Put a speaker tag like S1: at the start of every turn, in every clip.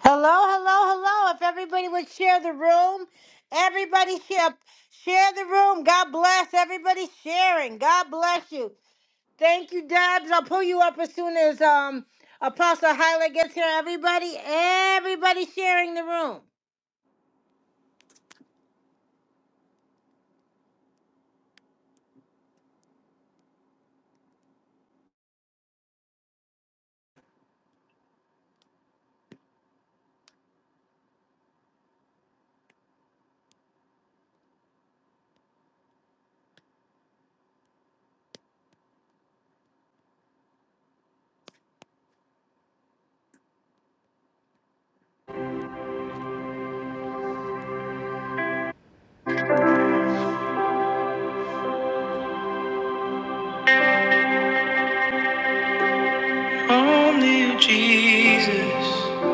S1: Hello, hello, hello. If everybody would share the room, everybody share share the room. God bless everybody sharing. God bless you. Thank you, Debs. I'll pull you up as soon as um Apostle Hyla gets here. Everybody, everybody sharing the room. Only you, Jesus.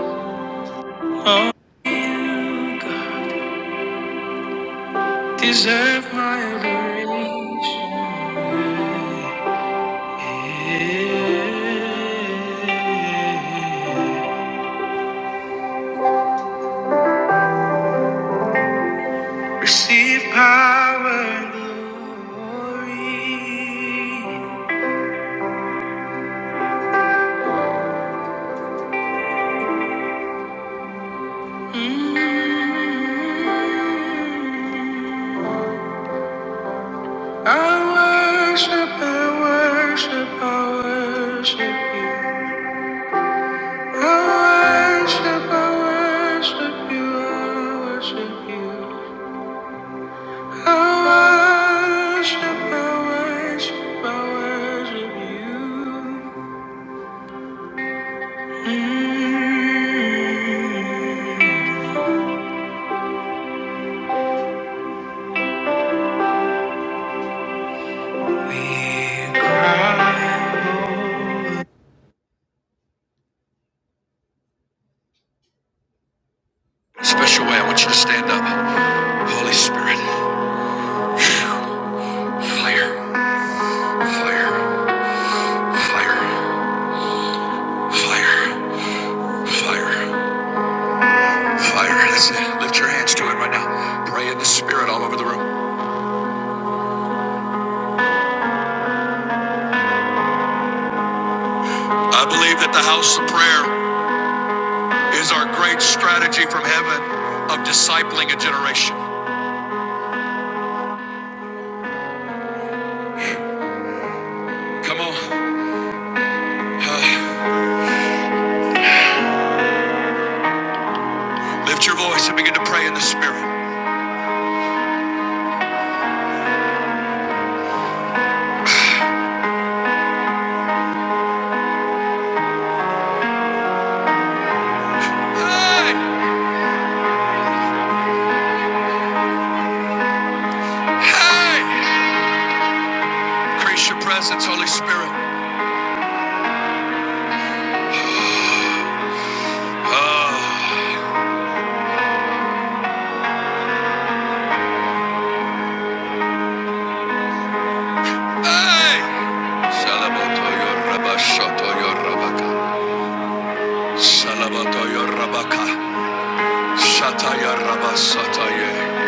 S1: Only you, God. Deserve my adoration. Receive power and glory. Mm-hmm. I worship, I worship, I worship you. I worship, I worship you, I worship you. I worship, I worship, I worship you. Mm. Special way, I want you to stand up. Holy Spirit. Fire, fire, fire, fire, fire, fire. That's it. Lift your hands to it right now. Pray in the Spirit all over the room. I believe that the house of prayer is our great strategy from heaven of discipling a generation. Come on. Uh, lift your voice and begin to pray in the Spirit. Hey, hey. Increase your presence, Holy Spirit. Hey! Salabatoyo Rabashatoyo Rabaka. Salabatoyo Rabaka. Shataya Rabasataye.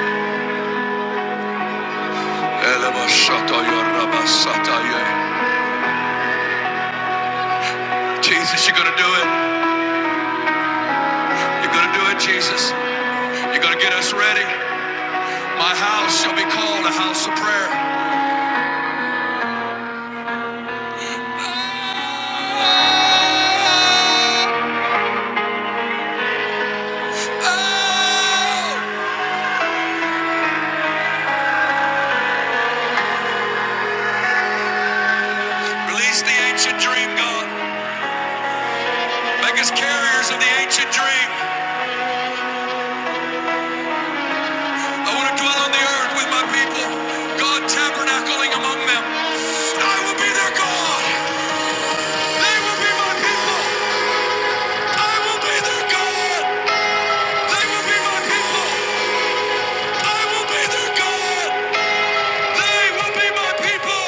S1: Elabashatoyo Rabasataye. Jesus, you're gonna do it. You're gonna do it, Jesus. You're gonna get us ready. My house shall be called a house of prayer. Oh! Release the ancient dream, God. Make us carriers of the ancient dream. I want to dwell on the earth with my people, God tabernacling among them. I will be their God. They will be my people. I will be their God. They will be my people. I will be their God. They will be my people.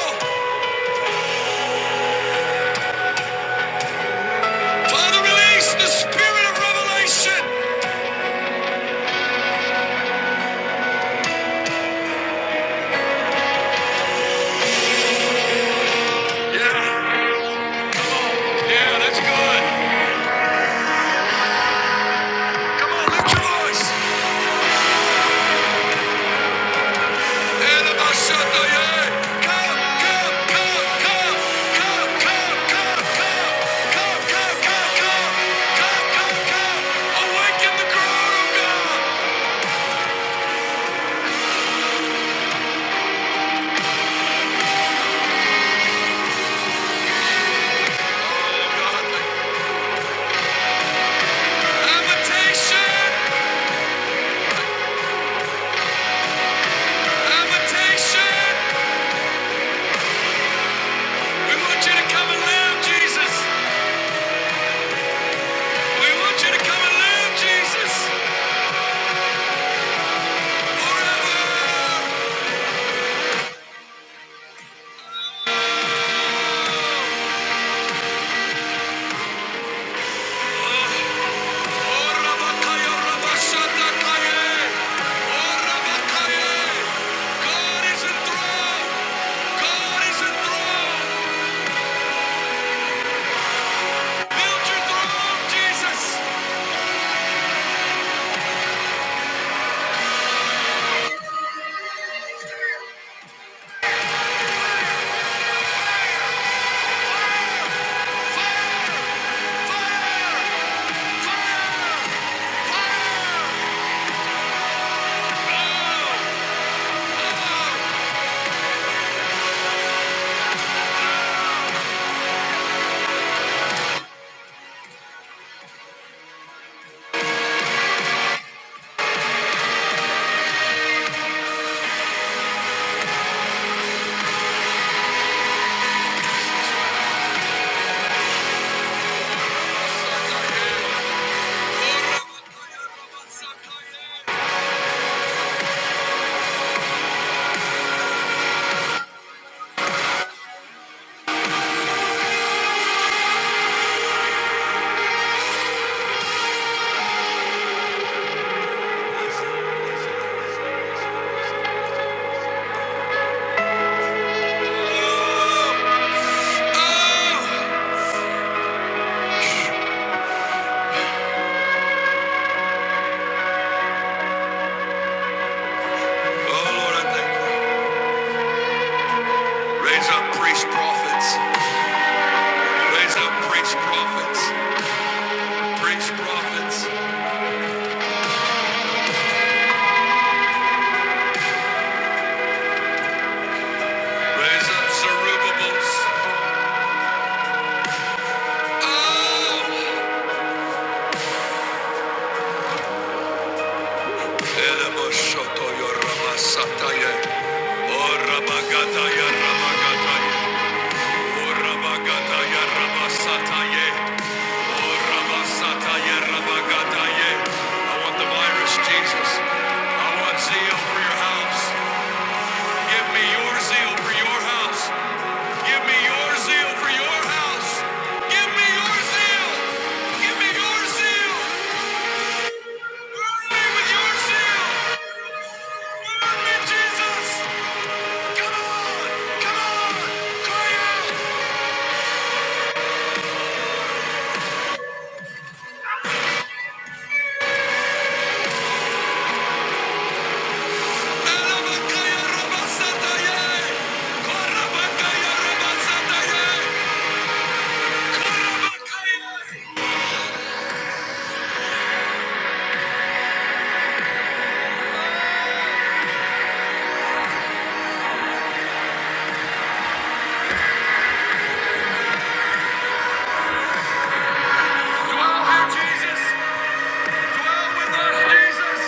S1: Father, release the spirit of revelation. Yeah, yeah, that's good. Come on, lift your voice. God is enthroned. God is enthroned. Build your throne, Jesus. Fire, fire, fire, fire. Oh, oh, oh, Lord, I thank you. Raise up priest prophets. Raise up priest prophets. Priest prophets. Raise up Zerubbabels. Oh. I want the virus, Jesus. I want zeal for your house. Give me your zeal for your house. Give me your zeal for your house. Give me your zeal. Give me your zeal. Burn me with your zeal. Burn me, Jesus. Come on! Come on! Koye! Alabakaya Rabasataye! Korabakaya Rabasataye! Korabakaya! Dwell here, Jesus! Dwell with us, Jesus!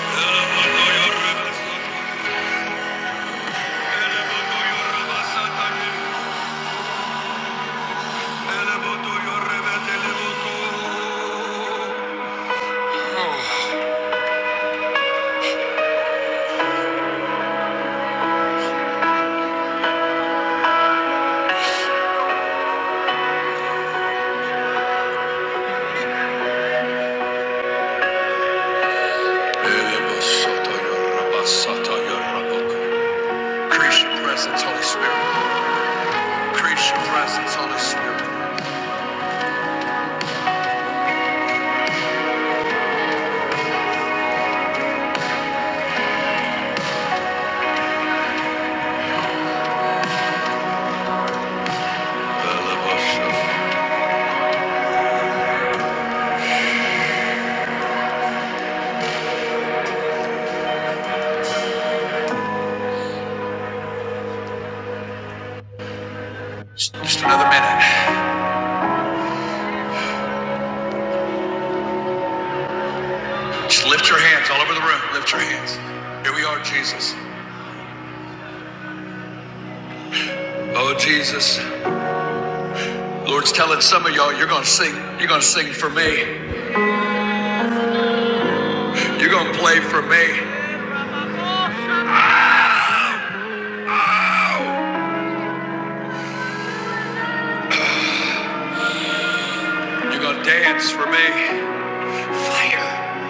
S1: Elemonoyo Rabasataye! Elemonoyo Rabasataye! Elemonoyo Rabasataye! Increase your presence, Holy Spirit. Another minute. Just lift. Lord's telling us, sing. You're gonna sing for me. You're gonna play for me. You're gonna dance for me. Fire,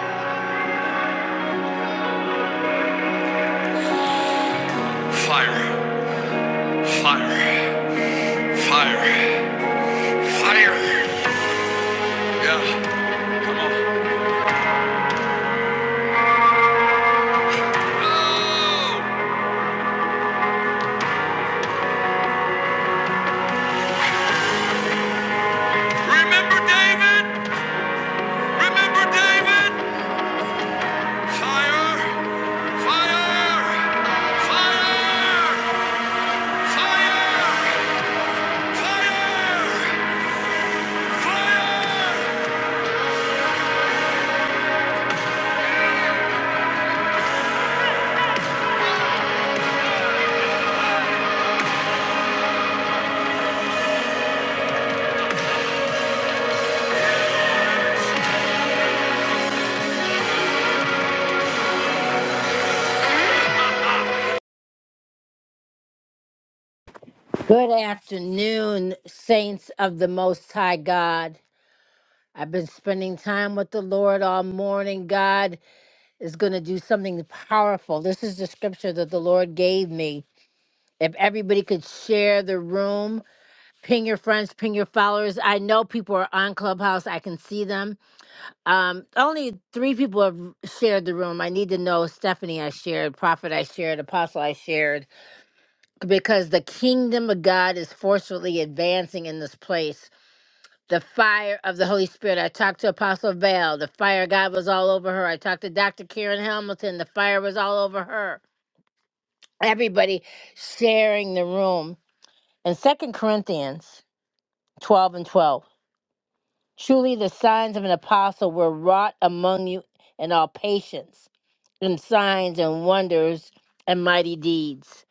S1: fire, fire, fire, fire. Yeah. Oh, remember David? Remember David? Fire, fire, fire, fire, fire, fire. Good afternoon, saints of the Most High God. I've been spending time with the Lord all morning. God is going to do something powerful. This is the scripture that the Lord gave me. If everybody could share the room, ping your friends, ping your followers. I know people are on Clubhouse. I can see them. Um, only three people have shared the room. I need to know Stephanie, I shared, Prophet, I shared, Apostle, I shared, because the kingdom of God is forcefully advancing in this place the fire of the Holy Spirit. I talked to Apostle Val. The fire of God was all over her. I talked to Dr. Karen Hamilton. The fire was all over her. Everybody sharing the room. In Second Corinthians 12 and 12, truly the signs of an apostle were wrought among you in all patience, in signs and wonders and mighty deeds.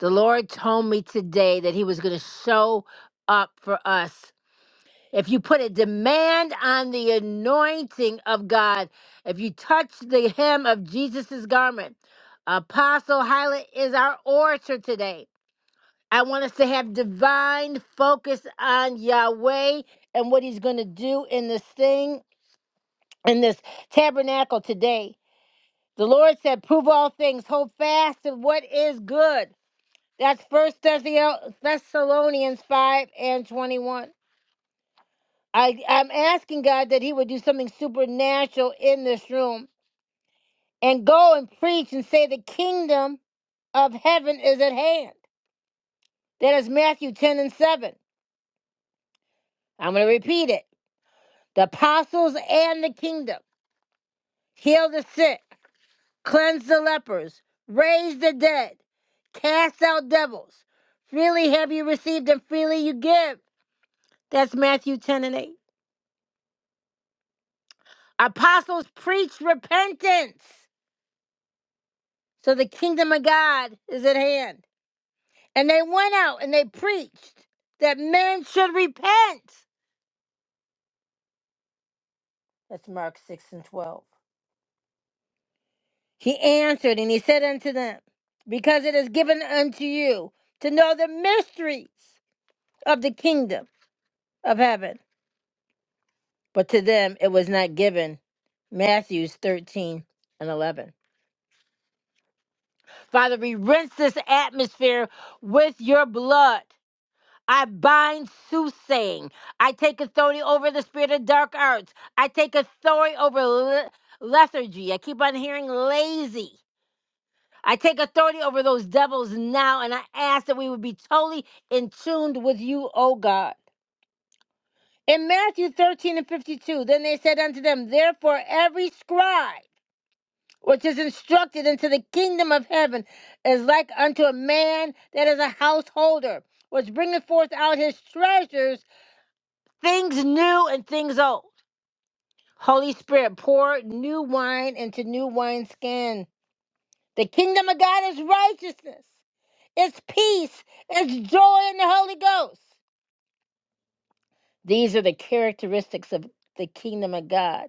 S1: The Lord told me today that He was going to show up for us if you put a demand on the anointing of God, if you touch the hem of Jesus' garment, Apostle Hyla is our orator today. I want us to have divine focus on Yahweh and what he's going to do in this thing, in this tabernacle today. The Lord said, Prove all things, hold fast to what is good. That's First Thessalonians 5 and 21. I, I'm asking God that He would do something supernatural in this room and go and preach and say the kingdom of heaven is at hand. That is Matthew 10 and 7. I'm going to repeat it. The apostles and the kingdom heal the sick, cleanse the lepers, raise the dead, cast out devils. Freely have you received and freely you give. That's Matthew 10 and 8. Apostles preach repentance. So the kingdom of God is at hand. And they went out and they preached that men should repent. That's Mark 6 and 12. He answered and he said unto them, Because it is given unto you to know the mysteries of the kingdom of heaven. But to them it was not given. Matthews 13 and 11. Father, we rinse this atmosphere with your blood. I bind soothsaying. I take authority over the spirit of dark arts. I take authority over le- lethargy. I keep on hearing lazy. I take authority over those devils now, and I ask that we would be totally in tuned with you, O God. In Matthew 13 and 52, then they said unto them, Therefore every scribe which is instructed into the kingdom of heaven is like unto a man that is a householder, which bringeth forth out his treasures things new and things old. Holy Spirit, pour new wine into new wineskin. The kingdom of God is righteousness, it's peace, it's joy in the Holy Ghost. These are the characteristics of the kingdom of God.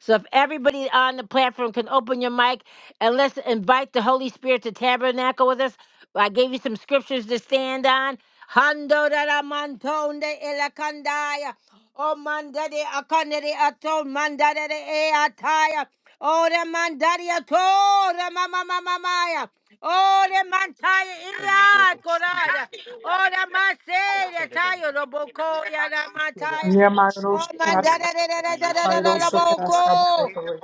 S1: So if everybody on the platform can open your mic and let's invite the Holy Spirit to tabernacle with us. I gave you some scriptures to stand on. Hando da da mantonde ilakandaya. O mandade akandere aton mandade e ataya. O de mandade ato mama mama maya. O de mantaya
S2: and
S1: ira korada. O de masere tayo roboko ya da mataya.
S3: Yeah, my
S1: O
S3: Rosha Krasa,
S1: mandade da da da da
S3: my
S1: da da da
S3: Rosha Krasa
S1: boko.
S3: Balotori.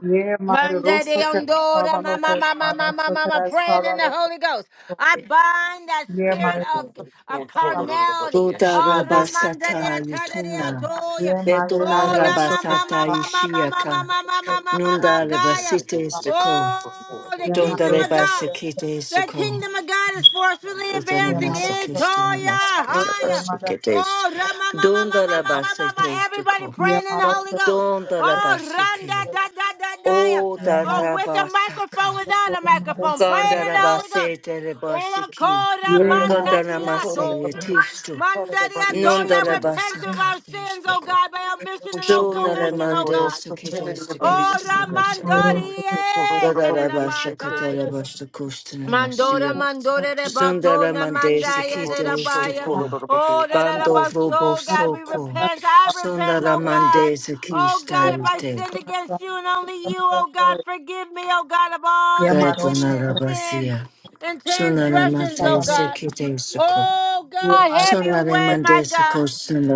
S3: Yeah, my
S1: Monday de
S3: Rosha Krasa
S1: Ondora, ma ma
S3: Balotori,
S1: ma
S3: my
S1: ma ma ma
S3: Rosha
S1: ma ma,
S3: Krasa
S1: praying in the Holy Ghost. I
S3: Balotori.
S1: bind that
S3: Yeah, my
S1: spirit of
S3: Rosha
S1: of
S3: Krasa
S1: carnality.
S4: Buddha
S1: Oh,
S3: Balotori,
S1: Ramanda de
S4: Rabasata
S1: Atada de
S4: Yutuna,
S1: Atoya.
S3: my
S4: Betuna
S1: Oh,
S3: Rosha
S1: Rama ma ma
S4: Rabasata
S3: Krasa
S2: the
S1: ma ma ma ma ma
S4: Ishiaka,
S1: ma ma ma ma ma ma ma ma
S4: Nunda
S1: Kaya.
S4: Lebasite is the co,
S1: Oh, the
S3: Yeah, my Rosha Krasa Balotori, my Rosha Yeah, my
S4: Dunda
S1: kingdom of
S3: Rosha
S1: God.
S4: Lebasikite
S3: Krasa
S4: is the
S1: The
S4: co,
S1: kingdom of God is forcefully
S4: Gazana
S3: Yeah,
S1: advancing
S3: my
S1: in
S3: Rosha
S4: Masakiste
S3: Krasa Balotori,
S1: Toya
S3: my Rosha
S1: Haya.
S3: Krasa Balotori.
S4: Masakasabasikite is,
S1: Oh, ra- ma- ma- ma- ma-
S4: Dunda
S1: ma- ma- ma-
S4: Labasite is the
S1: everybody
S4: co,
S3: Yeah,
S1: praying in
S3: my
S1: the Holy
S3: Rosha
S1: Ghost.
S4: Dunda
S3: Krasa
S1: Oh, randa
S4: Labasike,
S3: Balotori.
S1: da da da da.
S4: O
S3: Yeah,
S1: Oh, with a microphone,
S4: Darabasaka,
S1: without a
S3: Yeah,
S1: microphone, praying in the Holy Ghost.
S4: Gandarabasite
S1: Oh,
S4: Lebasiki,
S1: kora manda dia
S4: Gandanamase
S1: toya.
S4: Tistu,
S1: Manda dia toya.
S4: Nunda
S1: repent of our
S4: Lebasakate is
S1: sins,
S4: the
S1: oh
S4: co.
S1: God, by our mission and our
S4: So
S1: commission, oh
S4: Naramande
S1: God.
S4: Sakedes to
S1: Oh,
S4: Kestanabasaco.
S1: Ramandori, eh,
S4: Gadarabasa
S1: Kedadabataya.
S4: Katarabasta
S1: Mandora
S4: Kostanamashir.
S1: mandora de batona
S4: Sundaramande
S2: She did the
S1: mandaya de
S2: bottle
S1: la
S4: Sakides
S2: show
S4: to
S1: baya.
S2: total
S4: Ko.
S2: of the
S1: Oh,
S2: beer.
S1: da da da
S4: Bando Robo
S1: baso, God, we
S4: Soko.
S1: repent. I repent, oh
S4: Sundaramande
S1: God. Oh God, if I
S4: Sakistaite.
S1: sinned against you and only you, oh God, forgive me, oh God, of all iniquity and sins
S4: Gatunarabasia.
S1: and transgressions,
S4: Sunaramate
S1: oh God.
S4: Sakides to Ko.
S1: Oh God, have your way,
S4: Sunaramande
S1: my God.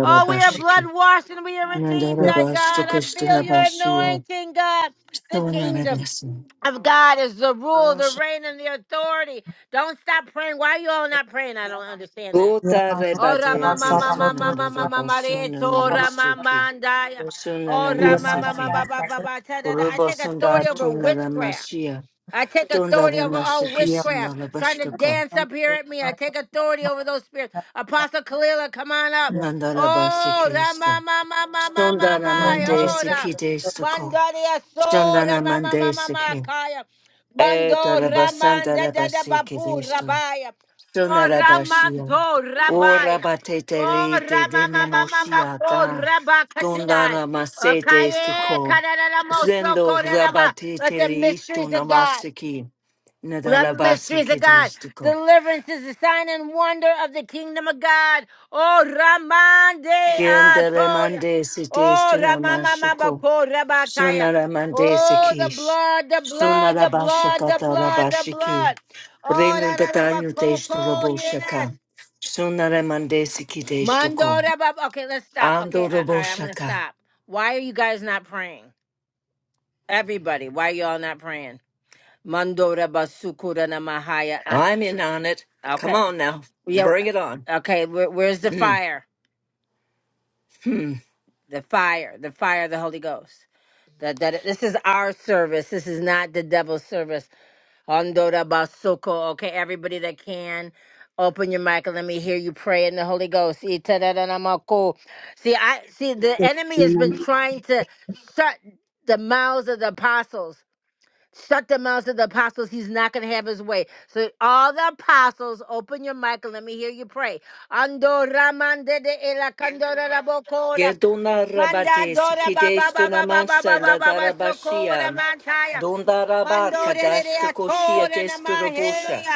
S1: Oh, we are blood washed and we are redeemed, our God.
S4: Nandarabasta
S1: I feel your
S4: Kostanabashia.
S1: anointing, God. The kingdom
S4: Sundarabasa.
S1: of God is the rule, the reign, and the authority. Don't stop praying. Why are you all not praying? I don't understand that.
S4: Uta
S1: Ora
S4: rebate
S1: mama
S4: te
S1: mama
S4: sunanda
S1: mama mama
S4: reba
S1: marieto
S4: sunana
S1: ora
S4: masiki.
S1: mama andaya
S4: Sunana
S1: ora mama mama
S4: masiki.
S1: baba baba. I
S4: Urubo
S1: take
S4: sunda
S1: authority over
S4: tunana
S1: witchcraft.
S4: mashia.
S1: I take
S4: Tunda
S1: authority
S4: de
S1: over all
S4: mashika
S3: my last
S1: witchcraft
S4: sunana
S1: trying to
S4: bashkaka.
S1: dance up here at me. I take authority over those spirits. Apostle Kalila, come on up.
S3: Yamado
S4: Nandana
S1: Oh,
S4: basiki
S1: da ma
S4: sto.
S1: ma ma ma ma ma ma.
S4: Sundana mande
S1: Oh, da.
S4: siki de siko.
S1: Bandaria soda
S4: Sundana
S1: ma ma ma
S4: mande
S1: ma ma
S4: siki.
S1: kaya. Bando
S4: Eta reba santa
S1: ramanda da
S4: reba
S1: da bapu
S4: siki
S1: rabaya. Oh,
S4: Shonarabashia.
S1: ramando
S4: O
S1: rabaya. Oh,
S4: rabatetelite
S1: Ramamamamamako,
S4: denemoshiaka.
S1: Rabakatia.
S4: Dondara masete
S1: Okay,
S4: stiko.
S1: Kadadadamoso,
S4: Zendo
S1: Kodadaba. Let the
S4: rabatetele
S1: mysteries of God,
S4: istonamasiki.
S1: the mysteries of
S4: Nadarabasiki
S1: God,
S4: stiko.
S1: deliverance is the sign and wonder of the kingdom of God. Oh, Ramande
S4: Gendere
S1: Atoya.
S4: mande site
S1: Oh,
S4: istonamashiko.
S1: Ramamamamako, Rabakaya.
S4: Shonaramande
S1: Oh, the
S4: sikish.
S1: blood, the blood, the blood, the
S4: Shonarabashakata
S1: blood, the
S4: rabashiki.
S1: blood. Oh,
S4: Breno
S1: da da da ba,
S4: datanyu
S1: ko,
S4: testu
S1: ko, yes.
S4: raboshaka. Shonaramande siki
S1: Mondo
S4: testuko.
S1: da ba- Okay, let's stop. Okay, I, all
S4: Andorobo
S1: right, I'm gonna
S4: Shaka.
S1: stop. Why are you guys not praying? Everybody, why y'all not praying? Mondo da basukura na mahaya. Uh,
S4: I'm in on it. Come
S1: Okay,
S4: on now.
S1: yeah.
S4: Bring it on.
S1: Okay, where, where's the
S4: Mm-hmm.
S1: fire? The fire, the fire of the Holy Ghost. That that this is our service. This is not the devil's service. Andora basoko. Okay, everybody that can, open your mic and let me hear you pray in the Holy Ghost. Itadadadamako. See, I see the
S5: Thank
S1: enemy has
S5: you.
S1: been trying to shut the mouths of the apostles. Shut the mouths of the apostles. He's not going to have his way. So, all the apostles, open your mic and let me hear you pray. Andora mande de ela kandora rabokora.
S4: Geduna
S1: Manda
S4: rabate
S1: dora ba ba ba
S4: sikidestuna
S1: ba ba ba ba ba
S4: mansanda
S1: ba ba sokora
S4: darabashia.
S1: mantaya.
S4: Dundaraba
S1: Mando de de de
S4: kadashta koshia
S1: atora na mahe.
S4: desturabosha.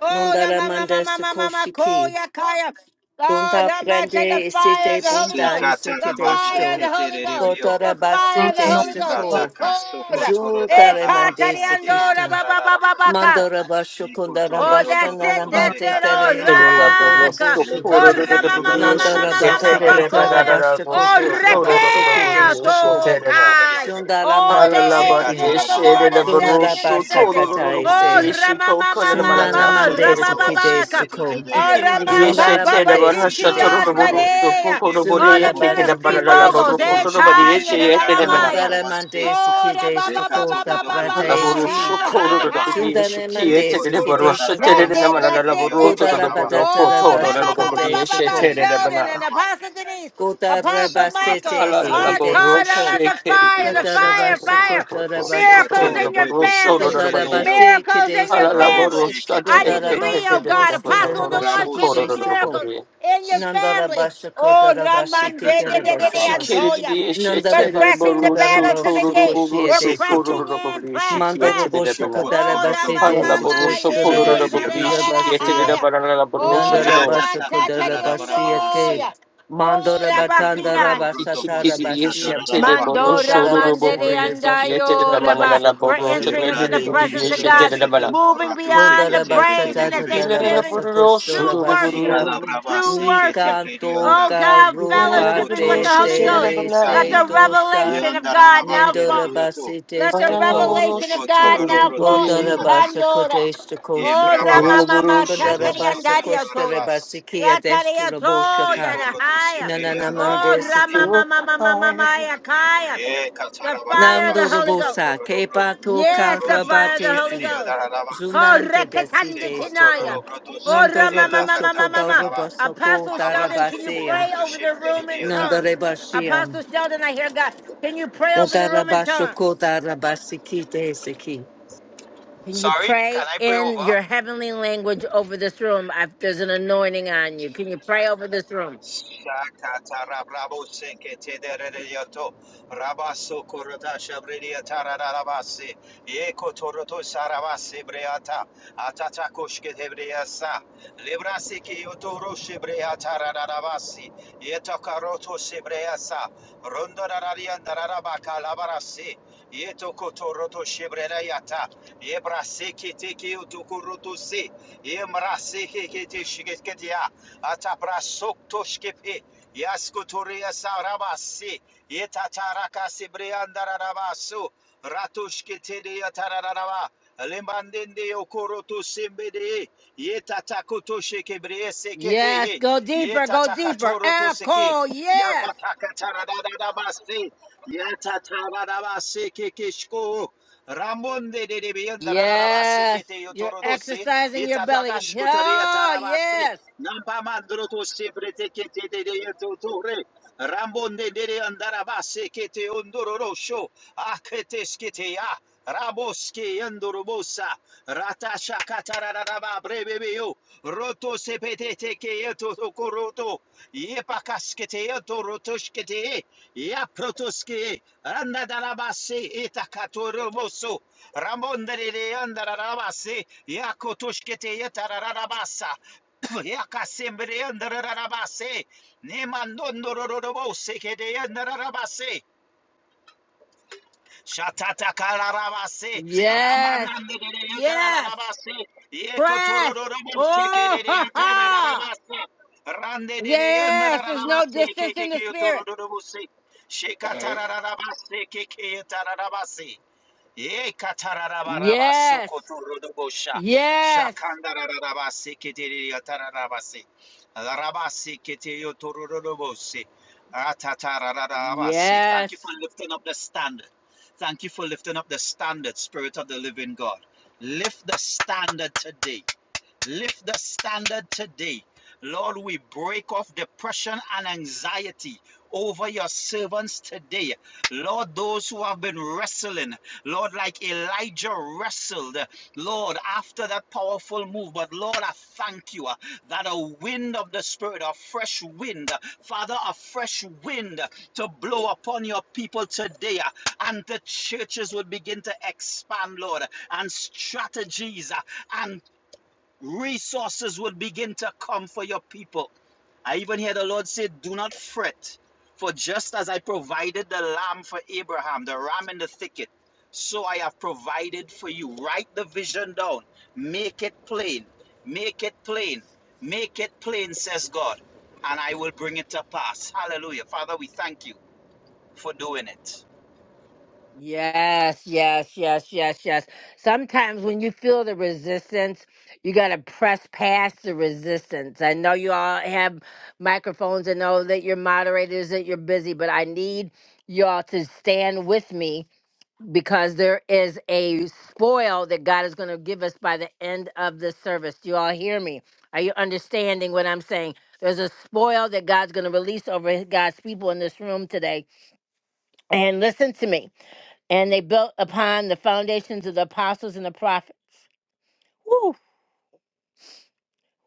S1: Oh, da
S4: Nundara
S1: mama mama
S4: mandasta
S1: mama mama
S4: koshiki.
S1: koya kaya. Oh,
S4: Dunda
S1: da mata the
S4: prende
S6: toro toro dararaba seke dararaba.
S1: fire of
S4: isite
S1: the Holy
S4: bunda
S6: Shiko
S1: Ghost. The
S6: Sikataraba
S1: fire of
S4: yusikidesto.
S1: the Holy Ghost.
S6: sheketerevio.
S1: The fire
S4: Gotarabasi
S1: of the Holy Ghost.
S4: destako.
S6: Sipratakaso
S1: Itora.
S4: Judare
S6: kotoradarava
S1: Ekata de
S4: mandesa
S6: sekeya
S1: andora
S4: kisto.
S1: ba ba ba ba
S6: taradarava.
S1: ba ka.
S4: Mandora Bashukundara
S1: Oh, that's it,
S4: Bashtananan
S6: Shikotorororodovo
S1: that's
S4: Bate
S1: it. Oh,
S4: Tere
S2: And
S6: sekataradarava.
S2: then the bottle
S4: Sukandora
S1: raka.
S2: so total
S4: Boshiki.
S1: Oh,
S2: of
S1: rama,
S2: the
S1: mama,
S2: beer. She
S1: mama,
S6: Telekaterevio
S4: Nandora
S1: mama,
S2: can't
S1: mama,
S2: a
S4: Bashiketa
S6: saurarabase.
S1: bakoya.
S2: banana
S1: Oh,
S4: Rabashakoto
S2: so total of the
S6: Zekatarababa
S4: Grabasikete
S1: rekea,
S2: beer. She
S4: Stuko.
S2: did it out.
S1: tokai.
S6: sokotoshketereve.
S4: Sundara
S1: Oh,
S4: Mande
S2: Halala
S1: the
S2: body
S1: angels
S4: Siki.
S2: is
S1: of the Lord
S2: shaded a
S6: Zekatarababa
S2: barrel
S1: ascending
S4: Sunara
S1: and
S2: so
S1: descending.
S4: Basakata
S2: total of the
S1: Oh,
S4: Ese.
S6: sekerevodorodomos.
S2: beer. she
S1: rama, mama,
S2: banana
S4: Sundara
S2: banana
S1: mama,
S2: Shut
S4: Mande
S2: it
S1: raba,
S2: in.
S6: Sikatarababa
S4: Sikide
S1: babaka.
S4: Stuko.
S2: He
S1: Oh,
S6: seketereveya
S2: can
S1: rama,
S2: be a
S6: taradarava.
S4: Sundara
S1: baba,
S2: shed
S4: Mande
S2: about her
S1: batichi,
S2: shut
S4: Sikide
S2: total of the bottle
S4: Stuko.
S6: Ikaramarandere de
S2: so
S6: de de
S1: andarea.
S6: de
S2: poco the
S6: odono
S1: Oh,
S6: de
S2: body,
S4: Sundara
S1: the
S2: kicking
S6: moco.
S2: a
S1: ministry
S4: Basikide
S2: banana, but
S1: moguls,
S6: Randuto
S4: Stuko.
S2: rocoto
S6: schete
S2: body
S6: de
S2: is
S6: de
S1: etaya, the
S6: da da
S2: shaded
S1: ramaya.
S6: brava
S4: Sundara Mande
S6: vassi.
S1: Oh, the
S4: Sikide
S1: baba,
S4: Stuko
S1: baba,
S6: Zecatoro do
S1: baba,
S6: bruto
S1: baba,
S2: Alaboro
S4: Tapradesi.
S1: hi,
S6: sacatana da
S2: socorro
S1: hi,
S6: da
S2: do
S6: va.
S1: hi.
S2: pedir
S4: Sundara
S6: E
S4: Mande
S2: chiquete de
S6: cotoro da
S4: Sikide
S6: da
S2: borrocha tere
S1: That's
S6: brava
S4: Stuko.
S2: de
S1: it,
S2: namana la
S6: seche
S1: that's
S6: de de
S1: it, that's
S2: laboroto
S6: odono da
S1: it.
S4: Godara
S2: do
S6: da va
S2: borio
S4: badatara
S1: Oh,
S2: poto do do
S4: basa
S2: do
S6: yodorodoboko.
S4: kode
S2: bieshe
S1: Rabba
S6: Randodoshkedede yodadadabrababasi. Zekatorodobroto sakatadadadaba. Ekotorodadadaba sekedede yodorodadaba. Yokorodoshkedede
S4: soko.
S2: tere de
S1: Sheldon
S2: bana
S1: and
S6: yodorodadaba.
S1: Apostle Denise,
S4: Godara
S1: Apostle
S4: basete
S2: ala
S1: Michael,
S2: la
S6: Sipratakatata.
S1: are
S4: sikide
S2: laboro
S1: called out
S4: soko.
S1: of the
S2: shekeri de
S1: fire,
S2: de
S1: the
S4: Godara
S1: fire,
S2: socorro
S4: basa
S2: do
S1: fire.
S2: laboro
S4: kodara basa
S2: socorro
S1: Miracles
S2: do
S4: ko.
S1: in your
S2: laboro
S6: Sekatelebrete
S2: socorro
S1: families,
S4: Dondara
S6: seketedede
S2: bani
S6: yo.
S4: basi
S1: miracles
S4: kide
S1: in your
S2: ala
S6: Rabo
S4: soko.
S2: laboro
S1: families. I
S2: shate
S6: sheketedede
S4: Godara
S6: yo.
S2: tete
S1: decree,
S4: basa
S2: de
S1: oh
S2: de
S1: God,
S2: de
S4: kostura
S1: Apostle in
S2: bororo
S1: the
S4: basi
S1: Lord
S6: Rabo
S1: Church,
S2: socorro
S4: kide
S2: do
S6: seke-
S2: do
S4: soko.
S1: miracles
S2: bani
S1: in your
S6: s-
S4: Nandara
S1: families.
S4: basa
S1: Oh,
S4: kodara basi
S1: Raman de de
S4: kide
S1: de de
S4: basa
S1: de
S4: ko.
S2: shikeri
S6: sekatadabrababasi.
S2: de
S1: Antonia.
S2: bieshe
S1: We're
S4: Nandara
S2: tere de
S4: basa
S1: pressing the
S2: bororo
S4: kodara
S1: battle to the
S2: socorro
S4: basa
S2: do
S1: gate.
S2: bororo
S4: koshia
S1: We're
S4: de
S2: socorro
S4: soko.
S2: do
S1: pressing
S2: do
S1: in,
S2: bieshe
S1: press,
S4: Mandoro
S1: press.
S4: bosa kodara
S1: Oh,
S6: Shokotoro
S4: basi
S1: Rama
S4: de
S6: dobrobo
S4: soko
S1: Mama,
S2: Alalaboroso
S4: stura
S1: ye
S4: basi
S2: torororabobri
S6: seketereriota.
S4: kide
S1: Karara
S2: shikiete
S4: basi
S2: de
S1: Haya.
S2: baranalaboroso
S1: Oh,
S4: Nandara
S2: toro.
S6: Yata
S4: basa
S1: Raman
S4: kodara bashia ke.
S6: tatatarabarababasi.
S1: Tatariondoya. Oh,
S4: Mandora batanda
S6: Shekotoro
S1: Rabakia.
S6: dobrobo
S4: rabasatara
S2: Ikikiti di
S4: bashia.
S2: shite de
S6: sekatararaba.
S1: Mandora
S2: boroso
S4: Kodara basa
S1: Mandere
S2: rorobobri
S4: dede basa
S2: shikiete de
S1: Andayo,
S4: kodara
S1: Rabba.
S4: basa
S1: We're
S2: manalaboroso
S4: kodara
S1: entering into
S4: basa
S1: the
S6: Jebrade
S2: tredele di
S6: ke
S1: presence
S2: di
S1: of
S4: kostara
S2: shite
S1: God,
S2: de
S6: sekete.
S2: mana.
S4: basiki.
S1: moving
S6: Ratu
S1: beyond the
S4: Gondara
S6: sekete
S4: basa
S1: praise and the
S4: tata dara
S6: brederebesi.
S4: basa
S1: thanksgiving.
S2: Ilalaboroso
S4: kostara
S1: True worship,
S4: bashia.
S2: roroboro.
S6: Ikalabraba
S1: true
S4: Ni
S6: sekete
S1: worship.
S4: kanto
S6: brederionda.
S1: Oh, God,
S4: karo
S1: fellowshipping with
S2: Ilalabobri
S4: bate
S1: the
S6: Okotoro do
S1: Holy
S2: shite de
S1: Ghost.
S4: tele
S6: shebre
S2: mana.
S1: Let
S4: se
S6: saki.
S1: the
S4: tosha.
S1: revelation of God
S6: Yandararaba
S1: now
S4: Nendora
S1: fall.
S6: kererioto.
S4: basi
S1: Let the
S4: testa ko.
S1: revelation
S2: Alalaboroso
S1: of God
S6: Shekotoro
S1: now
S6: dobroto
S1: fall.
S4: Kodara
S2: kororobri.
S6: sekata.
S4: basa
S1: Ikandora.
S4: kodesta ko
S1: Oh,
S4: shapo.
S6: Embrababa
S1: Ramamama,
S2: Ilalaboroso
S6: sekoroto
S4: Sandarabasa
S1: Tatariandaria Toya.
S6: shotararabas.
S4: Koshtarabasiki
S1: Lataria Toya,
S4: Adeshturabosaka
S1: the
S6: Shikoroto
S1: higher.
S6: Shibre
S4: Nanana
S1: Oh,
S6: Yadarabasi.
S4: Mandesiki
S2: roroboro.
S1: Ramamamamamamaya Kaya.
S6: Ye
S1: The fire of
S6: Katarabadababa
S1: the
S4: Nando
S1: Holy Ghost.
S4: Robosa
S6: Shikotorodobro.
S4: Kepato
S1: Yes, the
S6: Rondo no
S1: fire of the Holy
S6: Sheneri
S4: Karabatesi
S1: Ghost.
S6: Yadarababa.
S1: Oh,
S4: Zunante Besite
S1: Reketandikinaya.
S4: Stukom
S6: Shikotorodobro
S1: Oh,
S6: Shibre
S4: Nondo
S6: Ela
S4: Roboshoko
S1: Ramamamamamama.
S6: Hatakarababa.
S4: Darabasoko
S1: Apostle
S6: Abra
S1: Sheldon, can you
S4: Darabaseam
S1: pray
S6: Sokoroto
S1: over the
S6: Shibre
S1: room in
S6: Yata.
S1: tongues?
S4: Nandarebashiam
S1: Apostle Sheldon, I hear God. Can you pray over the room in tongues?
S4: Dadarabashoko Darabasiki Desiki
S1: Can you
S6: Sorry, can
S1: pray
S6: I pray
S1: in
S6: over?
S1: your heavenly language over this room? I, there's an anointing on you. Can you pray over this room?
S6: Shakatarabosiketerereyoto. Rabasokorotashabreyatararabase. Ekotorotosarabasebreata. Atatakoshketebreasa. Lebrasekeyotorosebreyatararabasi. Yetokarotosebreasa. Rondorariandararabakalabarase. Yetokotorotoshebreyata. Yebraseketekeyotokorotose. shiketia. Ataprasoktoshkepe, Yaskotoria Sarabasi, Yetataraka Sibriandarabasu, Ratushketeria Tararaba, Lembandende Okoroto Simbede, Yetatakoto Shekebre
S1: Yes,
S6: Sekete,
S1: go deeper, go deeper.
S6: Yetatakatoro to Seke,
S1: Echo, yes.
S6: Yambataka Taradabasi, Yetatarabasi Kikishko. Ramonde de de beyanda rararaba
S1: Yes.
S6: sekete
S1: You're
S6: yotorodose
S1: exercising your belly.
S6: itatakash kotere
S1: Oh,
S6: tarabase
S1: yes.
S6: nampa mandro to sebrete kete de de yototore Rambonde de de andaraba sekete ondororosho akete skete ya Raboske yandorobosa Shakatararaba Brebeyo Roto Sepetete Keto Tokoroto Yepakasketeto Rotoshkete Yaprotoske Randadarabase Etakatoromoso Ramondere Andarabase Yakotoshkete Yetararabasa Yakasembre Andarabase Nemandondorobose Kede Andarabase Shatata kararabase.
S1: Yes.
S6: Ramanande de de
S1: Yes.
S6: yotararabase.
S1: Press.
S6: Yekotorororobo sheke
S1: Oh,
S6: de de
S1: ha, ha.
S6: yotararabase. Rande de de
S1: Yes. There's no
S6: yotararabase.
S1: distance in
S6: Keke
S1: the spirit.
S6: yotorororobose. Shekatararabase. Keke yotararabase. Ye katararaba
S1: Yes.
S6: sukoturudubosha.
S1: Yes.
S6: Shakandararaba seketeri yatararabasi. Larabasi keteyotururubosi. Atatararabasi. Thank you
S1: Yes.
S6: for lifting up the standard. Thank you for lifting up the standard, Spirit of the Living God. Lift the standard today. Lift the standard today. Lord, we break off depression and anxiety over your servants today. Lord, those who have been wrestling, Lord, like Elijah wrestled, Lord, after that powerful move. But Lord, I thank you uh, that a wind of the Spirit, a fresh wind, uh, Father, a fresh wind uh, to blow upon your people today. uh, And the churches would begin to expand, Lord, and strategies uh, and resources would begin to come for your people. I even hear the Lord say, Do not fret, for just as I provided the lamb for Abraham, the ram in the thicket, so I have provided for you. Write the vision down, make it plain, make it plain, make it plain, says God, and I will bring it to pass. Hallelujah. Father, we thank you for doing it.
S1: Yes, yes, yes, yes, yes. Sometimes when you feel the resistance, you got to press past the resistance. I know you all have microphones. I know that you're moderators, that you're busy, but I need y'all to stand with me because there is a spoil that God is going to give us by the end of this service. Do you all hear me? Are you understanding what I'm saying? There's a spoil that God's going to release over God's people in this room today. And listen to me and they built upon the foundations of the apostles and the prophets. Woo,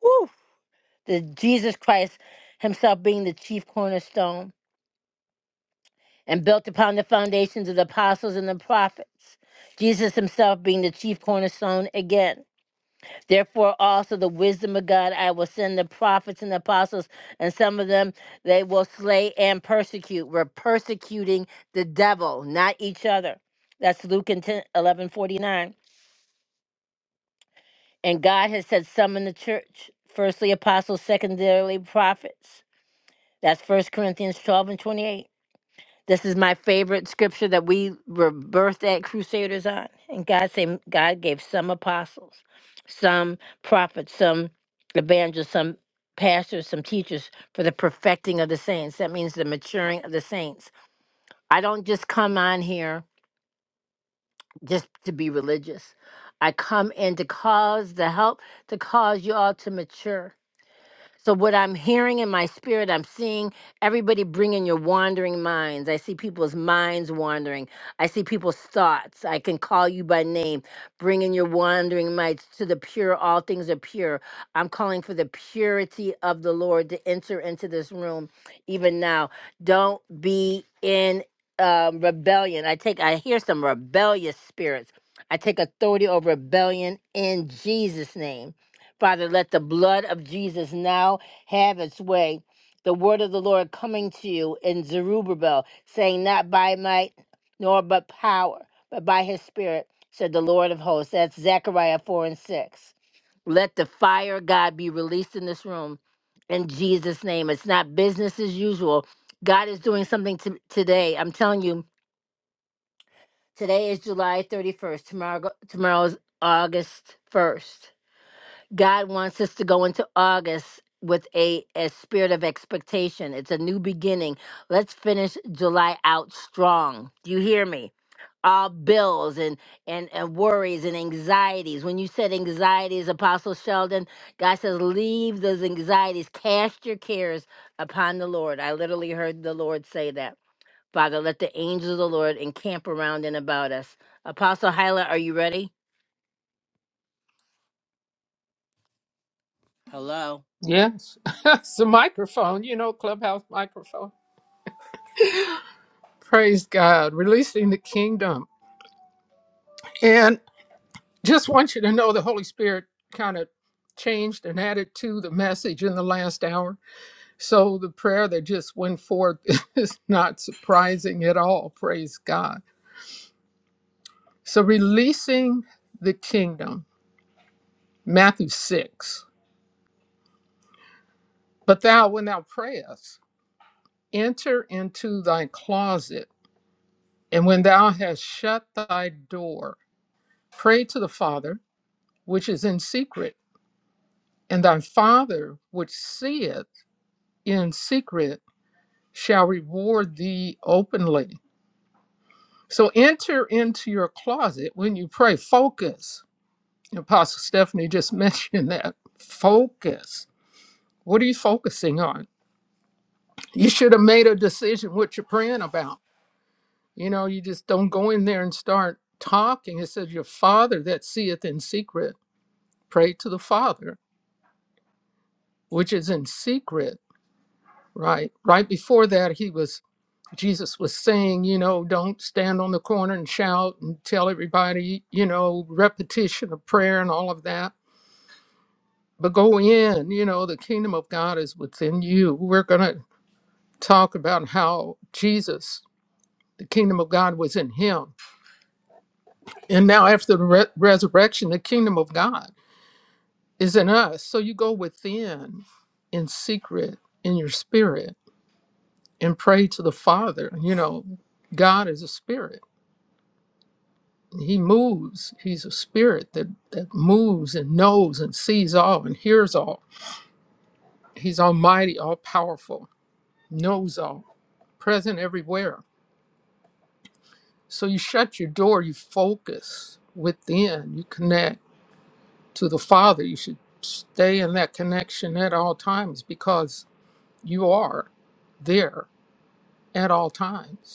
S1: woo. The Jesus Christ himself being the chief cornerstone and built upon the foundations of the apostles and the prophets. Jesus himself being the chief cornerstone again. Therefore, also the wisdom of God, I will send the prophets and the apostles, and some of them they will slay and persecute. We're persecuting the devil, not each other. That's Luke 11 49 And God has said some in the church, firstly apostles, secondarily prophets. That's First Corinthians 12 and 28. This is my favorite scripture that we were birthed at Crusaders on. And God said God gave some apostles, some prophets, some evangelists, some pastors, some teachers for the perfecting of the saints. That means the maturing of the saints. I don't just come on here just to be religious. I come in to cause the help to cause you all to mature So, what I'm hearing in my spirit, I'm seeing everybody bringing your wandering minds. I see people's minds wandering. I see people's thoughts. I can call you by name, bringing your wandering minds to the pure. All things are pure. I'm calling for the purity of the Lord to enter into this room even now. Don't be in um, rebellion. I take, I hear some rebellious spirits. I take authority over rebellion in Jesus' name. Father, let the blood of Jesus now have its way. The word of the Lord coming to you in Zerubbabel, saying, Not by might nor but power, but by his spirit, said the Lord of hosts. That's Zechariah 4 and 6. Let the fire of God be released in this room in Jesus' name. It's not business as usual. God is doing something to, today. I'm telling you, today is July 31st. Tomorrow, go- tomorrow is August 1st. God wants us to go into August with a, a spirit of expectation. It's a new beginning. Let's finish July out strong. Do you hear me? All bills and, and, and worries and anxieties. When you said anxieties, Apostle Sheldon, God says, leave those anxieties, cast your cares upon the Lord. I literally heard the Lord say that. Father, let the angels of the Lord encamp around and about us. Apostle Hyla, are you ready? Hello.
S7: Yes, it's a microphone, you know, clubhouse microphone. Praise God, releasing the kingdom. And just want you to know the Holy Spirit kind of changed and added to the message in the last hour. So the prayer that just went forth is not surprising at all. Praise God. So releasing the kingdom, Matthew 6. But thou, when thou prayest, enter into thy closet And when thou hast shut thy door, pray to the Father, which is in secret, and thy Father, which seeth in secret, shall reward thee openly. So enter into your closet when you pray. Focus. Apostle Stephanie just mentioned that. Focus. What are you focusing on? You should have made a decision what you're praying about. You know, you just don't go in there and start talking. It says, Your Father that seeth in secret pray to the Father, which is in secret, right? Right before that, he was Jesus was saying, you know, don't stand on the corner and shout and tell everybody, you know, repetition of prayer and all of that. But go in, you know, the kingdom of God is within you. We're going to talk about how Jesus, the kingdom of God was in him. And now after the re- resurrection, the kingdom of God is in us. So you go within in secret in your spirit and pray to the Father. You know, God is a spirit. He moves. He's a spirit that, that moves and knows and sees all and hears all. He's almighty, all powerful, knows all, present everywhere. So you shut your door, you focus within, you connect to the Father. You should stay in that connection at all times because you are there at all times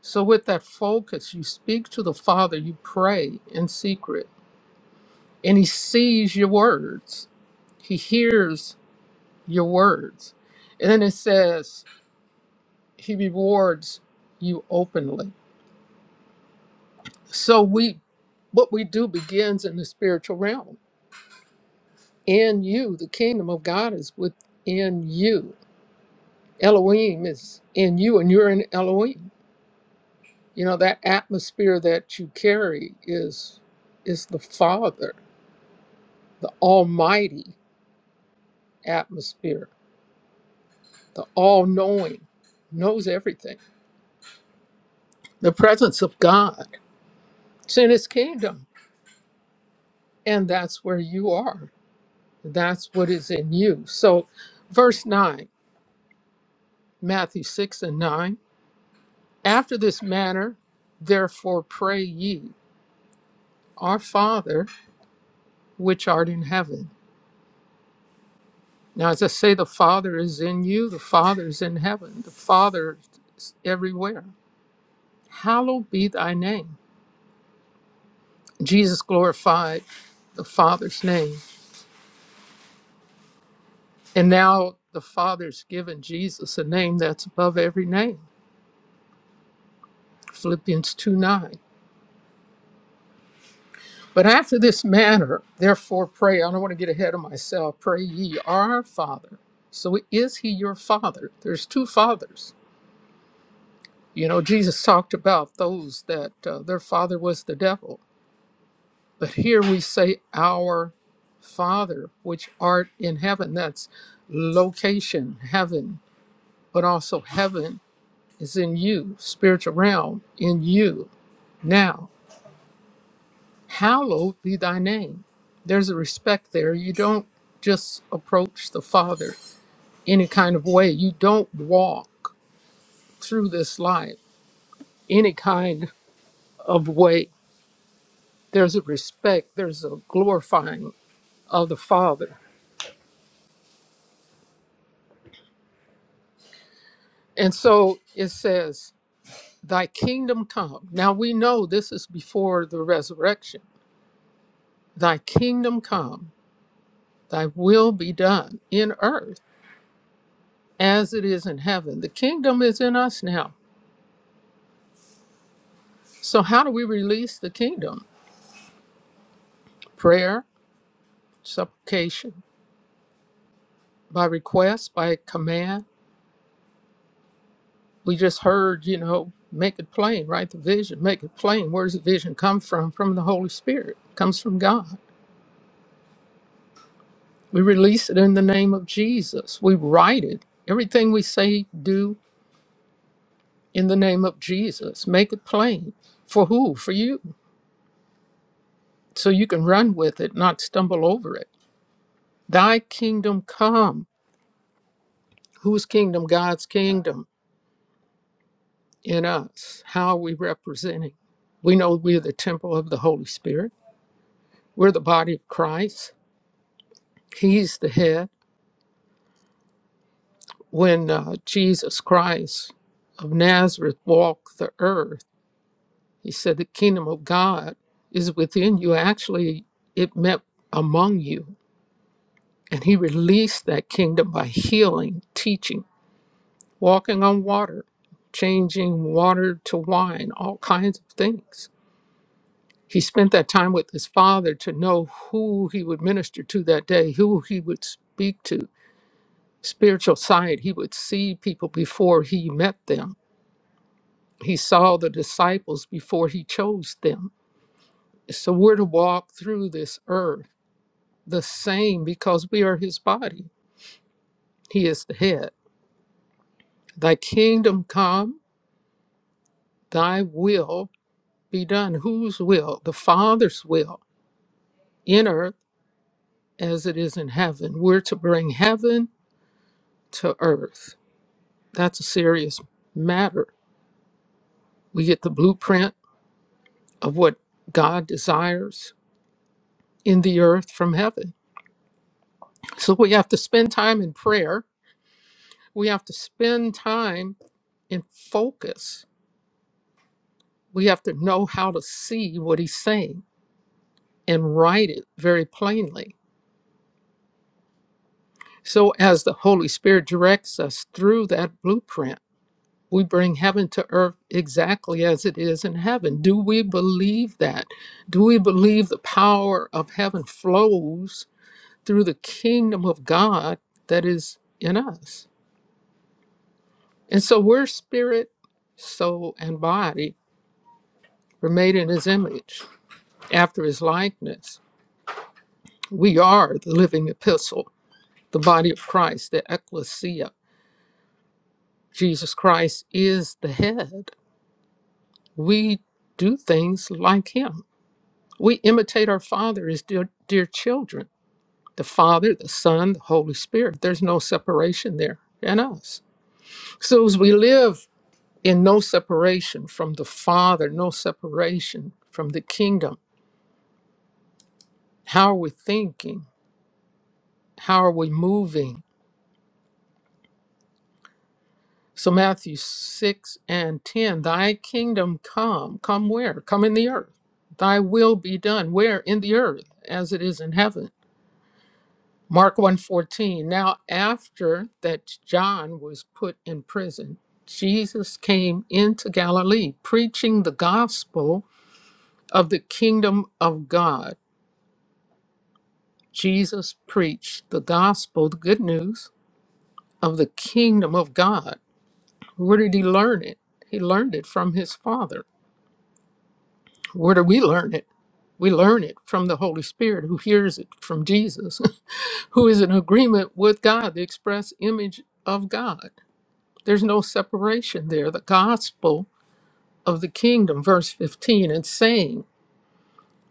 S7: So, with that focus, you speak to the Father, you pray in secret, and He sees your words, He hears your words. And then it says, He rewards you openly. So, we what we do begins in the spiritual realm. In you, the kingdom of God is within you. Elohim is in you, and you're in Elohim. You know that atmosphere that you carry is is the Father the almighty atmosphere, the all knowing, knows everything, the presence of God. It's in his kingdom, and that's where you are. That's what is in you. So, verse 9, Matthew 6 and 9 After this manner, therefore, pray ye, Our Father, which art in heaven. Now, as I say, the Father is in you, the Father is in heaven, the Father is everywhere. Hallowed be thy name Jesus glorified the Father's name. And now the Father's given Jesus a name that's above every name. Philippians 2 9. But after this manner, therefore pray. I don't want to get ahead of myself. Pray ye our Father. So is he your Father? There's two fathers. You know, Jesus talked about those that uh, their father was the devil. But here we say, Our Father, which art in heaven. That's location, heaven but also heaven is in you, spiritual realm in you. Now, hallowed be thy name. There's a respect there. You don't just approach the Father any kind of way, you don't walk through this life any kind of way. There's a respect, there's a glorifying of the Father. And so it says, Thy kingdom come. Now we know this is before the resurrection. Thy kingdom come Thy will be done in earth as it is in heaven. The kingdom is in us now. So, how do we release the kingdom? Prayer, supplication, by request, by command. We just heard, you know, make it plain, right? The vision, make it plain. Where does the vision come from? From the Holy Spirit, it comes from God. We release it in the name of Jesus. We write it. Everything we say, do in the name of Jesus. Make it plain. For who? For you. so you can run with it, not stumble over it. Thy kingdom come. Whose kingdom? God's kingdom in us. How are we representing? We know we're the temple of the Holy Spirit. We're the body of Christ. He's the head. When uh, Jesus Christ of Nazareth walked the earth, he said, The kingdom of God is within you. Actually, it meant among you. And he released that kingdom by healing, teaching walking on water, changing water to wine, all kinds of things. He spent that time with his father to know who he would minister to that day, who he would speak to. Spiritual sight, he would see people before he met them. He saw the disciples before he chose them. So we're to walk through this earth the same because we are his body. He is the head. Thy kingdom come, thy will be done. Whose will? The Father's will in earth as it is in heaven. We're to bring heaven to earth. That's a serious matter. We get the blueprint of what God desires in the earth from heaven. So we have to spend time in prayer. We have to spend time in focus. We have to know how to see what he's saying and write it very plainly. So as the Holy Spirit directs us through that blueprint, We bring heaven to earth exactly as it is in heaven. Do we believe that? Do we believe the power of heaven flows through the kingdom of God that is in us? And so we're spirit, soul, and body. We're made in his image, after his likeness. We are the living epistle, the body of Christ, the ecclesia. Jesus Christ is the head. We do things like him. We imitate our Father as dear, dear children. The Father, the Son, the Holy Spirit. There's no separation there in us. So as we live in no separation from the Father, no separation from the kingdom, how are we thinking? How are we moving? So Matthew 6 and 10, thy kingdom come. Come where? Come in the earth. Thy will be done. Where? In the earth, as it is in heaven. Mark one fourteen. Now after that John was put in prison Jesus came into Galilee preaching the gospel of the kingdom of God Jesus preached the gospel the good news of the kingdom of God where did he learn it he learned it from his father where do we learn it we learn it from the Holy Spirit who hears it from Jesus who is in agreement with God the express image of God There's no separation there. The gospel of the kingdom, verse 15, and saying,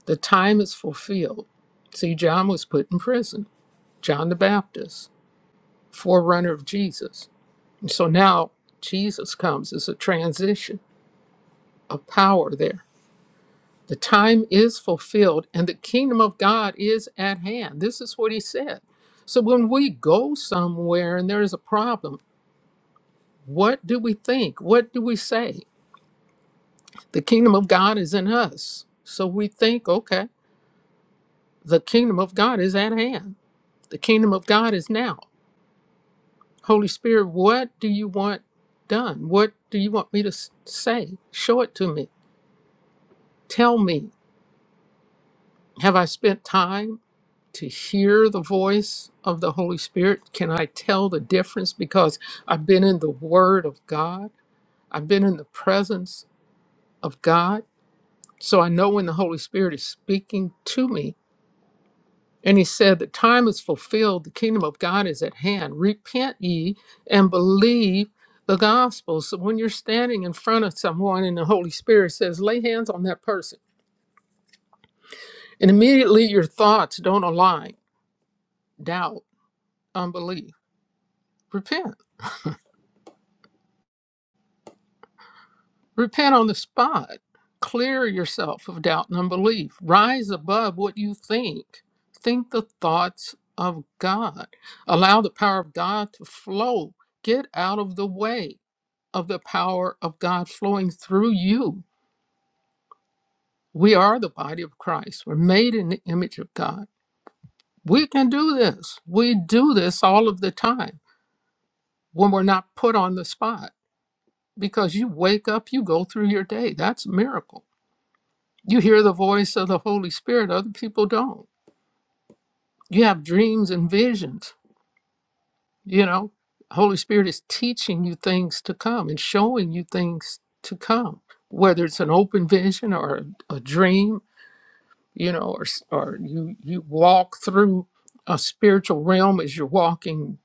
S7: The time is fulfilled. See, John was put in prison, John the Baptist, forerunner of Jesus. And so now Jesus comes as a transition of power there. The time is fulfilled and the kingdom of God is at hand. This is what he said. So when we go somewhere and there is a problem, what do we think? What do we say? The kingdom of God is in us. So we think, okay, the kingdom of God is at hand. The kingdom of God is now. Holy Spirit, what do you want done? What do you want me to s- say? Show it to me. Tell me. Have I spent time to hear the voice of the Holy Spirit? Can I tell the difference? Because I've been in the Word of God, I've been in the presence of God. So I know when the Holy Spirit is speaking to me And he said, The time is fulfilled, the kingdom of God is at hand. Repent ye and believe the gospel. So when you're standing in front of someone and the Holy Spirit says, Lay hands on that person, and immediately your thoughts don't align doubt, unbelief. Repent. Repent on the spot. Clear yourself of doubt and unbelief. Rise above what you think. Think the thoughts of God. Allow the power of God to flow. Get out of the way of the power of God flowing through you. We are the body of Christ. We're made in the image of God. We can do this. We do this all of the time when we're not put on the spot because you wake up, you go through your day. That's a miracle. You hear the voice of the Holy Spirit, other people don't. You have dreams and visions, you know. Holy Spirit is teaching you things to come and showing you things to come, whether it's an open vision or a a dream you know, or, or you, you walk through a spiritual realm as you're walking,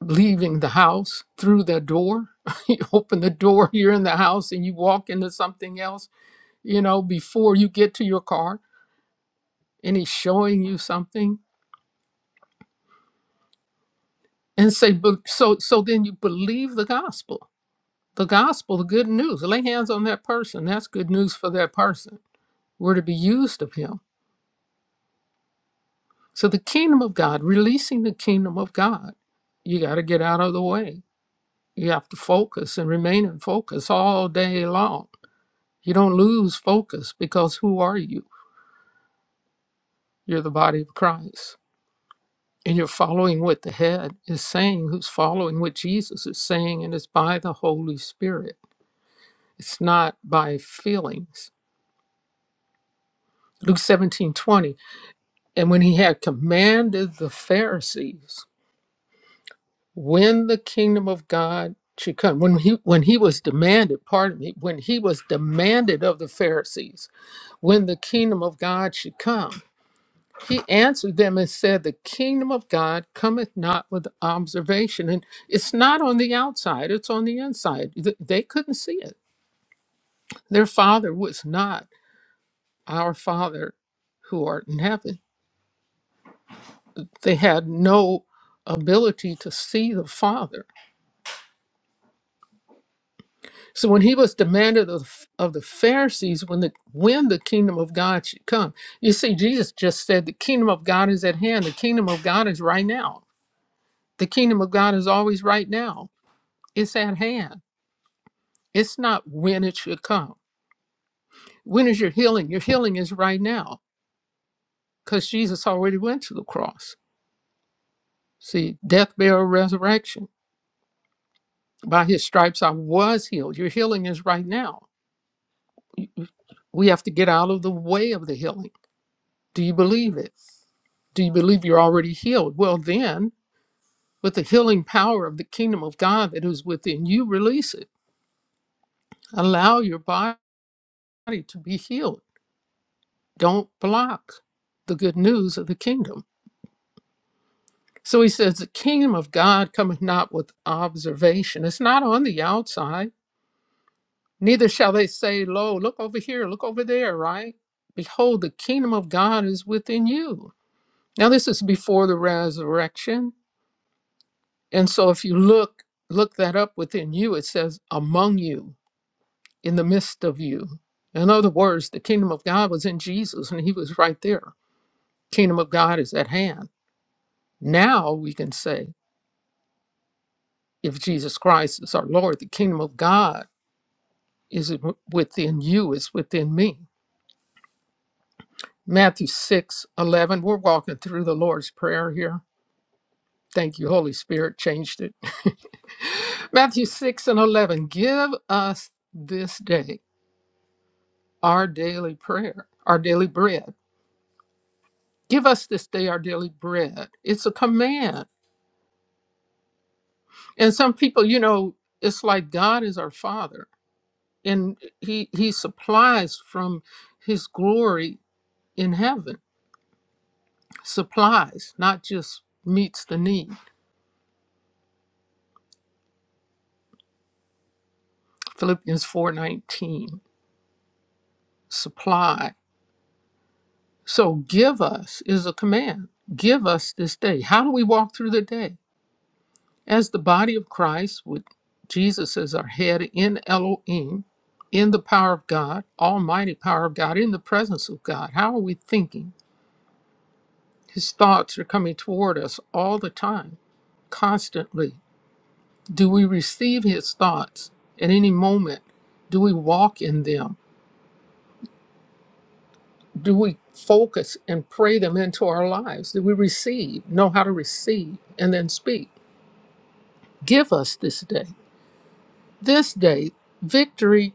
S7: leaving the house through the door. you open the door, you're in the house, and you walk into something else, you know, before you get to your car, and he's showing you something. And say, "But- so, so then you believe the gospel, the gospel, the good news. Lay hands on that person. That's good news for that person. We're to be used of him. So the kingdom of God, releasing the kingdom of God, you got to get out of the way You have to focus and remain in focus all day long. You don't lose focus because who are you? You're the body of Christ. And you're following what the head is saying, who's following what Jesus is saying, and it's by the Holy Spirit. It's not by feelings. Luke 17:20. And when he had commanded the Pharisees, when the kingdom of God should come, when he when he was demanded, pardon me, when he was demanded of the Pharisees, when the kingdom of God should come. He answered them and said, The kingdom of God cometh not with observation. And it's not on the outside, it's on the inside. Th- They couldn't see it. Their father was not our father who art in heaven. They had no ability to see the father. So when he was demanded of, of the Pharisees when the when the kingdom of God should come, you see, Jesus just said, The kingdom of God is at hand, the kingdom of God is right now The kingdom of God is always right now. It's at hand. It's not when it should come. When is your healing? Your healing is right now because Jesus already went to the cross. See, death, burial, resurrection. By his stripes I was healed. Your healing is right now. We have to get out of the way of the healing. Do you believe it? Do you believe you're already healed? Well, then, with the healing power of the kingdom of God that is within you, release it. Allow your body to be healed Don't block the good news of the kingdom. So he says, The kingdom of God cometh not with observation. It's not on the outside. Neither shall they say, Lo, look over here, look over there, right? Behold, the kingdom of God is within you. Now, this is before the resurrection. And so if you look, look that up within you, it says, Among you, in the midst of you. In other words, the kingdom of God was in Jesus and he was right there. Kingdom of God is at hand. Now we can say, If Jesus Christ is our Lord, the kingdom of God is within you, is within me. Matthew six eleven. We're walking through the Lord's Prayer here. Thank you, Holy Spirit, changed it. Matthew 6 and 11. Give us this day our daily prayer, our daily bread. Give us this day our daily bread. It's a command. And some people, you know, it's like God is our Father and He He supplies from His glory in heaven supplies, not just meets the need. Philippians 4:19, supply. So give us is a command. Give us this day. How do we walk through the day? As the body of Christ with Jesus as our head in Elohim, in the power of God, almighty power of God, in the presence of God. How are we thinking? His thoughts are coming toward us all the time, constantly. Do we receive his thoughts at any moment? Do we walk in them? do we focus and pray them into our lives? Do we receive, know how to receive, and then speak? Give us this day, this day, victory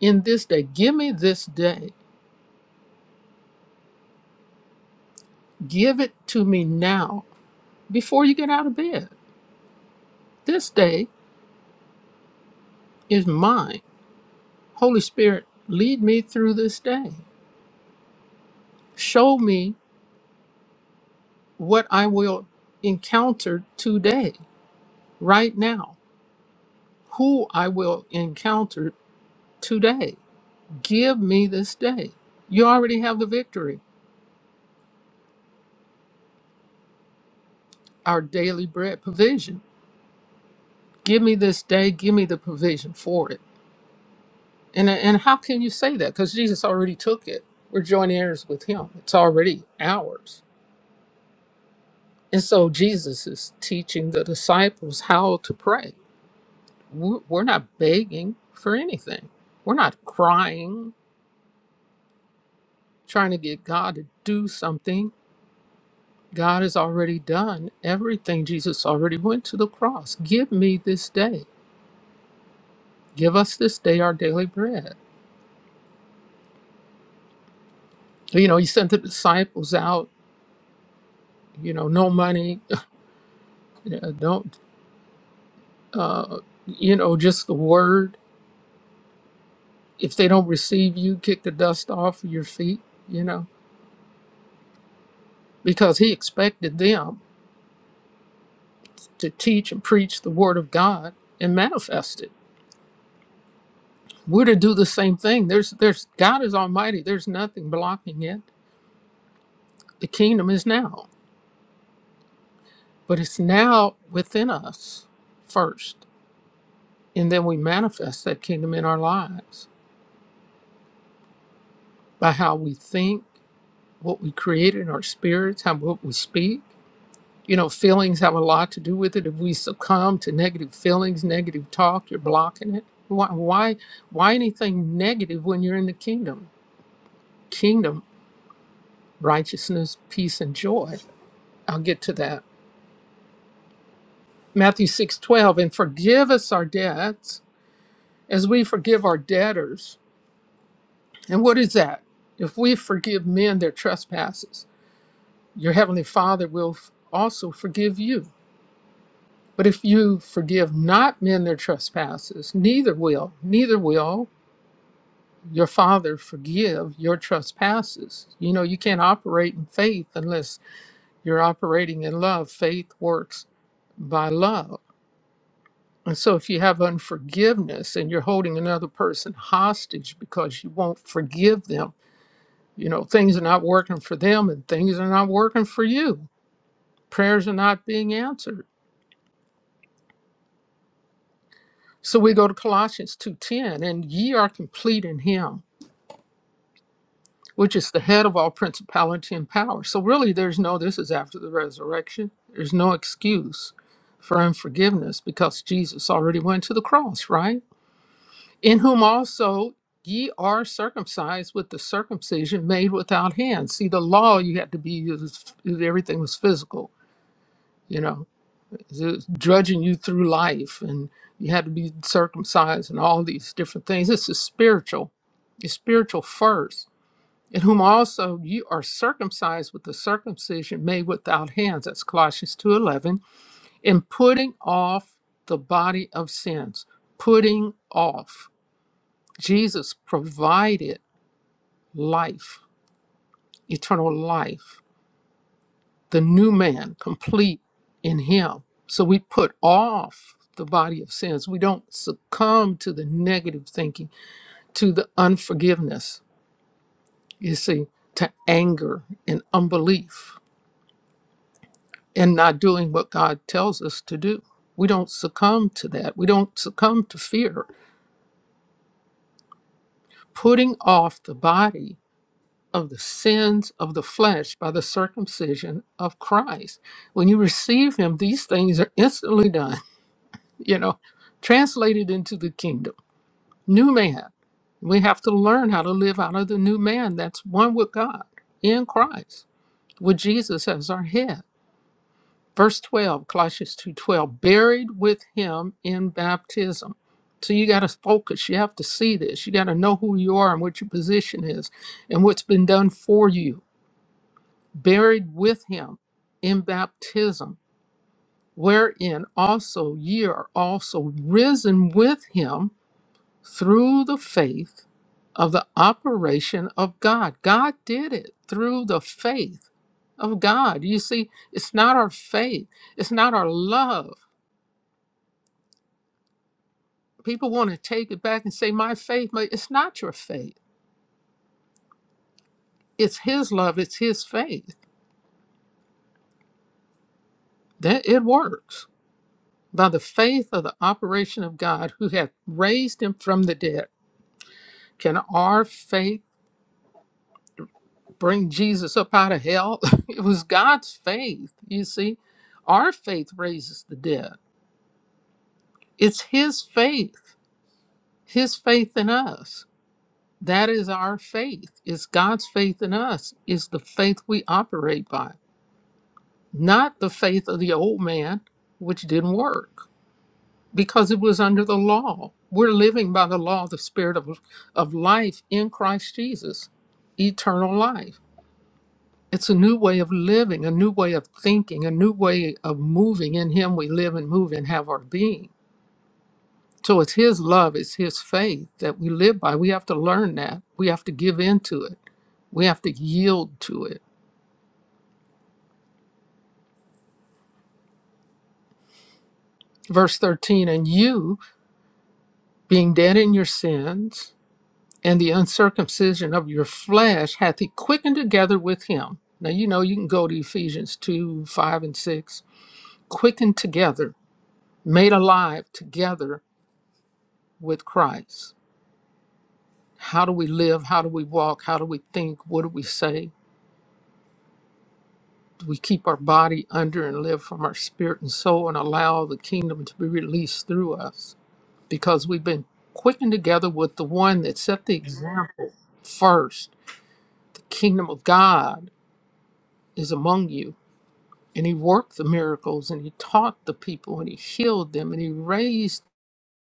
S7: in this day. Give me this day. Give it to me now before you get out of bed. This day is mine. Holy Spirit, lead me through this day. Show me what I will encounter today, right now, who I will encounter today Give me this day. You already have the victory, our daily bread provision. Give me this day, give me the provision for it. And, and how can you say that? Because Jesus already took it. We're joint heirs with him, it's already ours. And so Jesus is teaching the disciples how to pray. We- We're not begging for anything, we're not crying, trying to get God to do something. God has already done everything. Jesus already went to the cross. Give me this day. Give us this day our daily bread. You know, he sent the disciples out, you know, no money, you know, don't, uh, you know, just the word. If they don't receive you, kick the dust off of your feet, you know, because he expected them to teach and preach the word of God and manifest it. We're to do the same thing. There's, there's, God is almighty. There's nothing blocking it. The kingdom is now, but it's now within us first. And then we manifest that kingdom in our lives. by how we think, what we create in our spirits, how what we speak. You know, feelings have a lot to do with it. If we succumb to negative feelings, negative talk, you're blocking it. Why why why anything negative when you're in the kingdom? Kingdom, righteousness, peace, and joy. I'll get to that. Matthew six twelve, and forgive us our debts as we forgive our debtors. And what is that? If we forgive men their trespasses, your heavenly Father will f- also forgive you But if you forgive not men their trespasses, neither will, neither will your Father forgive your trespasses. You know, you can't operate in faith unless you're operating in love. Faith works by love. And so if you have unforgiveness and you're holding another person hostage because you won't forgive them, you know, things are not working for them and things are not working for you. Prayers are not being answered. So we go to Colossians 2:10 and ye are complete in him which is the head of all principality and power. So really there's no this is after the resurrection. There's no excuse for unforgiveness because Jesus already went to the cross, right? In whom also ye are circumcised with the circumcision made without hands. See the law you had to be everything was physical, you know, it drudging you through life and you had to be circumcised and all these different things. This is spiritual. It's spiritual first in whom also you are circumcised with the circumcision made without hands that's colossians 2.11 in putting off the body of sins putting off jesus provided life eternal life the new man complete in him so we put off the body of sins we don't succumb to the negative thinking to the unforgiveness you see to anger and unbelief and not doing what God tells us to do. We don't succumb to that. We don't succumb to fear. Putting off the body of the sins of the flesh by the circumcision of Christ. When you receive Him, these things are instantly done, you know, translated into the kingdom. New man. We have to learn how to live out of the new man that's one with God in Christ, with Jesus as our head. verse 12 colossians 2.12 buried with him in baptism so you got to focus you have to see this you got to know who you are and what your position is and what's been done for you buried with him in baptism wherein also ye are also risen with him through the faith of the operation of god god did it through the faith of god you see it's not our faith it's not our love people want to take it back and say my faith but it's not your faith it's his love it's his faith that it works by the faith of the operation of god who hath raised him from the dead can our faith bring jesus up out of hell it was god's faith you see our faith raises the dead it's his faith his faith in us that is our faith it's god's faith in us is the faith we operate by not the faith of the old man, which didn't work because it was under the law. We're living by the law of the Spirit of, of life in Christ Jesus, eternal life. It's a new way of living, a new way of thinking, a new way of moving. In Him we live and move and have our being. So it's His love, it's His faith that we live by. We have to learn that. We have to give into it. We have to yield to it. Verse 13, and you, being dead in your sins, and the uncircumcision of your flesh hath he quickened together with him. Now, you know, you can go to Ephesians 2 5 and 6. Quickened together, made alive together with Christ. How do we live? How do we walk? How do we think? What do we say? Do we keep our body under and live from our spirit and soul and allow the kingdom to be released through us? Because we've been quickened together with the one that set the example first. The kingdom of God is among you and he worked the miracles and he taught the people and he healed them and he raised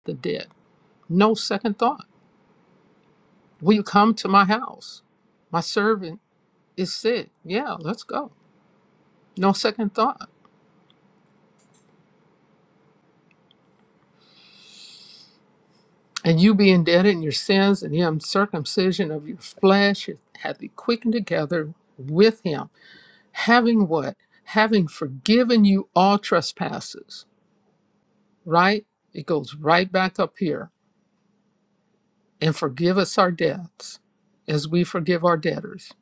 S7: the dead. No second thought. Will you come to my house? My servant is sick. Yeah, let's go. No second thought. And you being dead in your sins and the uncircumcision of your flesh hath he quickened together with him, having what? Having forgiven you all trespasses, right? It goes right back up here and forgive us our debts as we forgive our debtors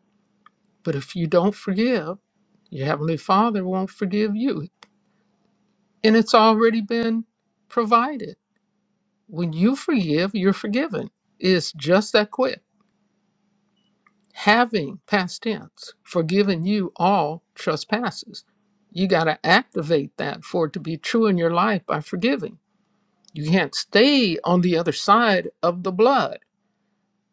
S7: But if you don't forgive, your Heavenly Father won't forgive you. And it's already been provided. When you forgive, you're forgiven. It's just that quick. Having past tense, forgiven you all trespasses. You got to activate that for it to be true in your life by forgiving. You can't stay on the other side of the blood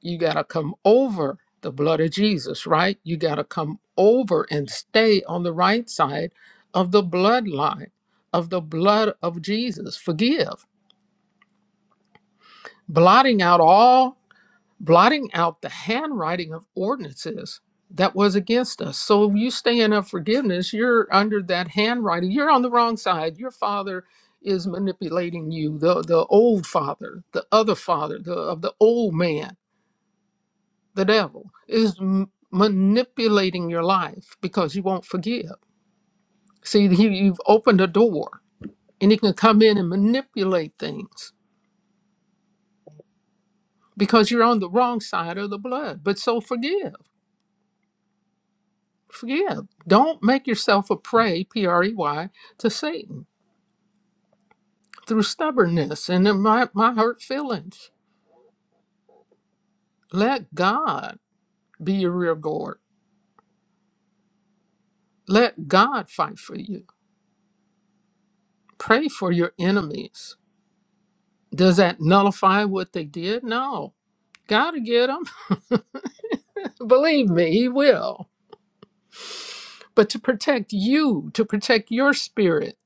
S7: you got to come over the blood of Jesus, right? You got to come over and stay on the right side of the bloodline of the blood of Jesus. Forgive, blotting out all, blotting out the handwriting of ordinances that was against us. So if you stay in forgiveness, you're under that handwriting. You're on the wrong side. Your father is manipulating you, the the old father, the other father, the of the old man the devil is m- manipulating your life because you won't forgive see he, you've opened a door and he can come in and manipulate things because you're on the wrong side of the blood but so forgive forgive don't make yourself a prey p-r-e-y to satan through stubbornness and in my, my hurt feelings let god be your rear guard let god fight for you pray for your enemies does that nullify what they did? No, Gotta get him. Believe me, he will. But to protect you, to protect your spirit,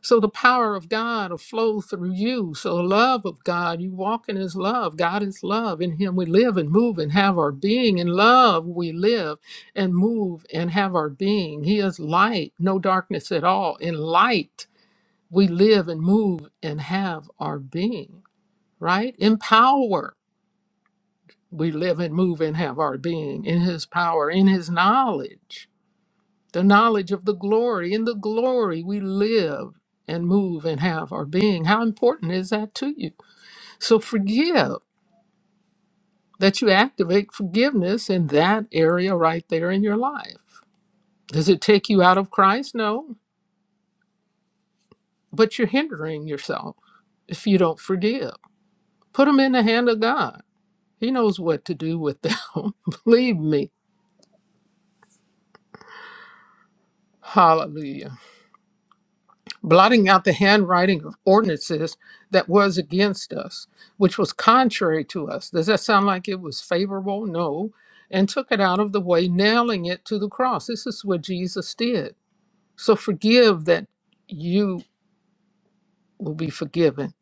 S7: so the power of God will flow through you. So the love of God, you walk in His love. God is love. In Him we live and move and have our being. In love we live and move and have our being. He is light, no darkness at all. In light we live and move and have our being, right? In power we live and move and have our being. In His power, in His knowledge the knowledge of the glory. In the glory, we live and move and have our being. How important is that to you? So forgive that you activate forgiveness in that area right there in your life. Does it take you out of Christ? No, but you're hindering yourself if you don't forgive. Put them in the hand of God. He knows what to do with them. Believe me. Hallelujah. blotting out the handwriting of ordinances that was against us, which was contrary to us. Does that sound like it was favorable? No. And took it out of the way, nailing it to the cross. This is what Jesus did. So forgive that you will be forgiven.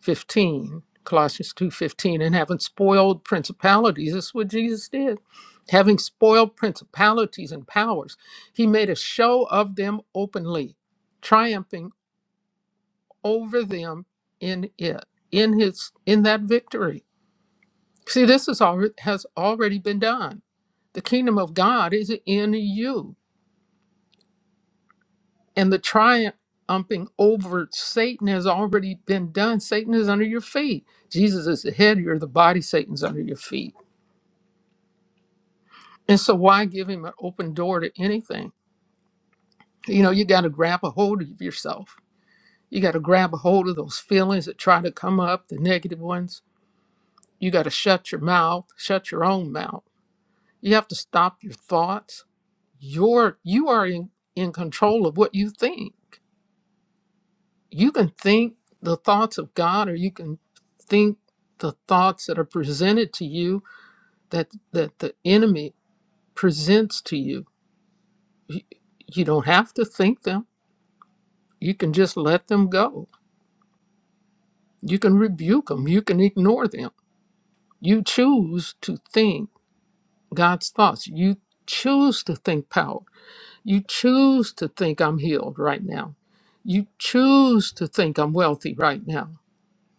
S7: 15, Colossians 2:15, and having spoiled principalities, this is what Jesus did. Having spoiled principalities and powers, he made a show of them openly, triumphing over them in it in his in that victory see this is all has already been done the kingdom of god is in you and the triumphing over satan has already been done satan is under your feet jesus is the head you're the body satan's under your feet and so why give him an open door to anything you know you got to grab a hold of yourself you got to grab a hold of those feelings that try to come up the negative ones you got to shut your mouth shut your own mouth You have to stop your thoughts. You're you are in, in control of what you think. You can think the thoughts of God or you can think the thoughts that are presented to you that that the enemy presents to you. You, you don't have to think them. You can just let them go. You can rebuke them. You can ignore them. You choose to think God's thoughts. You choose to think power You choose to think I'm healed right now. You choose to think I'm wealthy right now,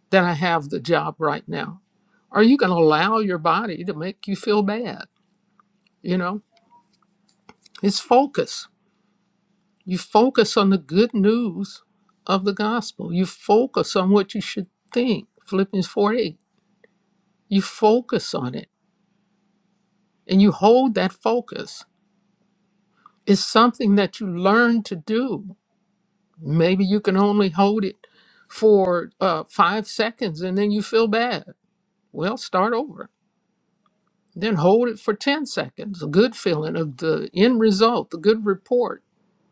S7: that I have the job right now. Are you going to allow your body to make you feel bad? You know, it's focus. You focus on the good news of the gospel. You focus on what you should think, Philippians 4 8. You focus on it and you hold that focus. It's something that you learn to do Maybe you can only hold it for uh, five seconds and then you feel bad. Well, start over. Then hold it for 10 seconds, a good feeling of the end result, the good report.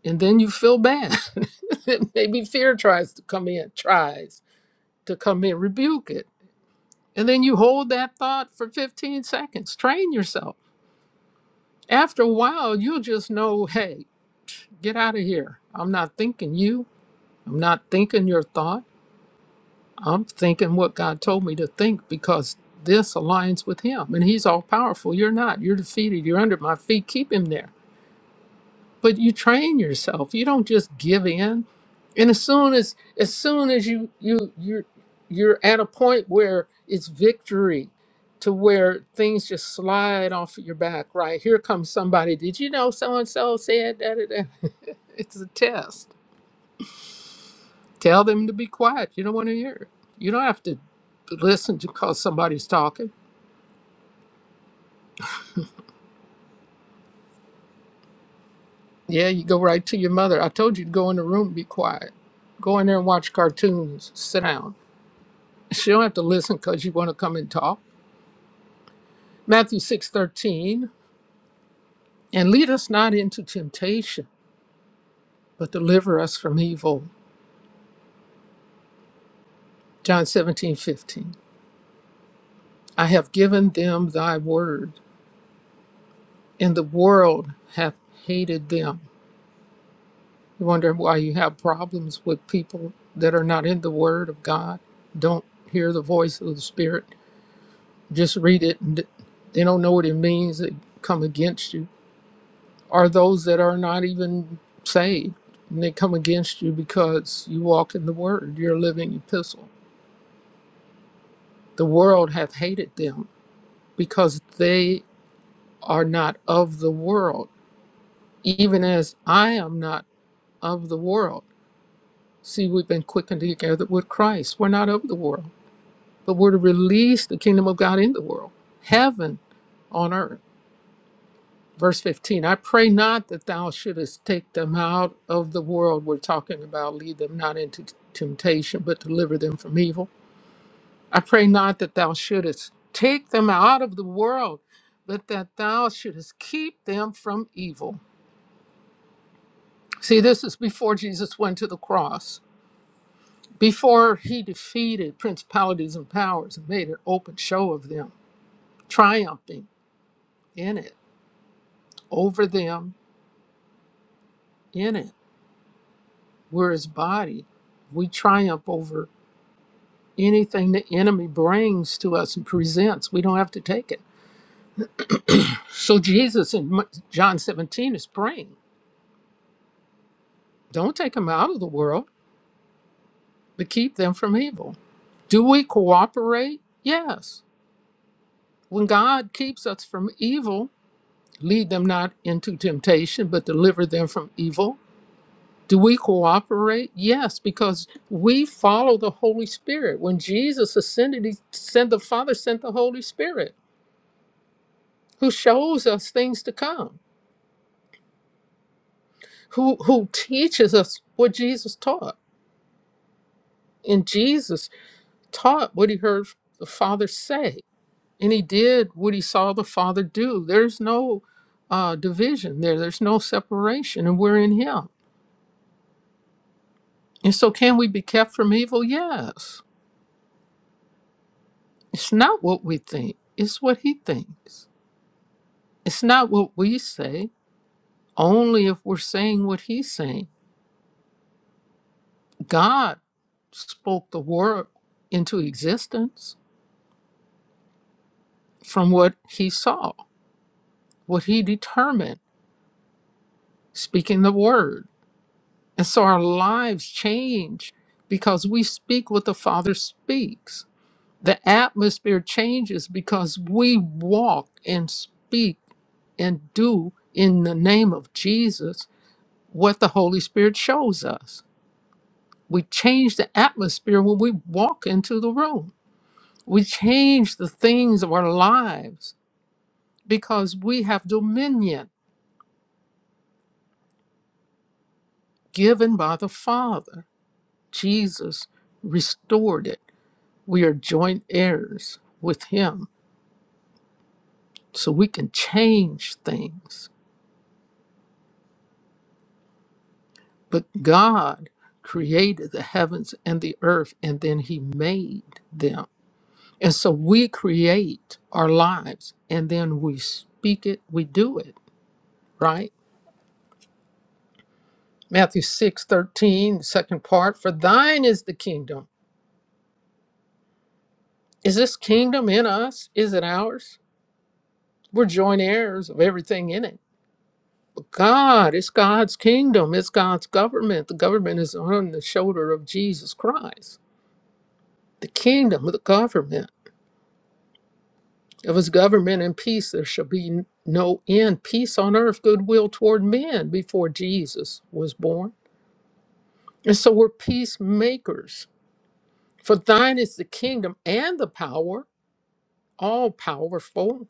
S7: And then you feel bad. Maybe fear tries to come in, tries to come in, rebuke it. And then you hold that thought for 15 seconds. Train yourself. After a while, you'll just know hey, get out of here. I'm not thinking you. I'm not thinking your thought. I'm thinking what God told me to think because this aligns with Him. And He's all powerful. You're not. You're defeated. You're under my feet. Keep Him there. But you train yourself. You don't just give in. And as soon as as soon as you you you're you're at a point where it's victory to where things just slide off of your back, right? Here comes somebody. Did you know so and so said that? It's a test. Tell them to be quiet. You don't want to hear it. You don't have to listen to cause somebody's talking. Yeah, you go right to your mother. I told you to go in the room and be quiet. Go in there and watch cartoons. Sit down. She don't have to listen because you want to come and talk. Matthew six thirteen, And lead us not into temptation, but deliver us from evil. John seventeen fifteen, I have given them thy word, and the world hath hated them You wonder why you have problems with people that are not in the Word of God, don't hear the voice of the Spirit, just read it and they don't know what it means. They come against you. Or those that are not even saved and they come against you because you walk in the Word, your living epistle. The world hath hated them because they are not of the world, even as I am not of the world. See, we've been quickened together with Christ. We're not of the world but we're to release the kingdom of God in the world, heaven on earth. Verse 15, I pray not that thou shouldest take them out of the world we're talking about, lead them not into t- temptation, but deliver them from evil. I pray not that thou shouldest take them out of the world, but that thou shouldest keep them from evil. See, this is before Jesus went to the cross, before he defeated principalities and powers and made an open show of them, triumphing in it. over them in it. We're his body. We triumph over anything the enemy brings to us and presents. We don't have to take it. So Jesus in M- John 17 is praying, don't take them out of the world, but keep them from evil. Do we cooperate? Yes. When God keeps us from evil, lead them not into temptation, but deliver them from evil. Do we cooperate? Yes, because we follow the Holy Spirit. When Jesus ascended, he sent the Father sent the Holy Spirit, who shows us things to come, who who teaches us what Jesus taught. And Jesus taught what he heard the Father say, and he did what he saw the Father do. There's no uh, division there. There's no separation, and we're in Him. And so, can we be kept from evil? Yes. It's not what we think; it's what He thinks It's not what we say, only if we're saying what he's saying. God spoke the word into existence from what he saw, what he determined, speaking the word. And so our lives change because we speak what the Father speaks. The atmosphere changes because we walk and speak and do in the name of Jesus what the Holy Spirit shows us. We change the atmosphere when we walk into the room. We change the things of our lives because we have dominion given by the Father. Jesus restored it. We are joint heirs with Him, so we can change things. But God created the heavens and the earth, and then He made them. And so we create our lives, and then we speak it, we do it, right? Matthew 6 13, second part, for thine is the kingdom. Is this kingdom in us? Is it ours? We're joint heirs of everything in it. But God, it's God's kingdom, it's God's government. The government is on the shoulder of Jesus Christ. The kingdom, the government. Of his government and peace, there shall be no end. Peace on earth, goodwill toward men before Jesus was born. And so we're peacemakers. For thine is the kingdom and the power. all powerful.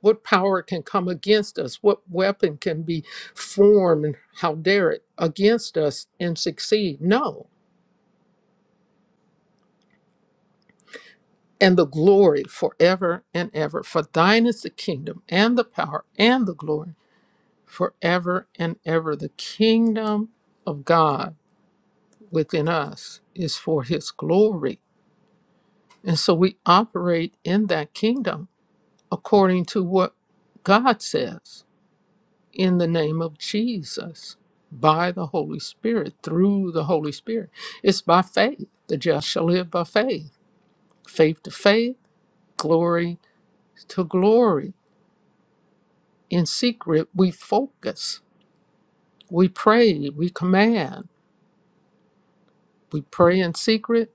S7: What power can come against us? What weapon can be formed, how dare it, against us and succeed? No. And the glory forever and ever. For thine is the kingdom and the power and the glory forever and ever. The kingdom of God within us is for his glory. And so we operate in that kingdom according to what God says. in the name of Jesus by the Holy Spirit, through the Holy Spirit. It's by faith. The just shall live by faith. Faith to faith, glory to glory. In secret, we focus, we pray, we command. We pray in secret.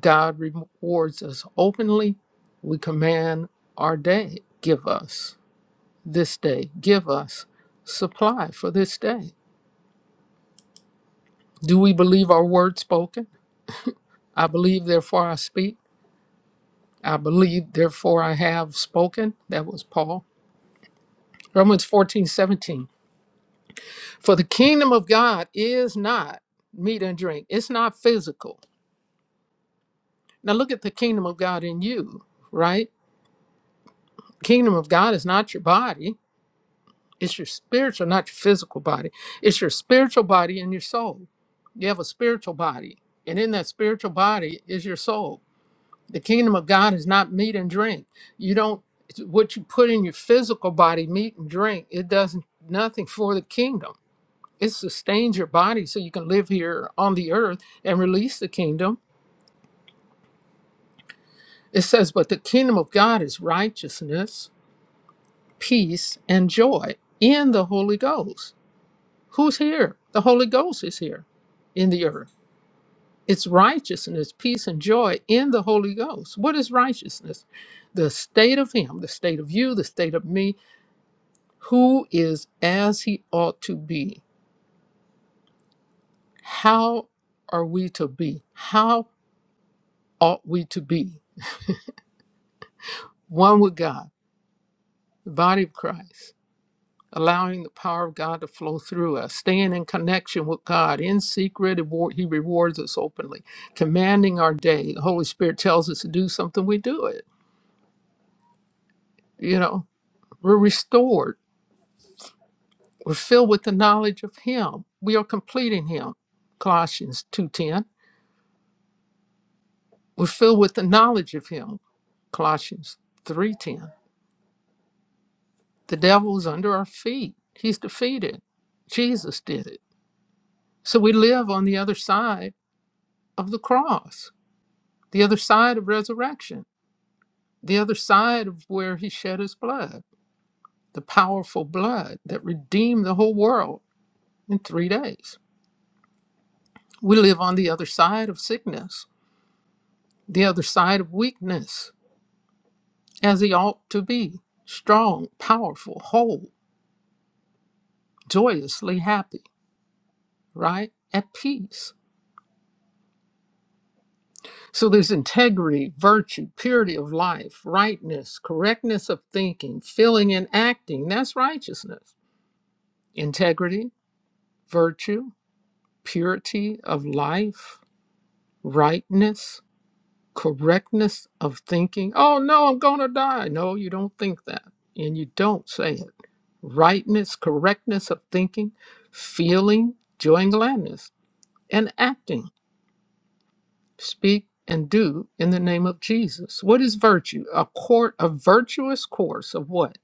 S7: God rewards us openly. We command our day. Give us this day. Give us supply for this day. Do we believe our word spoken? I believe, therefore I speak. I believe, therefore I have spoken. That was Paul. Romans 14:17. For the kingdom of God is not meat and drink, it's not physical. Now look at the kingdom of God in you, right? Kingdom of God is not your body, it's your spiritual, not your physical body. It's your spiritual body and your soul. You have a spiritual body, and in that spiritual body is your soul The kingdom of God is not meat and drink. You don't it's what you put in your physical body, meat and drink, it does not nothing for the kingdom. It sustains your body so you can live here on the earth and release the kingdom. It says, But the kingdom of God is righteousness, peace, and joy in the Holy Ghost. Who's here? The Holy Ghost is here in the earth. It's righteousness, peace, and joy in the Holy Ghost. What is righteousness? The state of Him, the state of you, the state of me, who is as he ought to be. How are we to be? How ought we to be? One with God, the body of Christ, allowing the power of God to flow through us, staying in connection with God in secret. award- He rewards us openly, commanding our day. The Holy Spirit tells us to do something, we do it. You know, we're restored. We're filled with the knowledge of Him. We are complete in Him. Colossians 2:10 We're filled with the knowledge of him. Colossians 3:10. The devil is under our feet. He's defeated. Jesus did it. So we live on the other side of the cross, the other side of resurrection, the other side of where he shed his blood, the powerful blood that redeemed the whole world in 3 days. We live on the other side of sickness, the other side of weakness, as he ought to be, strong, powerful, whole, joyously happy right? At peace. So there's integrity, virtue, purity of life, rightness, correctness of thinking, feeling and acting. That's righteousness. Integrity, virtue, purity of life, rightness, correctness of thinking. Oh, no, I'm going to die. No, you don't think that. And you don't say it. Rightness, correctness of thinking, feeling, joy and gladness, and acting speak and do in the name of Jesus. What is virtue? A court a virtuous course of what?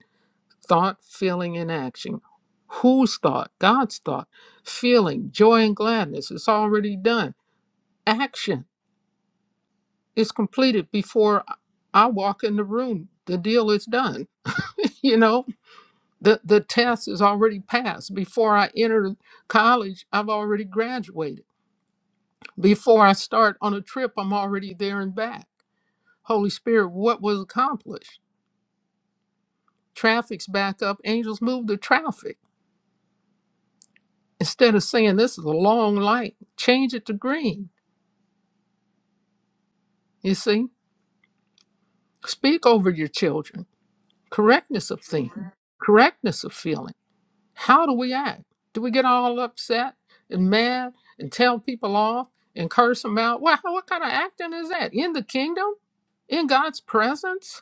S7: Thought, feeling, and action. Whose thought? God's thought. Feeling, joy and gladness. It's already done. Action is completed before I walk in the room. The deal is done. You know, the, the test is already passed. Before I enter college, I've already graduated. Before I start on a trip, I'm already there and back Holy Spirit, what was accomplished? Traffic's back up. Angels move the traffic. Instead of saying this is a long light, change it to green. You see, speak over your children. Correctness of thinking, Mhm. correctness of feeling. How do we act? Do we get all upset and mad and tell people off and curse them out? Well, what kind of acting is that? In the kingdom? In God's presence?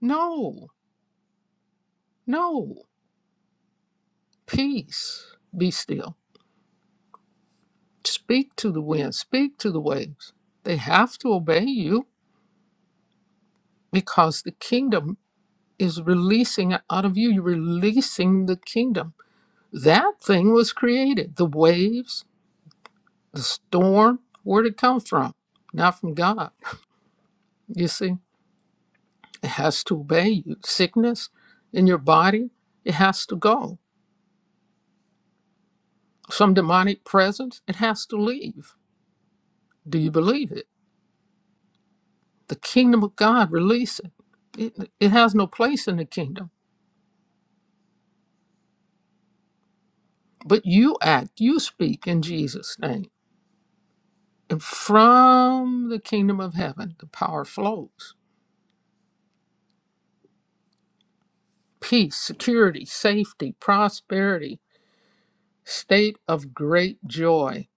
S7: No, no. Peace. Be still. Speak to the wind, speak to the waves. They have to obey you because the kingdom is releasing out of you. You're releasing the kingdom. That thing was created. The waves, the storm, where'd it come from? Not from God. You see, it has to obey you. Sickness in your body, it has to go. Some demonic presence, it has to leave. Do you believe it? The kingdom of God, release it. It, it has no place in the kingdom But you act, you speak in Jesus' name. And from the kingdom of heaven, the power flows peace, security, safety, prosperity, state of great joy.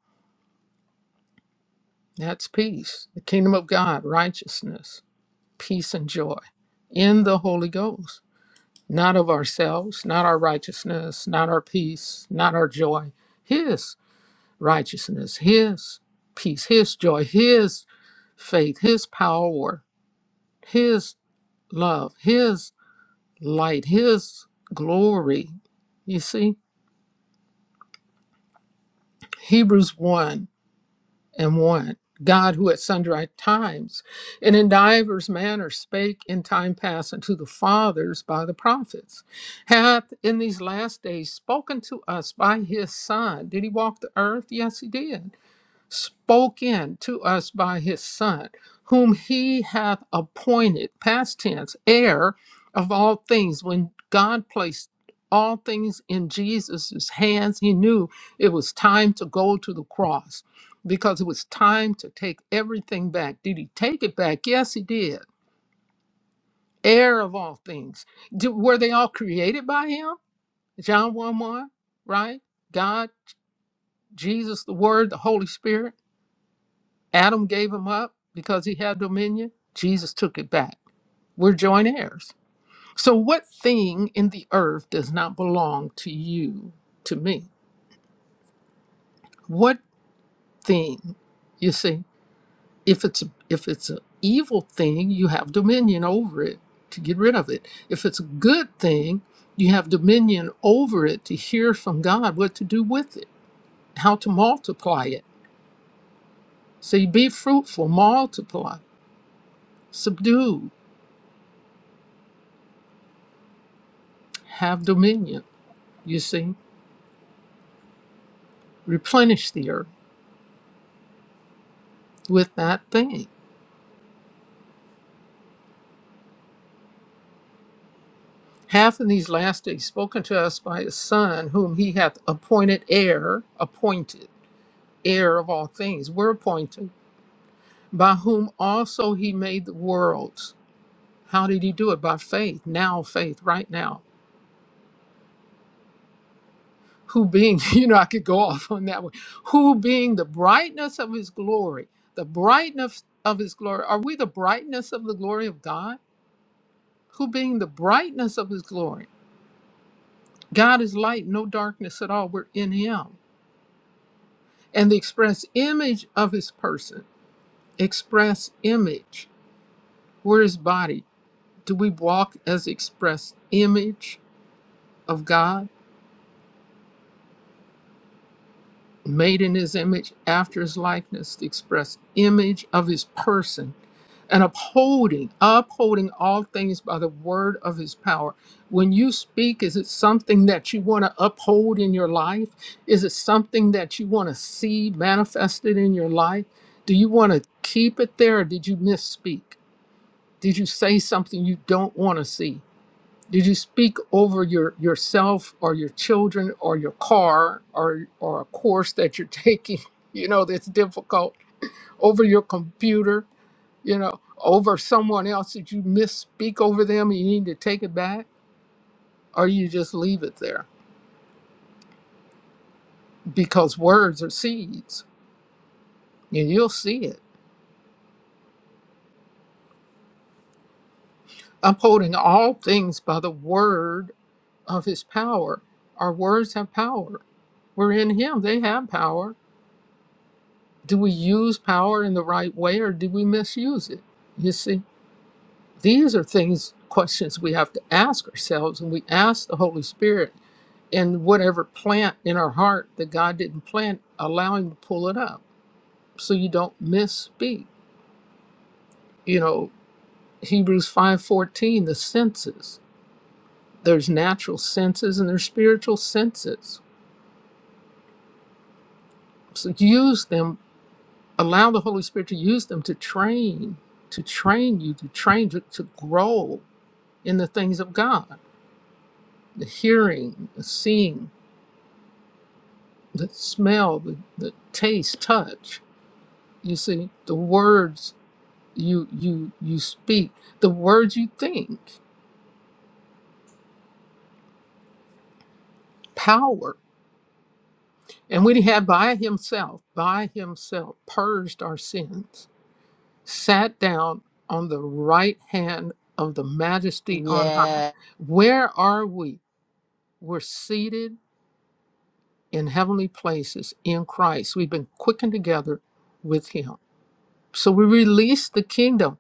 S7: That's peace. The kingdom of God, righteousness, peace, and joy in the Holy Ghost, not of ourselves, not our righteousness, not our peace, not our joy. His righteousness, His peace, His joy, His faith, His power, His love, His light, His glory. You see, Hebrews 1 and 1. God, who at sundry times and in divers manners spake in time past unto the fathers by the prophets, hath in these last days spoken to us by his Son. Did he walk the earth? Yes, he did spoken to us by his Son, whom he hath appointed, past tense, heir of all things. When God placed all things in Jesus' hands, he knew it was time to go to the cross because it was time to take everything back. Did he take it back? Yes, he did. Heir of all things. Did, were they all created by him? John 1 1, right? God, Jesus, the Word, the Holy Spirit. Adam gave him up because he had dominion. Jesus took it back. We're joint heirs. So, what thing in the earth does not belong to you, to me? What thing? You see, if it's a, if it's an evil thing, you have dominion over it to get rid of it. If it's a good thing, you have dominion over it to hear from God what to do with it, how to multiply it. See, be fruitful, multiply, subdue, have dominion. You see. replenish the earth with that thing. Hath in these last days spoken to us by his Son, whom he hath appointed heir, appointed heir of all things. We're appointed, by whom also he made the worlds. How did he do it? By faith, now faith, right now. Who being, you know, I could go off on that one. Who being the brightness of his glory, the brightness of his glory. Are we the brightness of the glory of God? Who being the brightness of his glory? God is light, no darkness at all. We're in Him. And the express image of His person, express image, we're His body. Do we walk as express image of God, made in His image, after His likeness, the express image of His person? and upholding, upholding all things by the word of his power. When you speak, is it something that you want to uphold in your life? Is it something that you want to see manifested in your life? Do you want to keep it there or did you misspeak? Did you say something you don't want to see? Did you speak over your yourself or your children or your car or or a course that you're taking, you know, that's difficult, over your computer? you know, over someone else? Did you misspeak over them and you need to take it back? Or you just leave it there? Because words are seeds and you'll see it. Upholding all things by the word of his power. Our words have power. We're in him, they have power. Do we use power in the right way or do we misuse it? You see, these are things, questions we have to ask ourselves, and we ask the Holy Spirit and whatever plant in our heart that God didn't plant, allow him to pull it up so you don't misspeak. You know, Hebrews 5:14, the senses. There's natural senses and there's spiritual senses. So use them, allow the Holy Spirit to use them to train, to train you, to train to, to grow in the things of God. The hearing, the seeing, the smell, the, the taste, touch. You see, the words you you you speak the words you think power and when he had by himself by himself purged our sins sat down on the right hand of the majesty on high where are we we're seated in heavenly places in christ we've been quickened together with him so we release the kingdom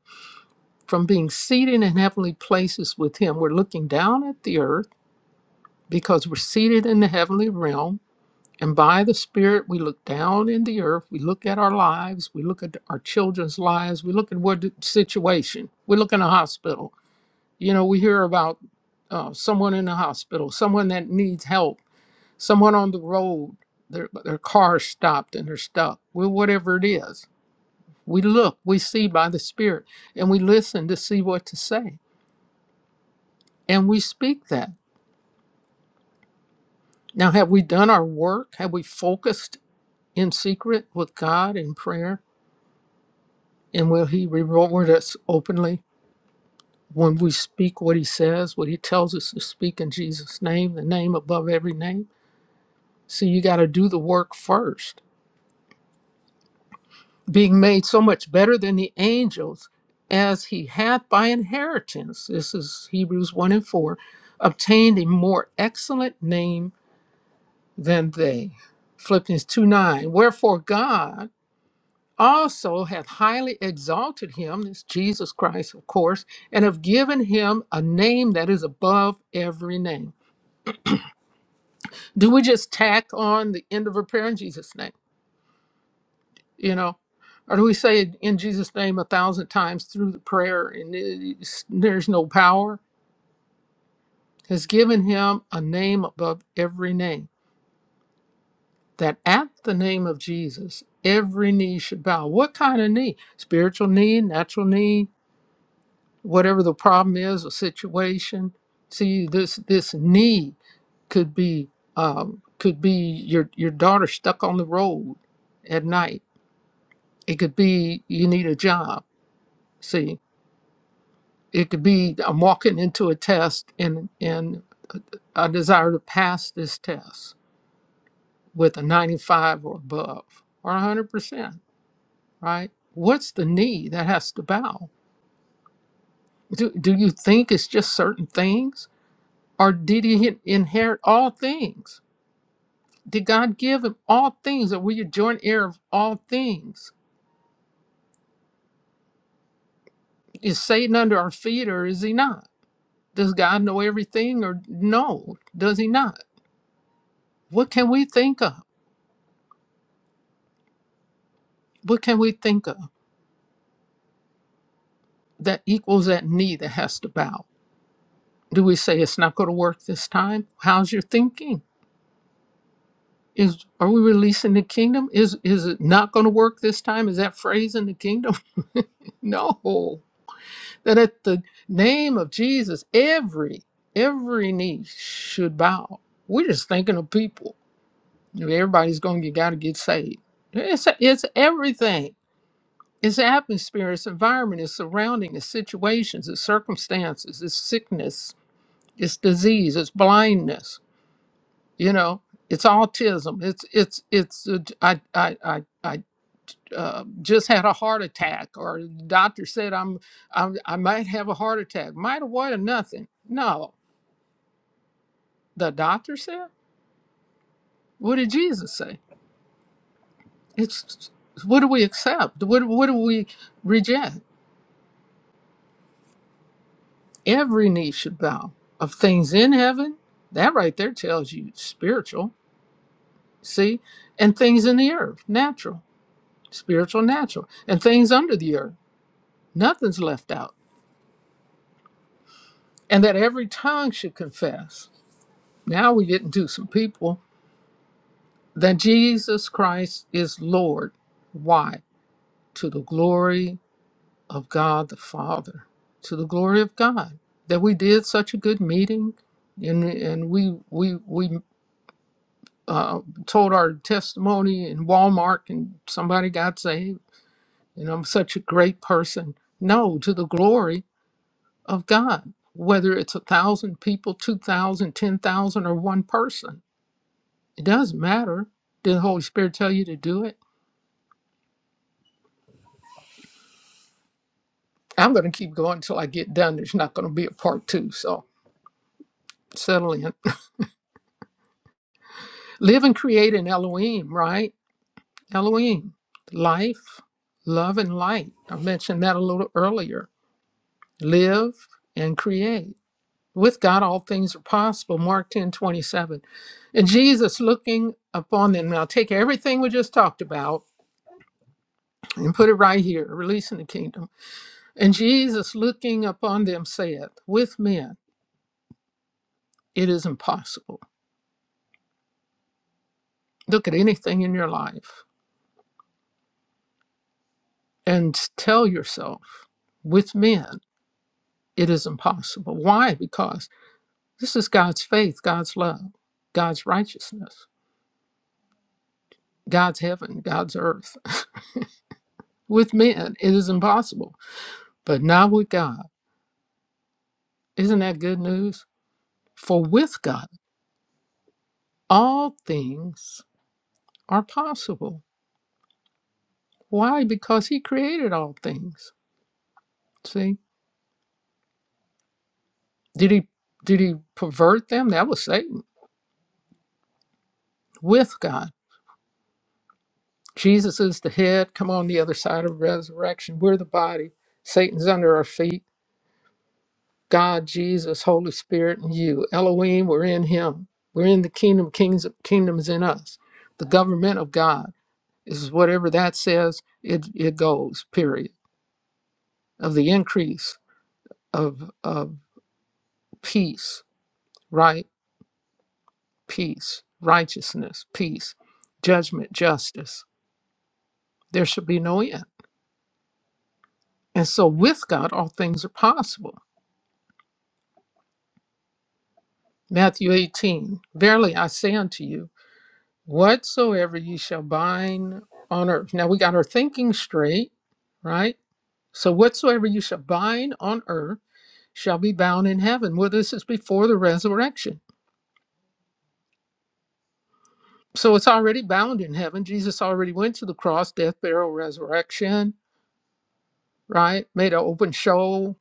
S7: from being seated in heavenly places with him we're looking down at the earth because we're seated in the heavenly realm And by the Spirit, we look down in the earth. We look at our lives. We look at our children's lives. We look at what situation. We look in a hospital. You know, we hear about uh, someone in the hospital, someone that needs help, someone on the road, their, their car stopped and they're stuck. Well, whatever it is, we look, we see by the Spirit, and we listen to see what to say. And we speak that. Now, have we done our work? Have we focused in secret with God in prayer? And will he reward us openly when we speak what he says, what he tells us to speak in Jesus' name, the name above every name? So you got to do the work first. Being made so much better than the angels as he hath by inheritance, this is Hebrews 1 and 4, obtained a more excellent name than they. Philippians 2 9. Wherefore God also hath highly exalted him, this Jesus Christ, of course, and have given him a name that is above every name. Do we just tack on the end of a prayer in Jesus' name? You know, or do we say in Jesus' name a thousand times through the prayer and it's- there's no power? Has given him a name above every name, that at the name of Jesus, every knee should bow. What kind of knee? Spiritual knee, natural knee, whatever the problem is or situation. See, this this need could be um, could be your your daughter stuck on the road at night. It could be you need a job. See, it could be I'm walking into a test and and I desire to pass this test with a 95 or above or 100 percent. Right? What's the need that has to bow? Do, do you think it's just certain things, or did he inherit all things? Did God give him all things, or were you joint heir of all things? Is Satan under our feet, or is he not? Does God know everything, or no? Does he not? What can we think of? What can we think of that equals that knee that has to bow? Do we say it's not going to work this time? How's your thinking? Is are we releasing the kingdom? Is is it not going to work this time? Is that phrase in the kingdom? no. that at the name of Jesus, every every knee should bow. We're just thinking of people. You know, Everybody's going. You got to get saved. It's it's everything. It's atmosphere. It's environment. It's surrounding. It's situations. It's circumstances. It's sickness. It's disease. It's blindness. You know. It's autism. It's it's it's. uh, I I I I uh, just had a heart attack or the doctor said I'm, I'm I might have a heart attack. Might have what or nothing. No, the doctor said. What did Jesus say? It's what do we accept? What what do we reject? Every knee should bow of things in heaven. That right there tells you spiritual. See, and things in the earth, natural, spiritual, natural, and things under the earth. Nothing's left out, and that every tongue should confess. Now we get into some people that Jesus Christ is Lord. Why? To the glory of God the Father, to the glory of God. That we did such a good meeting, and and we we we uh, told our testimony in Walmart, and somebody got saved, and I'm such a great person. No, to the glory of God. Whether it's a thousand people, two thousand, ten thousand, or one person, it doesn't matter. Did the Holy Spirit tell you to do it? I'm going to keep going until I get done. There's not going to be a part two. So settle in. Live and create in Elohim, right? Elohim, life, love, and light. I mentioned that a little earlier. Live and create. With God, all things are possible. Mark 10 27, And Jesus looking upon them. Now take everything we just talked about and put it right here, releasing the kingdom. And Jesus looking upon them said, With men it is impossible Look at anything in your life and tell yourself, with men, it is impossible. Why? Because this is God's faith, God's love, God's righteousness, God's heaven, God's earth. With men, it is impossible, but not with God. Isn't that good news? For with God, all things are possible. Why? Because He created all things. See, did He did He pervert them? That was Satan. With God. Jesus is the head. Come on, the other side of resurrection. We're the body. Satan's under our feet. God, Jesus, Holy Spirit, and you. Elohim, we're in Him. We're in the kingdom. Kings, kingdoms in us. The government of God is whatever that says. It it goes. Period. Of the increase of of peace, right? Peace, righteousness, peace, judgment, justice. There should be no end. And so, with God, all things are possible Matthew 18, Verily I say unto you, whatsoever ye shall bind on earth. Now we got our thinking straight, right? So whatsoever you shall bind on earth shall be bound in heaven. Well, this is before the resurrection. So it's already bound in heaven. Jesus already went to the cross, death, burial, resurrection, right? Made an open show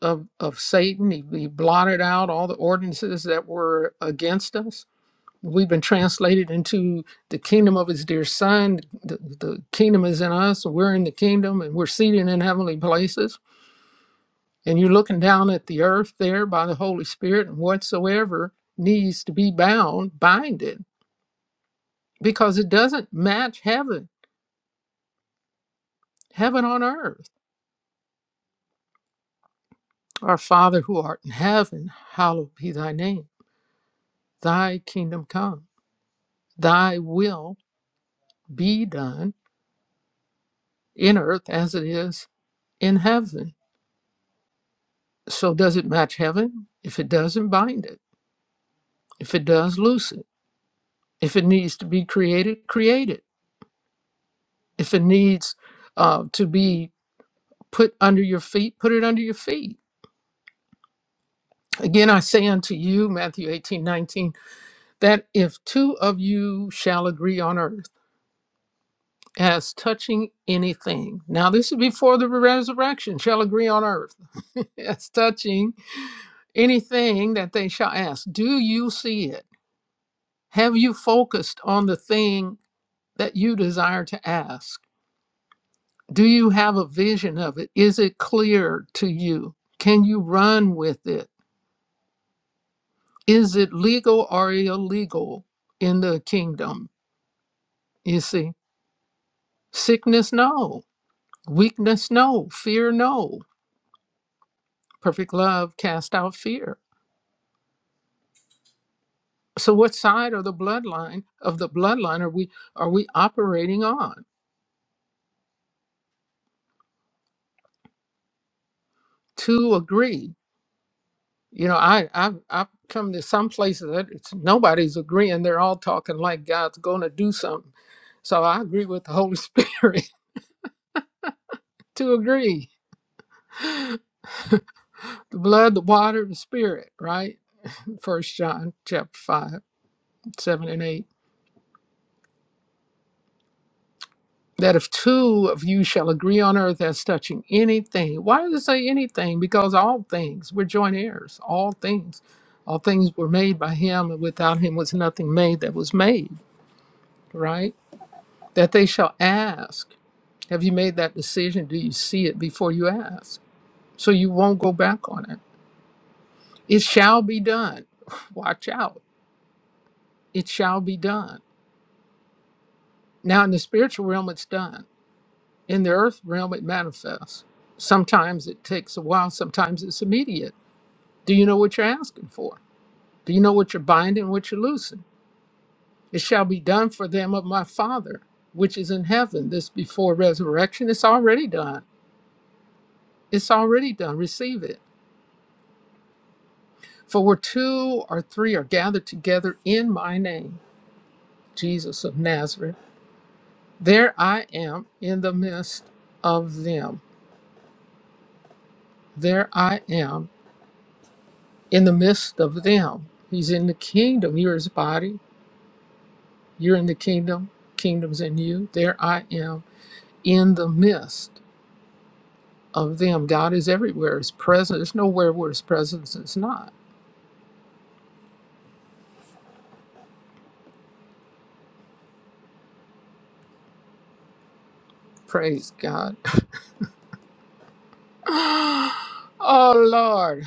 S7: of, of Satan. He, he blotted out all the ordinances that were against us We've been translated into the kingdom of his dear son. The, the kingdom is in us. so We're in the kingdom and we're seated in heavenly places. And you're looking down at the earth there by the Holy Spirit, and whatsoever needs to be bound, bind it, because it doesn't match heaven, heaven on earth. Our Father who art in heaven, hallowed be thy name. Thy kingdom come, thy will be done in earth as it is in heaven So does it match heaven? If it doesn't, bind it. If it does, loose it. If it needs to be created, create it. If it needs uh, to be put under your feet, put it under your feet. Again, I say unto you, Matthew 18 19, that if two of you shall agree on earth as touching anything, now this is before the resurrection, shall agree on earth as touching anything that they shall ask. Do you see it? Have you focused on the thing that you desire to ask? Do you have a vision of it? Is it clear to you? Can you run with it? Is it legal or illegal in the kingdom? You see, sickness, no. Weakness, no. Fear, no. Perfect love cast out fear. So, what side of the bloodline of the bloodline are we are we operating on? Two agree You know, I I've, I've come to some places that it's, nobody's agreeing. They're all talking like God's going to do something. So I agree with the Holy Spirit to agree. The blood, the water, the spirit, right? First John chapter five, seven and eight. That if two of you shall agree on earth as touching anything, why does it say anything? Because all things, we're joint heirs, all things. All things were made by him, and without him was nothing made that was made, right? That they shall ask. Have you made that decision? Do you see it before you ask? So you won't go back on it. It shall be done. Watch out. It shall be done. Now, in the spiritual realm, it's done. In the earth realm, it manifests. Sometimes it takes a while, sometimes it's immediate. Do you know what you're asking for? Do you know what you're binding, what you're loosing? It shall be done for them of my Father, which is in heaven. This before resurrection, it's already done. It's already done. Receive it. For where two or three are gathered together in my name, Jesus of Nazareth, there I am in the midst of them. There I am in the midst of them. He's in the kingdom. You're his body. You're in the kingdom. Kingdom's in you. There I am in the midst of them. God is everywhere. His presence. There's nowhere where his presence is not. Praise God. oh, Lord.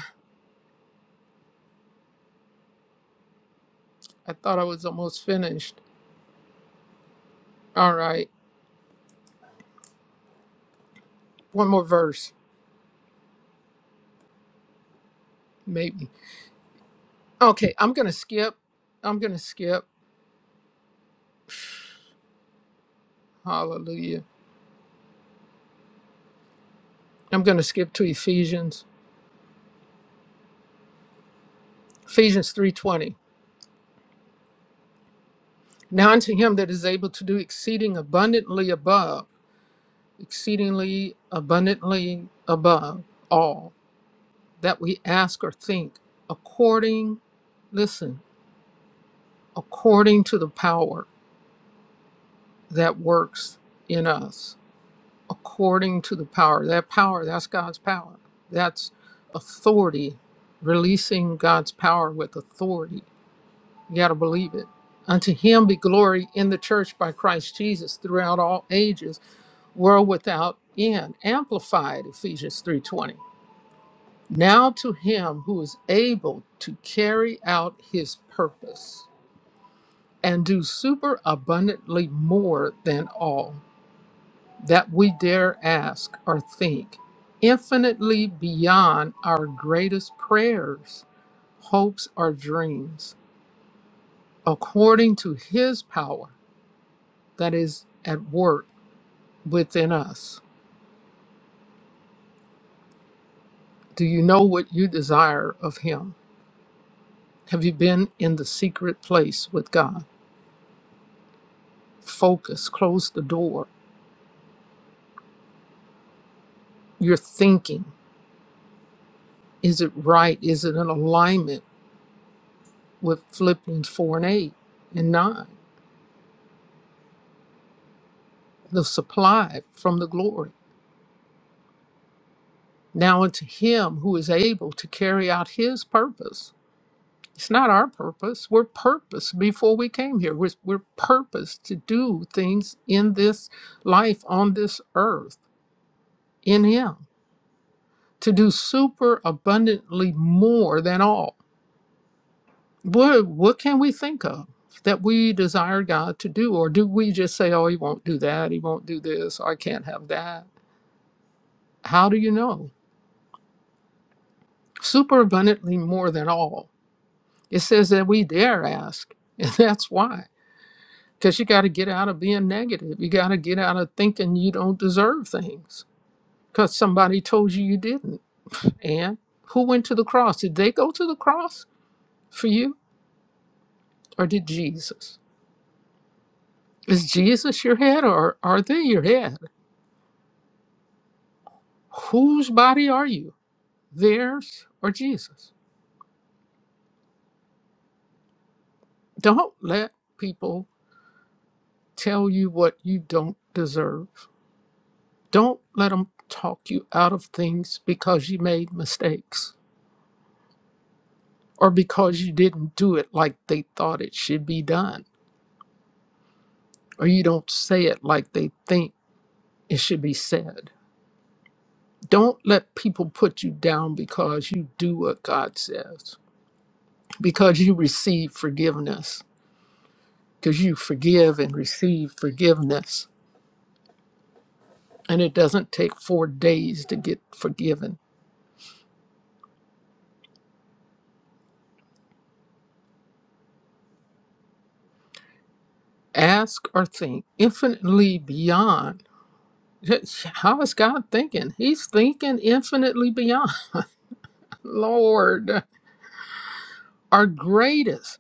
S7: I thought I was almost finished. All right. one more verse, maybe. Okay, I'm going to skip. I'm going to skip. Hallelujah. I'm going to skip to Ephesians. Ephesians 3:20. Now unto him that is able to do exceeding abundantly above, exceedingly abundantly above all that we ask or think, according, listen, according to the power that works in us. according to the power. That power, that's God's power. That's authority, releasing God's power with authority. You got to believe it. Unto him be glory in the church by Christ Jesus throughout all ages, world without end. Amplified Ephesians 3:20. Now to him who is able to carry out his purpose and do super abundantly more than all that we dare ask or think, infinitely beyond our greatest prayers, hopes, or dreams, according to His power that is at work within us. Do you know what you desire of Him? Have you been in the secret place with God? Focus, close the door. You're thinking, is it right? Is it in alignment with Philippians 4 and 8 and 9? The supply from the glory. Now unto him who is able to carry out his purpose. It's not our purpose. We're purposed before we came here. We're, we're purposed to do things in this life on this earth in him, to do super abundantly more than all. What, what can we think of that we desire God to do? Or do we just say, oh, he won't do that, he won't do this, or I can't have that? How do you know? Super abundantly more than all It says that we dare ask, and that's why. Because you got to get out of being negative. You got to get out of thinking you don't deserve things because somebody told you you didn't. And who went to the cross? Did they go to the cross for you, or did Jesus? Is Jesus your head, or are they your head? Whose body are you, theirs or Jesus? Don't let people tell you what you don't deserve. Don't let them talk you out of things because you made mistakes or because you didn't do it like they thought it should be done or you don't say it like they think it should be said. Don't let people put you down because you do what God says, because you receive forgiveness, because you forgive and receive forgiveness. And it doesn't take four days to get forgiven. Ask or think infinitely beyond How is God thinking? He's thinking infinitely beyond. Lord, our greatest,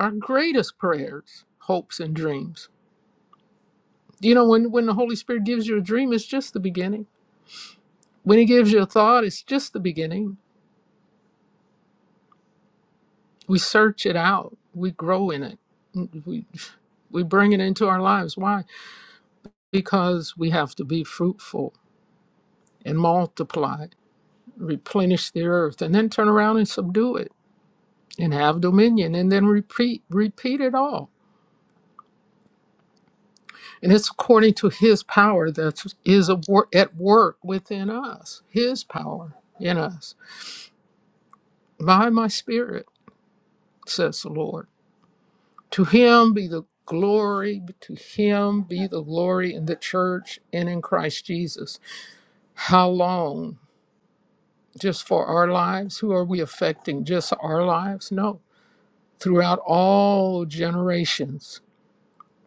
S7: our greatest prayers, hopes, and dreams. You know, when, when the Holy Spirit gives you a dream, it's just the beginning. When He gives you a thought, it's just the beginning. We search it out, we grow in it, Mm, we, we bring it into our lives. Why? Because we have to be fruitful and multiply, replenish the earth, and then turn around and subdue it and have dominion and then repeat repeat it all and it's according to his power that is a wor- at work within us his power in us by my spirit says the lord to him be the glory to him be the glory in the church and in christ jesus how long just for our lives who are we affecting just our lives no throughout all generations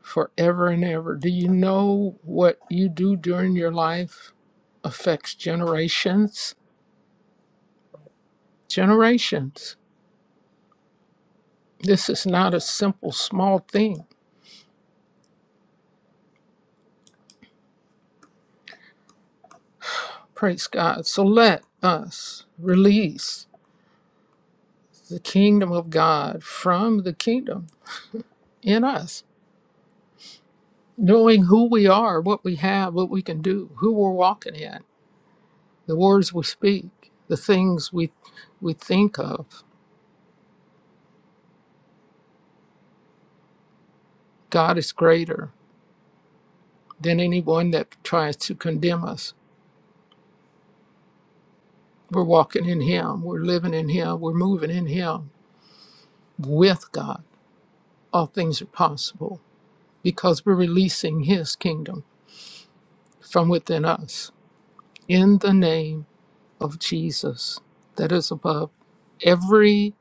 S7: forever and ever. Do you know what you do during your life affects generations? Generations. This is not a simple, small thing. Praise God. So let us release the kingdom of God from the kingdom in us, knowing who we are, what we have, what we can do, who we're walking in, the words we speak, the things we, we think of. God is greater than anyone that tries to condemn us. We're walking in Him. We're living in Him. We're moving in Him. With God, all things are possible because we're releasing His kingdom from within us in the name of Jesus that is above every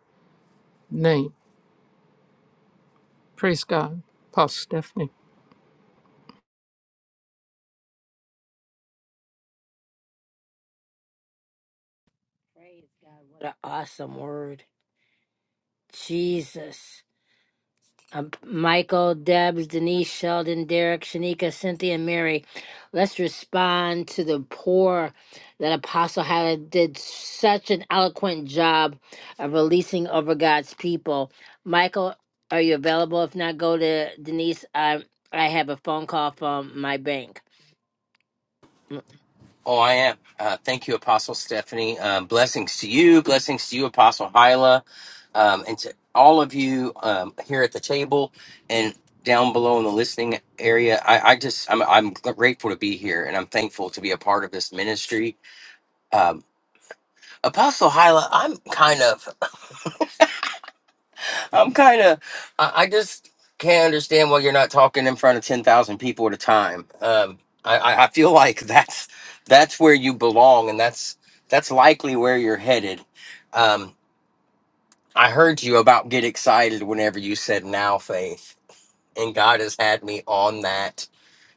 S7: name. Praise God. Pastor Stephanie.
S1: Praise God. What an awesome word. Jesus. Um, Michael, Debs, Denise, Sheldon, Derek, Shanika, Cynthia, and Mary. Let's respond to the poor that Apostle Hyla did such an eloquent job of releasing over God's people. Michael, are you available? If not, go to Denise. I, I have a phone call from my bank.
S2: Oh, I am. Uh, thank you, Apostle Stephanie. Um, blessings to you. Blessings to you, Apostle Hyla, um, and to all of you um, here at the table and down below in the listening area. I, I just, I'm, I'm grateful to be here and I'm thankful to be a part of this ministry. Um, Apostle Hyla, I'm kind of I'm kind of, I, I just can't understand why you're not talking in front of 10,000 people at a time. Um, I, I I feel like that's, that's where you belong and that's, that's likely where you're headed. Um, I heard you about get excited whenever you said now faith and God has had me on that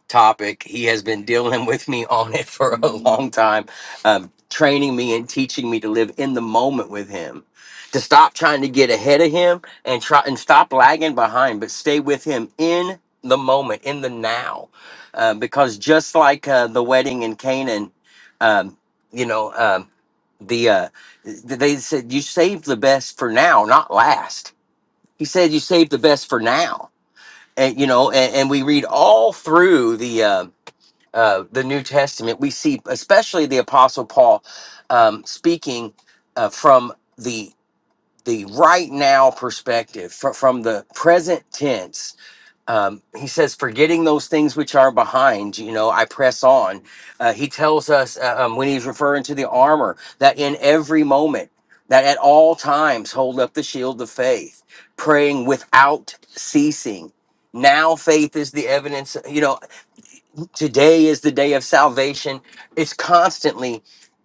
S2: topic. He has been dealing with me on it for a long time, um, training me and teaching me to live in the moment with him, to stop trying to get ahead of him and try and stop lagging behind, but stay with him in the moment, in the now, uh, because just like uh, the wedding in Canaan, um, you know, um, the uh, th- they said you save the best for now, not last. He said you save the best for now and you know and, and we read all through the uh, uh, the New Testament, we see especially the Apostle Paul um, speaking uh, from the the right now perspective, fr- from the present tense. Um, he says, "Forgetting those things which are behind, you know, I press on." Uh, he tells us uh, um, when he's referring to the armor that in every moment, that at all times, hold up the shield of faith, praying without ceasing. Now faith is the evidence. You know, today is the day of salvation. It's constantly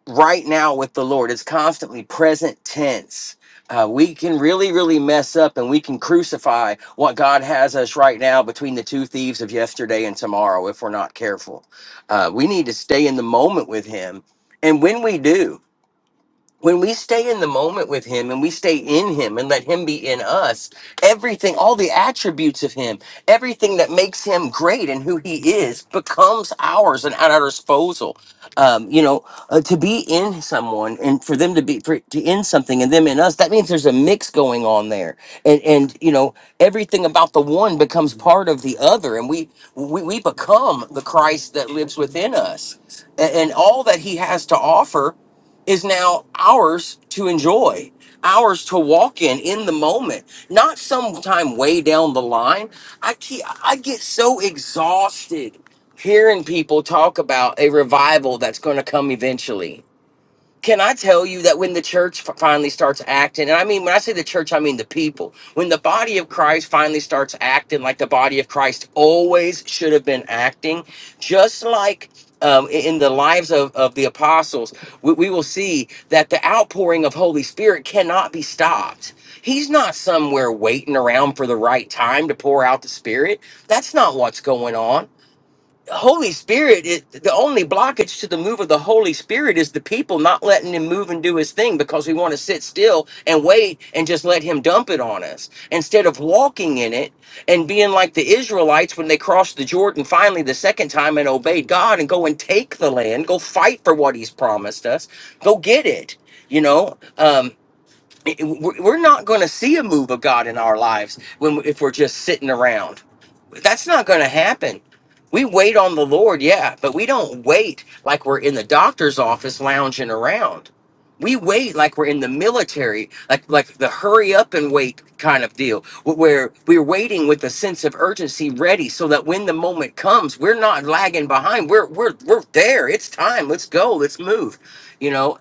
S2: right now with the Lord, it's constantly present tense. Uh, we can really, really mess up and we can crucify what God has us right now between the two thieves of yesterday and tomorrow if we're not careful. Uh, we need to stay in the moment with Him. And when we do, when we stay in the moment with him and we stay in him and let him be in us, everything, all the attributes of him, everything that makes him great and who he is becomes ours and at our disposal. Um, you know, uh, to be in someone and for them to be for, to in something and them in us, that means there's a mix going on there. And and you know, everything about the one becomes part of the other and we we, we become the Christ that lives within us. A- and all that he has to offer is now ours to enjoy, ours to walk in in the moment, not sometime way down the line. I keep, I get so exhausted hearing people talk about a revival that's going to come eventually can I tell you that when the church f- finally starts acting, and I mean, when I say the church, I mean the people, when the body of Christ finally starts acting like the body of Christ always should have been acting, just like um, i- in the lives of, of the apostles, we, we will see that the outpouring of Holy Spirit cannot be stopped. He's not somewhere waiting around for the right time to pour out the Spirit. That's not what's going on the Holy Spirit is the only blockage to the move of the Holy Spirit is the people not letting him move and do his thing because we want to sit still and wait and just let him dump it on us instead of walking in it and being like the Israelites when they crossed the Jordan finally the second time and obeyed God and go and take the land, go fight for what he's promised us, go get it. You know, Um, it- we're not going to see a move of God in our lives when if we're just sitting around. That's not going to happen. We wait on the Lord, yeah, but we don't wait like we're in the doctor's office lounging around. We wait like we're in the military, like like the hurry up and wait kind of deal, wh- where we're waiting with a sense of urgency, ready, so that when the moment comes, we're not lagging behind. We're we're we're there. It's time. Let's go. Let's move. You know,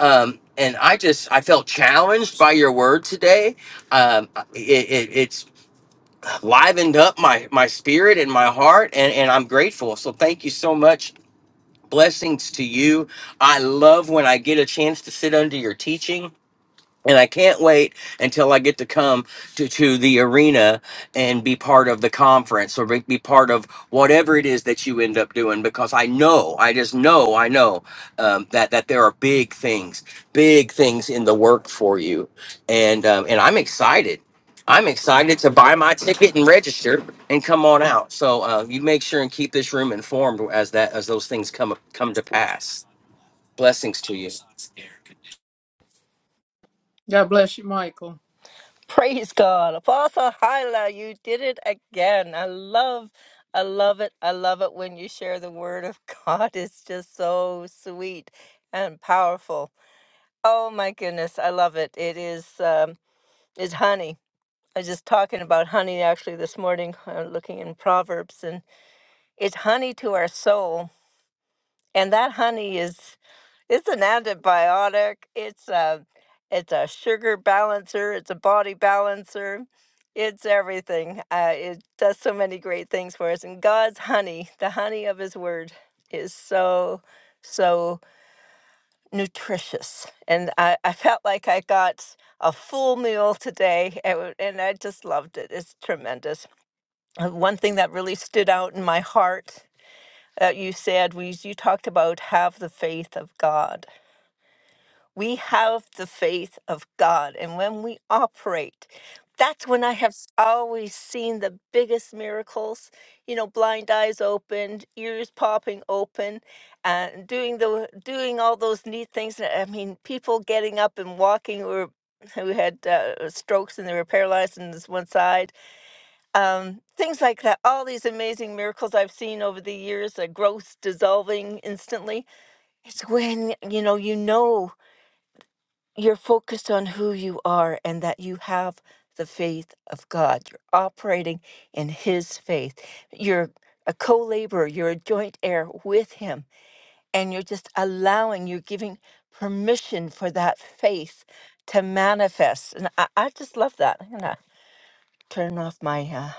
S2: um, and I just I felt challenged by your word today. Um, it, it, it's livened up my my spirit and my heart, and and I'm grateful. So thank you so much. Blessings to you. I love when I get a chance to sit under your teaching and I can't wait until I get to come to, to the arena and be part of the conference or be be part of whatever it is that you end up doing because I know, I just know, I know um, that that there are big things, big things in the work for you, and um, and I'm excited. I'm excited to buy my ticket and register and come on out. So uh, you make sure and keep this room informed as that as those things come come to pass. Blessings to you.
S7: God bless you, Michael.
S4: Praise God. Apostle Hyla, you did it again. I love, I love it. I love it when you share the word of God. It's just so sweet and powerful. Oh my goodness, I love it. It is um it's honey. I was just talking about honey actually this morning, uh, looking in Proverbs, and it's honey to our soul. And that honey is it's an antibiotic. It's a it's a sugar balancer. It's a body balancer. It's everything. Uh, it does so many great things for us. And God's honey, the honey of His Word, is so so nutritious. And I, I felt like I got a full meal today, and w- and I just loved it. It's tremendous. Uh, One thing that really stood out in my heart that you said was you talked about have the faith of God we have the faith of God. And when we operate, that's when I have s- always seen the biggest miracles. You know, blind eyes opened, ears popping open, and doing the doing all those neat things. I mean, people getting up and walking who were who had uh, strokes and they were paralyzed in this one side. Um, things like that. All these amazing miracles I've seen over the years. The growth dissolving instantly. It's when you know you know you're focused on who you are and that you have the faith of God. You're operating in His faith. You're a co laborer, you're a joint heir with Him, and you're just allowing, you're giving permission for that faith to manifest. And I, I just love that. I'm going to turn off my uh,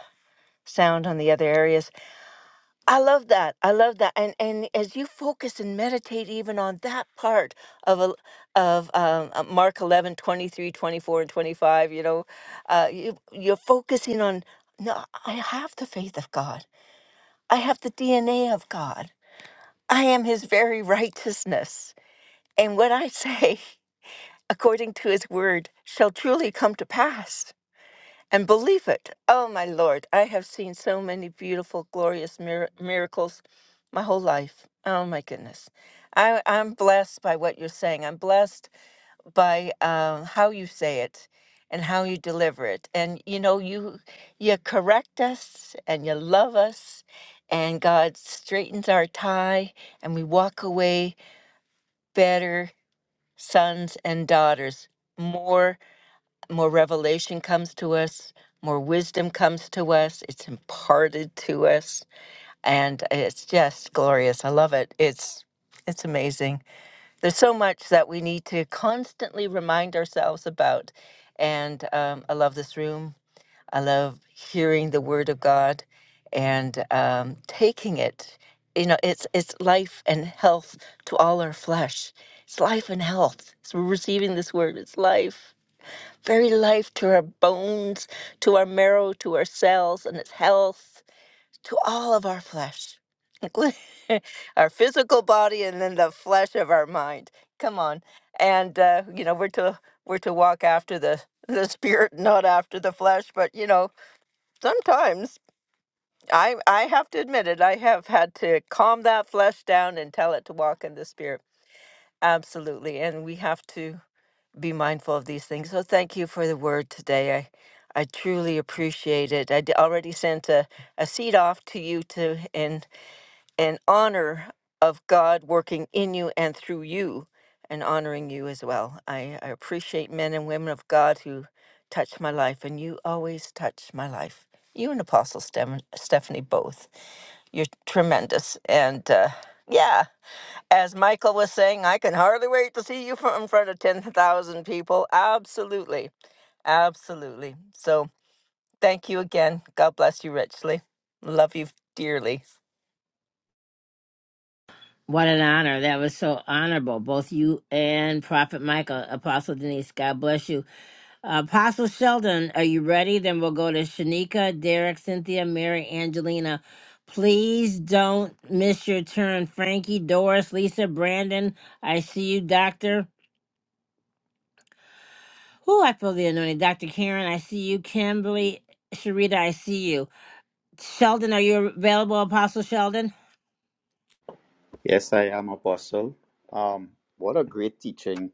S4: sound on the other areas. I love that. I love that. And and as you focus and meditate even on that part of a of um, uh, Mark 11 23 24 and 25, you know, uh, you, you're focusing on, no, I have the faith of God. I have the DNA of God. I am his very righteousness. And what I say, according to his word, shall truly come to pass and believe it. Oh, my Lord, I have seen so many beautiful, glorious mir- miracles my whole life. Oh, my goodness. I, I'm blessed by what you're saying. I'm blessed by um, how you say it and how you deliver it. And you know, you you correct us and you love us, and God straightens our tie, and we walk away better sons and daughters, more more revelation comes to us, more wisdom comes to us, it's imparted to us, and it's just glorious. I love it. It's it's amazing. There's so much that we need to constantly remind ourselves about, and um, I love this room. I love hearing the Word of God and um, taking it. You know, it's it's life and health to all our flesh. It's life and health. So we're receiving this Word. It's life very life to our bones, to our marrow, to our cells and its health, to all of our flesh, including our physical body and then the flesh of our mind. Come on. And, uh, you know, we're to, we're to walk after the, the spirit, not after the flesh. But, you know, sometimes I, I have to admit it, I have had to calm that flesh down and tell it to walk in the spirit. Absolutely. And we have to be mindful of these things. So thank you for the word today. I I truly appreciate it. I d- already sent a, a seed off to you to in in honor of God working in you and through you and honoring you as well. I, I appreciate men and women of God who touch my life and you always touch my life. You and Apostle Stem- Stephanie both. You're tremendous and uh, yeah. As Michael was saying, I can hardly wait to see you fr- in front of 10,000 people. Absolutely. Absolutely. So thank you again. God bless you richly. Love you dearly.
S1: What an honor. That was so honorable. Both you and Prophet Michael, Apostle Denise, God bless you. Apostle Sheldon, are you ready? Then we'll go to Shanika, Derek, Cynthia, Mary, Angelina. Please don't miss your turn. Frankie, Doris, Lisa, Brandon, I see you, Doctor. Who I feel the anointing. Dr. Karen, I see you. Kimberly, Sharita, I see you. Sheldon, are you available, Apostle Sheldon?
S6: Yes, I am Apostle. Um, what a great teaching,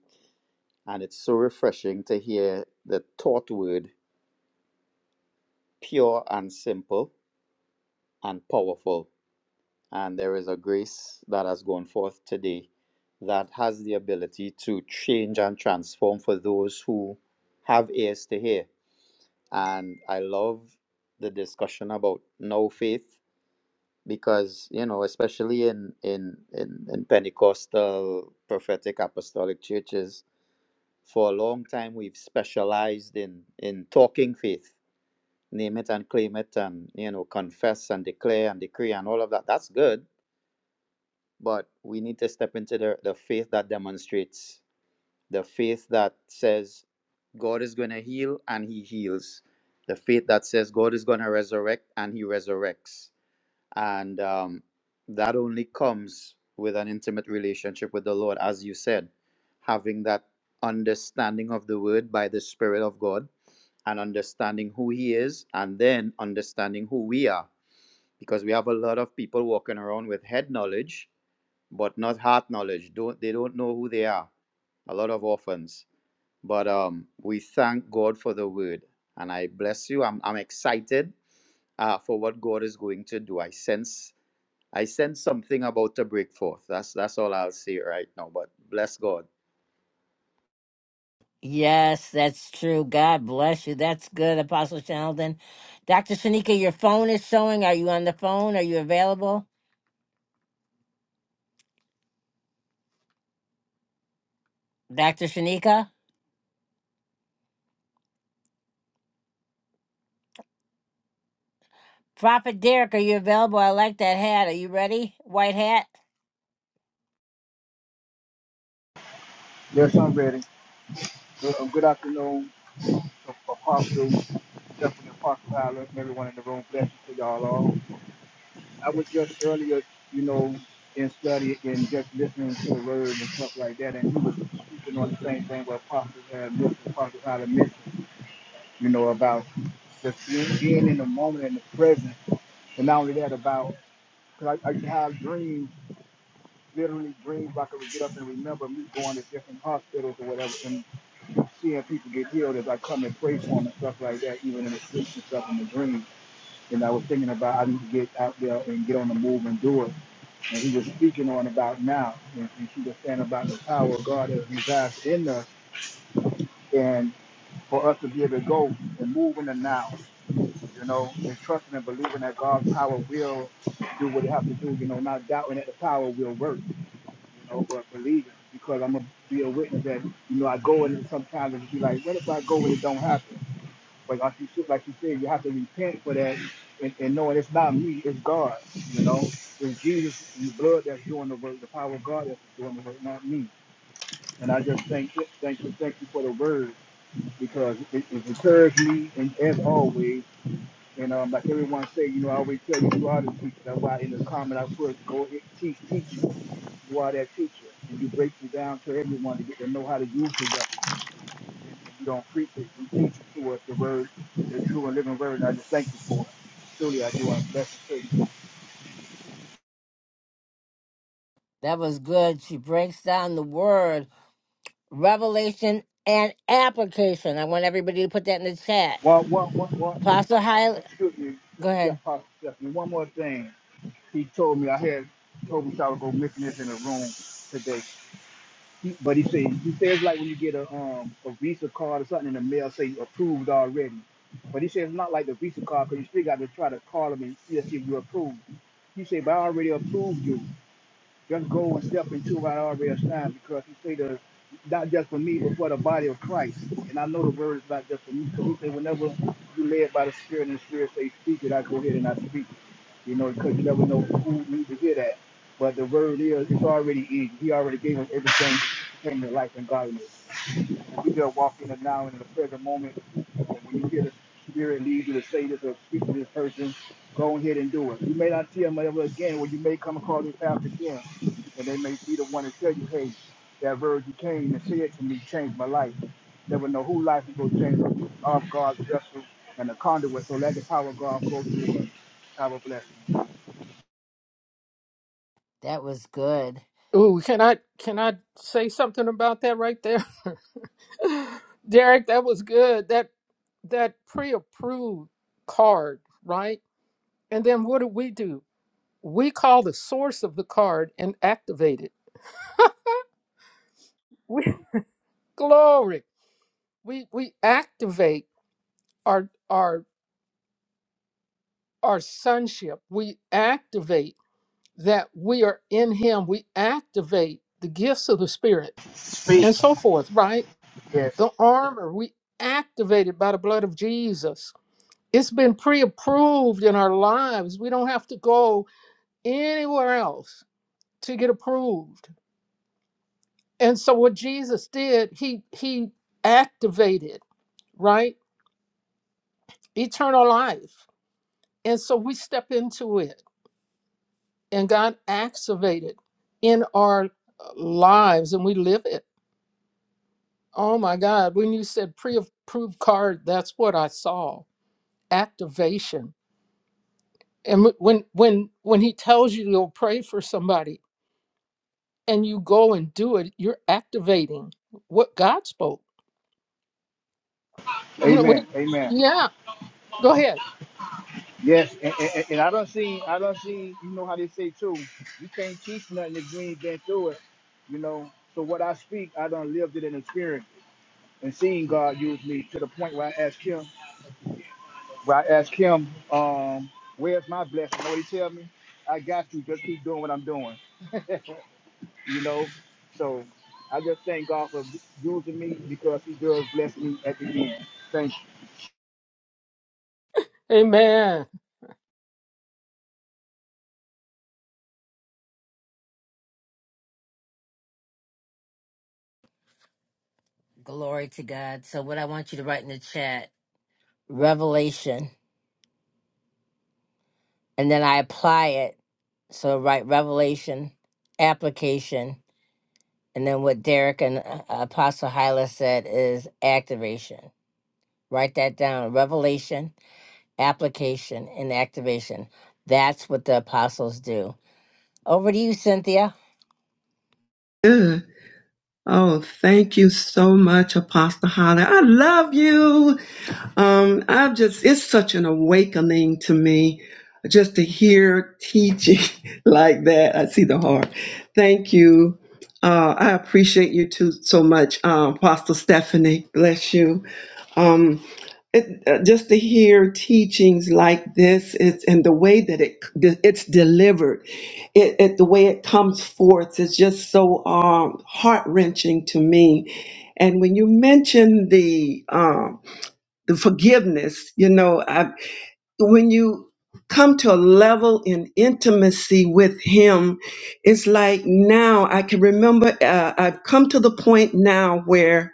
S6: and it's so refreshing to hear the taught word pure and simple and powerful. And there is a grace that has gone forth today that has the ability to change and transform for those who have ears to hear. And I love the discussion about no faith because, you know, especially in, in, in, in Pentecostal prophetic apostolic churches, for a long time we've specialized in, in talking faith name it and claim it and you know confess and declare and decree and all of that that's good but we need to step into the, the faith that demonstrates the faith that says god is going to heal and he heals the faith that says god is going to resurrect and he resurrects and um, that only comes with an intimate relationship with the lord as you said having that understanding of the word by the spirit of god and understanding who he is and then understanding who we are because we have a lot of people walking around with head knowledge but not heart knowledge don't they don't know who they are a lot of orphans but um we thank god for the word and i bless you i'm, I'm excited uh, for what god is going to do i sense I sense something about to break forth. That's that's all I'll say right now. But bless God.
S1: Yes, that's true. God bless you. That's good, Apostle Sheldon. Dr. Shanika, your phone is showing. Are you on the phone? Are you available? Dr. Shanika? Prophet Derek, are you available? I like that hat. Are you ready? White hat?
S8: Yes, I'm ready. Good, uh, good afternoon, Apostle, Stephanie Apostle Tyler. and everyone in the room. Blessings to y'all all. I was just earlier, you know, in study and just listening to the word and stuff like that, and he was speaking on the same thing what Apostle uh, Mr. Apostle Tyler mentioned, you know, about just being, being in the moment and the present, and not only that, about because I, I used to have dreams, literally dreams, where I could get up and remember me going to different hospitals or whatever, seeing people get healed as I come and pray for them and stuff like that, even in the sleep and stuff in the dream. And I was thinking about I need to get out there and get on the move and do it. And he was speaking on about now, and, and she was saying about the power of God that resides in us, and for us to be able to go and move in the now, you know, and trusting and believing that God's power will do what it has to do, you know, not doubting that the power will work, you know, but believing because I'm gonna be a witness that, you know, I go and sometimes it be like, what if I go and it don't happen? But like you like you said, you have to repent for that and, and knowing it's not me, it's God. You know, it's Jesus and the blood that's doing the work, the power of God that's doing the work, not me. And I just thank you, thank you, thank you for the word because it, it encouraged me and as always. And um, like everyone say, you know, I always tell you, you are the teacher. That's why in the comment I put, go teach, teach you. You are that teacher, and you break it down to everyone to get to know how to use it. You don't preach it, you teach it to us the word, the true and living word. And I just thank you for it. Truly, I do. I bless you.
S1: That was good. She breaks down the word, revelation, and application. I want everybody to put that in the chat.
S8: One, one, one, one.
S1: Apostle Hyla,
S8: Excuse me,
S1: go ahead.
S8: Steph, Pastor Stephanie. One more thing. He told me I had told him I would go missing this in the room today. He, but he said he says like when you get a um a Visa card or something in the mail, say approved already. But he said it's not like the Visa card because you still got to try to call them and see if you approved. He said, but I already approved you. Just go and step into what I already assigned because he said the not just for me, but for the body of Christ. And I know the word is not just for me. So he said, whenever you led by the Spirit and the Spirit say speak it, I go ahead and I speak. it you know, because you never know who needs to hear that. But the word is, it's already in. He already gave us everything in the life and godliness. And we just walk in it now in the present moment. And when you hear the Spirit lead you to say this or speak to this person, go ahead and do it. You may not see them ever again, or you may come across this path again, and they may be the one to tell you, hey, that word you came and said to me changed my life. Never know who life is going to change off God's vessel and the conduit, so let the power of God flow through us. Have a blessing.
S1: That was good.
S7: Ooh, can I can I say something about that right there? Derek, that was good. That that pre-approved card, right? And then what do we do? We call the source of the card and activate it. We, glory. We we activate our our our sonship. We activate that we are in him. We activate the gifts of the spirit
S8: Speak.
S7: and so forth, right?
S8: Yes.
S7: The armor we activated by the blood of Jesus. It's been pre-approved in our lives. We don't have to go anywhere else to get approved And so what Jesus did, he he activated, right? Eternal life. And so we step into it and God activated in our uh, lives and we live it. Oh my God, when you said pre-approved card, that's what I saw. Activation. And wh- when when when he tells you to pray for somebody and you go and do it, you're activating what God spoke. You know, when,
S8: Amen. Amen.
S7: yeah. Go ahead.
S8: Yes. And, and, and I don't see, I don't see, you know how they say too, you can't teach nothing if you ain't been through it, you know. So what I speak, I done lived it and experienced and seen God use me to the point where I asked him, where I asked him, um, where's my blessing? You know what he tell me? I got you. Just keep doing what I'm doing. you know. So I just thank God for using me because he does bless me at the end. Thank you.
S7: Amen.
S1: Glory to God. So, what I want you to write in the chat revelation. and then I apply it. So write revelation, application, and then what Derek and uh, Apostle Hyla said is activation. Write that down. Revelation, application, and activation. That's what the apostles do. Over to you, Cynthia.
S9: Good. Oh, thank you so much, Apostle Holly. I love you. Um, I've just, it's such an awakening to me just to hear teaching like that. I see the heart. Thank you. Uh, I appreciate you too so much, um, Apostle Stephanie. Bless you. Um, it, uh, just to hear teachings like this it's, and the way that it it's delivered it, it the way it comes forth is just so um, heart-wrenching to me and when you mention the um, the forgiveness you know I, when you come to a level in intimacy with him it's like now i can remember uh, i've come to the point now where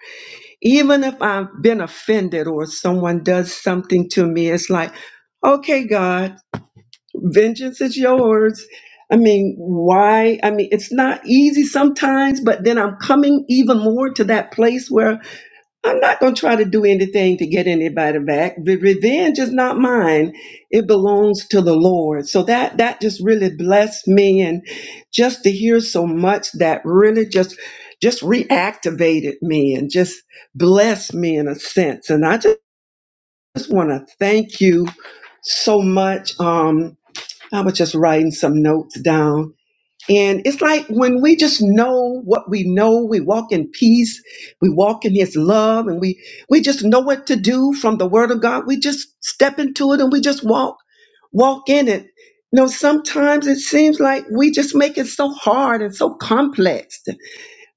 S9: even if I've been offended or someone does something to me, it's like, okay, God, vengeance is yours. I mean, why? I mean, it's not easy sometimes, but then I'm coming even more to that place where I'm not going to try to do anything to get anybody back. The revenge is not mine. It belongs to the Lord. So that that just really blessed me and just to hear so much that really just just reactivated me and just blessed me in a sense. And I just, just want to thank you so much. Um I was just writing some notes down and it's like when we just know what we know, we walk in peace, we walk in his love, and we we just know what to do from the word of God. We just step into it and we just walk, walk in it. You know, sometimes it seems like we just make it so hard and so complex,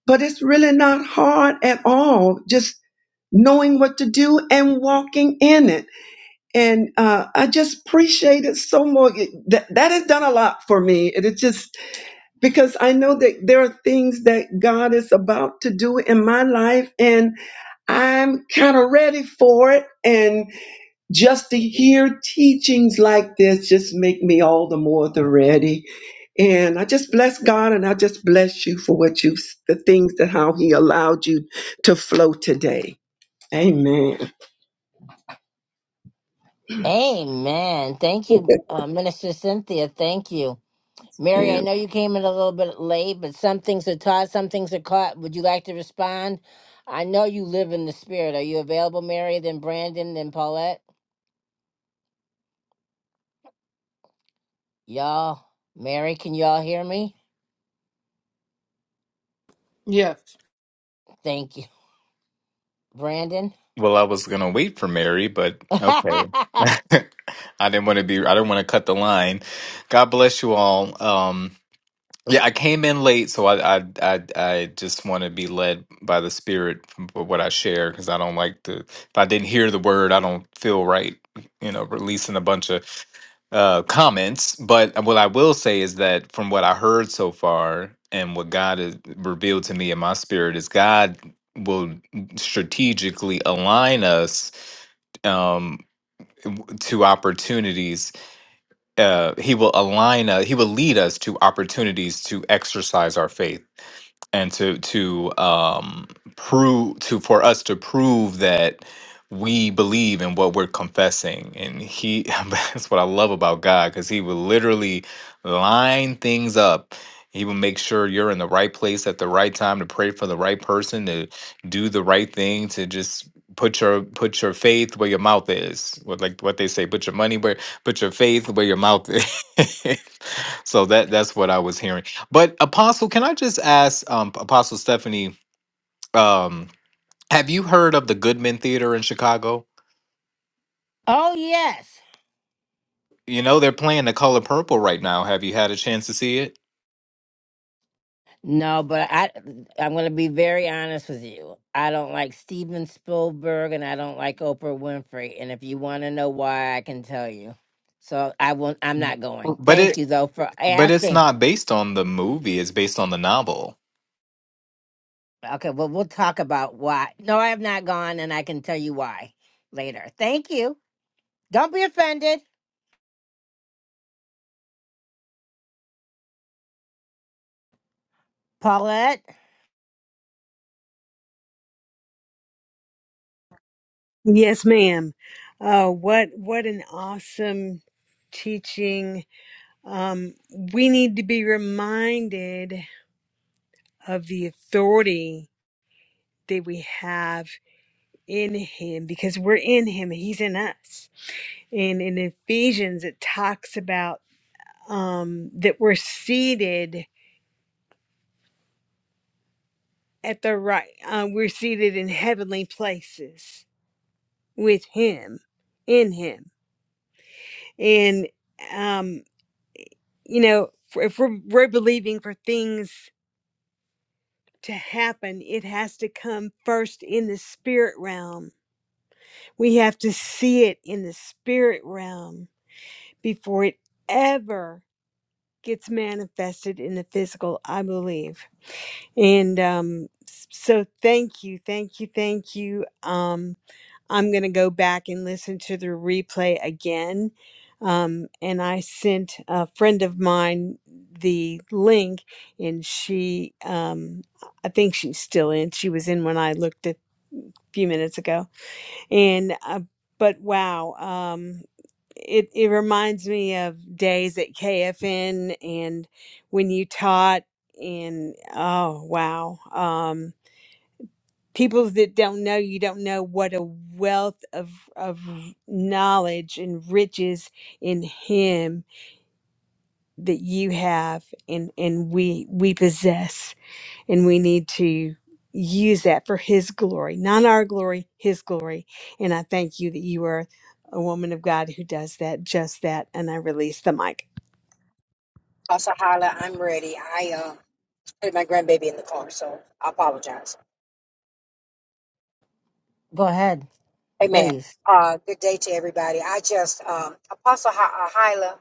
S9: but it's really not hard at all. Just knowing what to do and walking in it. And uh, I just appreciate it so much. That, that has done a lot for me. It is just because I know that there are things that God is about to do in my life, and I'm kind of ready for it. And just to hear teachings like this just make me all the more the ready. And I just bless God, and I just bless you for what you've the things that how He allowed you to flow today. Amen.
S1: Amen. Thank you, uh, Minister Cynthia. Thank you. Mary, I know you came in a little bit late, but some things are taught, some things are caught. Would you like to respond? I know you live in the spirit. Are you available, Mary, then Brandon, then Paulette? Y'all, Mary, can y'all hear me?
S7: Yes.
S1: Thank you. Brandon?
S10: Well, I was gonna wait for Mary, but okay.
S1: oh,
S10: I didn't want to be. I didn't want to cut the line. God bless you all. Um, yeah, I came in late, so I I I, I just want to be led by the spirit from what I share because I don't like to. If I didn't hear the word, I don't feel right. You know, releasing a bunch of uh, comments. But uh, what I will say is that from what I heard so far and what God has revealed to me in my spirit is God will strategically align us um, w- to opportunities uh, he will align us, he will lead us to opportunities to exercise our faith and to to um prove to for us to prove that we believe in what we're confessing and he that's what i love about god because he will literally line things up he will make sure you're in the right place at the right time to pray for the right person to do the right thing to just put your put your faith where your mouth is what like what they say put your money where put your faith where your mouth is So that that's what I was hearing. But Apostle, can I just ask um Apostle Stephanie, um, have you heard of the Goodman Theater in Chicago?
S1: yes.
S10: You know, they're playing The Color Purple right now. Have you had a chance to see it?
S1: No, but I I'm gonna be very honest with you. I don't like Steven Spielberg and I don't like Oprah Winfrey. And if you want to know why, I can tell you. So I won't. I'm not going.
S10: But
S1: Thank
S10: it
S1: you though for
S10: but it's
S1: asking.
S10: not based on the movie, it's based on the novel.
S1: Okay, well we'll talk about why. No, I have not gone, and I can tell you why later. Thank you. Don't be offended, Paulette.
S11: Yes, ma'am. Uh, what what an awesome teaching. Um, we need to be reminded of the authority that we have in Him because we're in Him and He's in us. And in Ephesians, it talks about um, that we're seated at the right. Uh, we're seated in heavenly places with Him, in Him, and. um, you know, if we're, we're believing for things to happen, it has to come first in the spirit realm. We have to see it in the spirit realm before it ever gets manifested in the physical, I believe. And um, s- so thank you, thank you, thank you. Um, I'm going to go back and listen to the replay again. Um, and I sent a friend of mine the link, and she, um, I think she's still in. She was in when I looked a few minutes ago. And, uh, but wow, um, it, it reminds me of days at KFN and when you taught, and oh, wow. Um, people that don't know you don't know what a wealth of of knowledge and riches in him that you have and and we we possess and we need to use that for his glory not our glory his glory and i thank you that you are a woman of god who does that just that and i release the mic
S12: Pastor Hala, I'm ready. I uh, put my grandbaby in the car, so I apologize.
S1: Go ahead,
S12: Amen.
S1: please.
S12: Uh, good day to everybody. I just, um, Apostle Hi- uh, Hyla,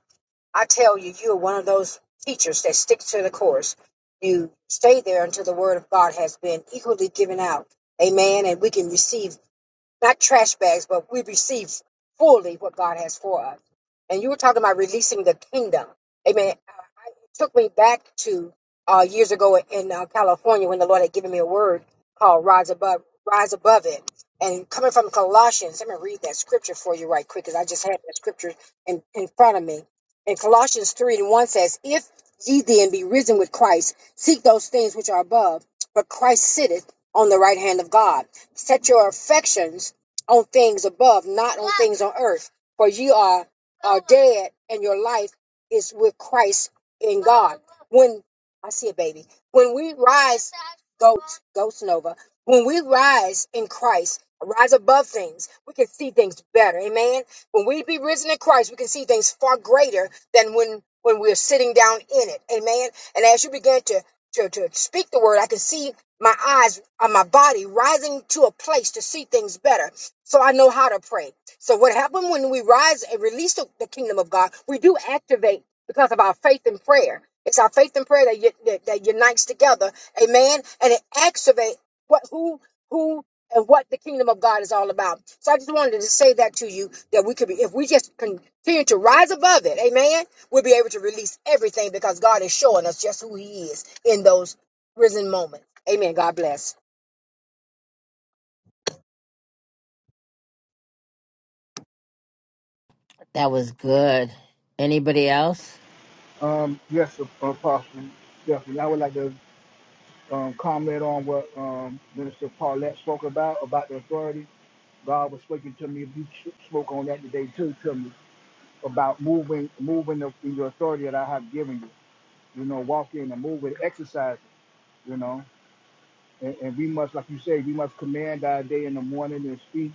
S12: I tell you, you are one of those teachers that stick to the course. You stay there until the word of God has been equally given out. Amen. And we can receive not trash bags, but we receive fully what God has for us. And you were talking about releasing the kingdom. Amen. Uh, It took me back to uh, years ago in uh, California when the Lord had given me a word called rise above, rise above it. And coming from Colossians, I'm going to read that scripture for you right quick because I just had that scripture in, in front of me. And Colossians 3 and 1 says, If ye then be risen with Christ, seek those things which are above but Christ sitteth on the right hand of God. Set your affections on things above, not on things on earth, for you are are dead, and your life is with Christ in God. When I see a baby, when we rise, goats, goats Nova, when we rise in Christ. Rise above things, we can see things better. Amen. When we be risen in Christ, we can see things far greater than when when we're sitting down in it. Amen. And as you begin to to, to speak the word. I can see my eyes on my body rising to a place to see things better. So I know how to pray. So what happened when we rise and release the, the kingdom of God, we do activate because of our faith in prayer. It's our faith in prayer that, that, that unites together. Amen. And it activates what, who, who and what the kingdom of God is all about. So I just wanted to say that to you that we could be, if we just continue to rise above it, amen, we'll be able to release everything because God is showing us just who He is in those risen moments. Amen. God bless.
S1: That was good. Anybody else?
S8: Um, yes, uh, Apostle, definitely. I would like to um, comment on what um, Minister Paulette spoke about, about the authority. God was speaking to me. You s- spoke on that today too, to me about moving, moving the, in the authority that I have given you. You know, walk in and move moving, exercising. You know, and, and we must, like you say, we must command our day in the morning and speak,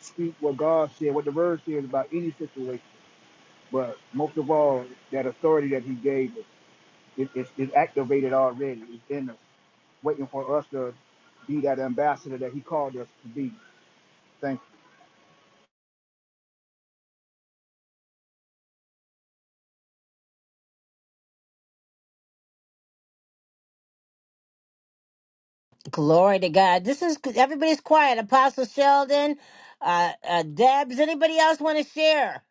S8: speak what God said, what the Word says about any situation. But most of all, that authority that He gave us, it, it's it's activated already. It's in us waiting for us to be that ambassador that he called us to be. Thank
S1: Glory to God. This is everybody's quiet. Apostle Sheldon, uh, uh, Debs. Anybody else want to share?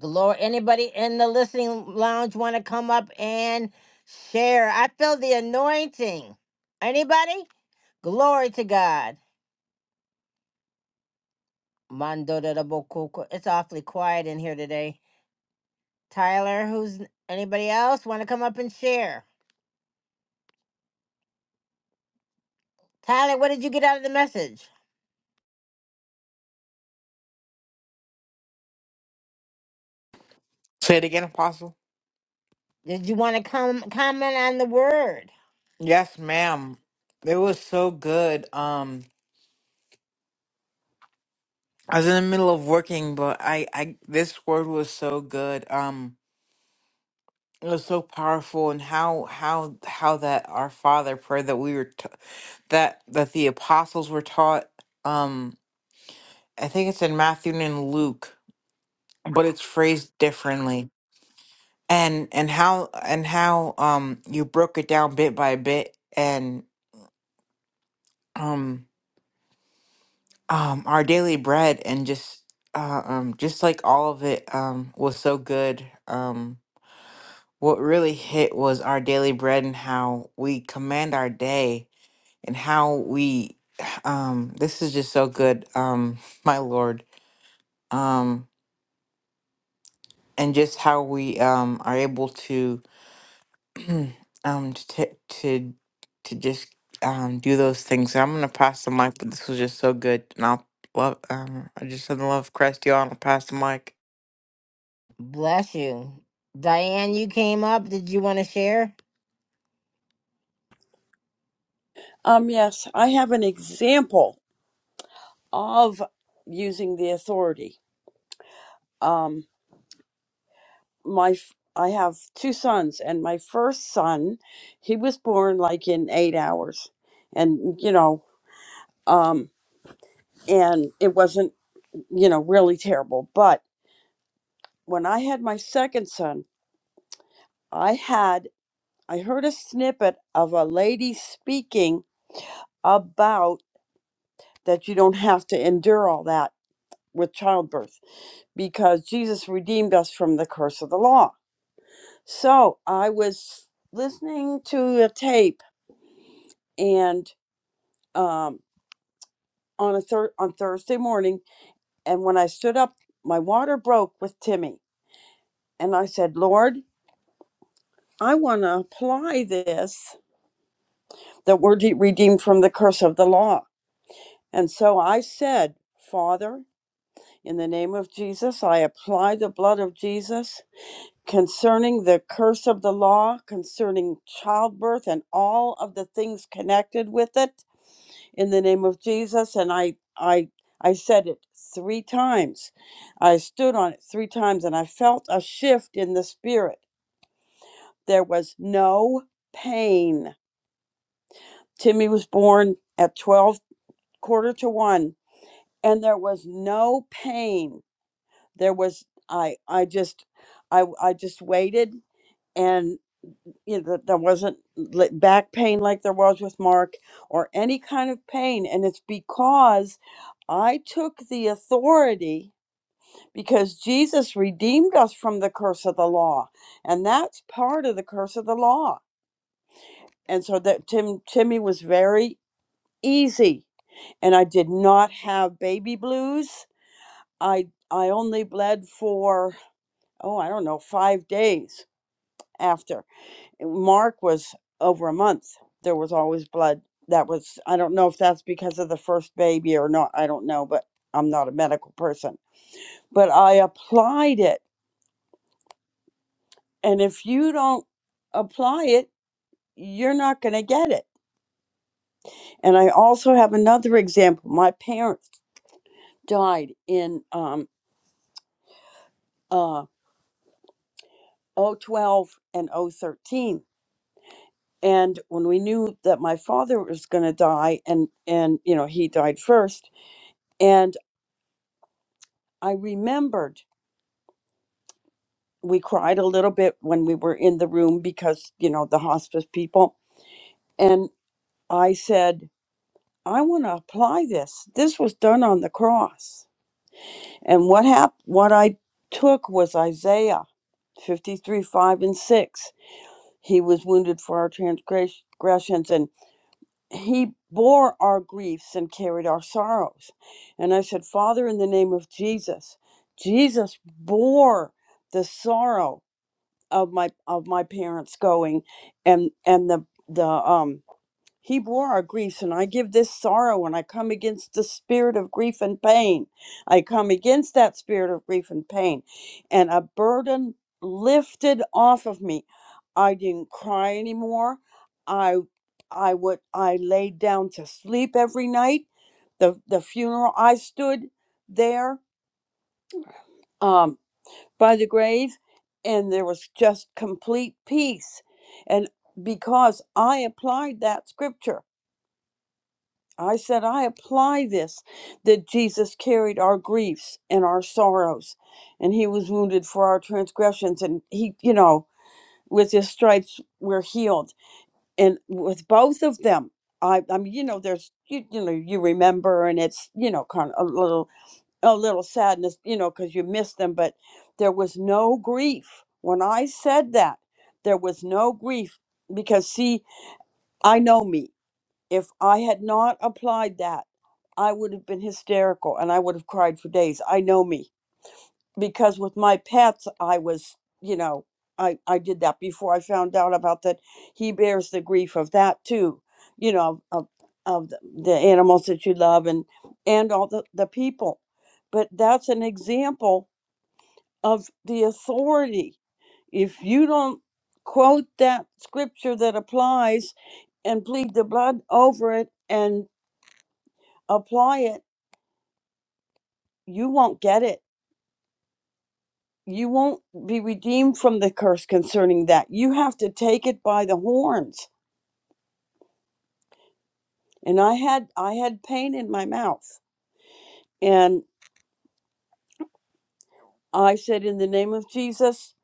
S1: Glory. Anybody in the listening lounge want to come up and share? I feel the anointing. Anybody? Glory to God. Mando de la bocuco. It's awfully quiet in here today. Tyler, who's anybody else want to come up and share? Tyler, what did you get out of the message?
S13: Say it again, Apostle.
S1: Did you want to come comment on the word?
S13: Yes, ma'am. It was so good. Um, I was in the middle of working, but I, I, this word was so good. Um, it was so powerful, and how, how, how that our Father prayer that we were, t- that that the apostles were taught. Um, I think it's in Matthew and Luke, but it's phrased differently. And and how and how um you broke it down bit by bit, and um um our daily bread and just uh, um just like all of it um was so good um what really hit was our daily bread and how we command our day and how we um this is just so good um my lord um and just how we um are able to um to ta- to to just um do those things So i'm gonna pass the mic but this was just so good and i'll love um i just in the love of christ y'all i'll pass the mic
S1: Bless you. Diane, you came up. Did you want to share?
S14: Um, yes, I have an example of using the authority. Um, my f- I have two sons, and my first son, he was born like in eight hours, and you know, um, and it wasn't you know really terrible. But when I had my second son, I had I heard a snippet of a lady speaking about that you don't have to endure all that with childbirth because Jesus redeemed us from the curse of the law. So I was listening to a tape and um, on a thir- on Thursday morning, and when I stood up, my water broke with Timmy, and I said, "Lord, I want to apply this that we're de- redeemed from the curse of the law." And so I said, "Father." In the name of Jesus, I apply the blood of Jesus concerning the curse of the law, concerning childbirth and all of the things connected with it in the name of Jesus and I I I said it 3 times. I stood on it 3 times and I felt a shift in the spirit. There was no pain. Timmy was born at 12 quarter to 1 and there was no pain. There was I I just I I just waited and. you know, that there wasn't li- back pain like there was with Mark or any kind of pain. And it's because I took the authority because Jesus redeemed us from the curse of the law. And that's part of the curse of the law. And so that Tim Timmy was very easy. And I did not have baby blues. I I only bled for oh, I don't know, five days after. Mark was over a month. There was always blood. That was, I don't know if that's because of the first baby or not. I don't know, but I'm not a medical person. But I applied it. And if you don't apply it, you're not going to get it. And I also have another example. My parents died in um, uh, o twelve and o thirteen. And when we knew that my father was going to die, and, and, you know, he died first, and I remembered we cried a little bit when we were in the room because you know the hospice people and i said i want to apply this this was done on the cross and what hap- what i took was isaiah 53 5 and 6 he was wounded for our transgressions and he bore our griefs and carried our sorrows and i said father in the name of jesus jesus bore the sorrow of my of my parents going and and the the um Hebrew are our griefs, and I give this sorrow, and I come against the spirit of grief and pain. I come against that spirit of grief and pain, and a burden lifted off of me. I didn't cry anymore. I I would I laid down to sleep every night. The the funeral I stood there. Um, by the grave and there was just complete peace and because i applied that scripture i said i apply this that jesus carried our griefs and our sorrows and he was wounded for our transgressions and he you know with his stripes we're healed and with both of them i i mean you know there's you, you know you remember and it's you know kind of a little a little sadness, you know, because you missed them, but there was no grief. When I said that, there was no grief because, see, I know me. If I had not applied that, I would have been hysterical and I would have cried for days. I know me because with my pets i was you know i i did that before i found out about that he bears the grief of that too you know of of the the animals that you love and and all the the people but that's an example of the authority if you don't quote that scripture that applies and plead the blood over it and apply it you won't get it you won't be redeemed from the curse concerning that you have to take it by the horns and i had i had pain in my mouth and i said in the name of jesus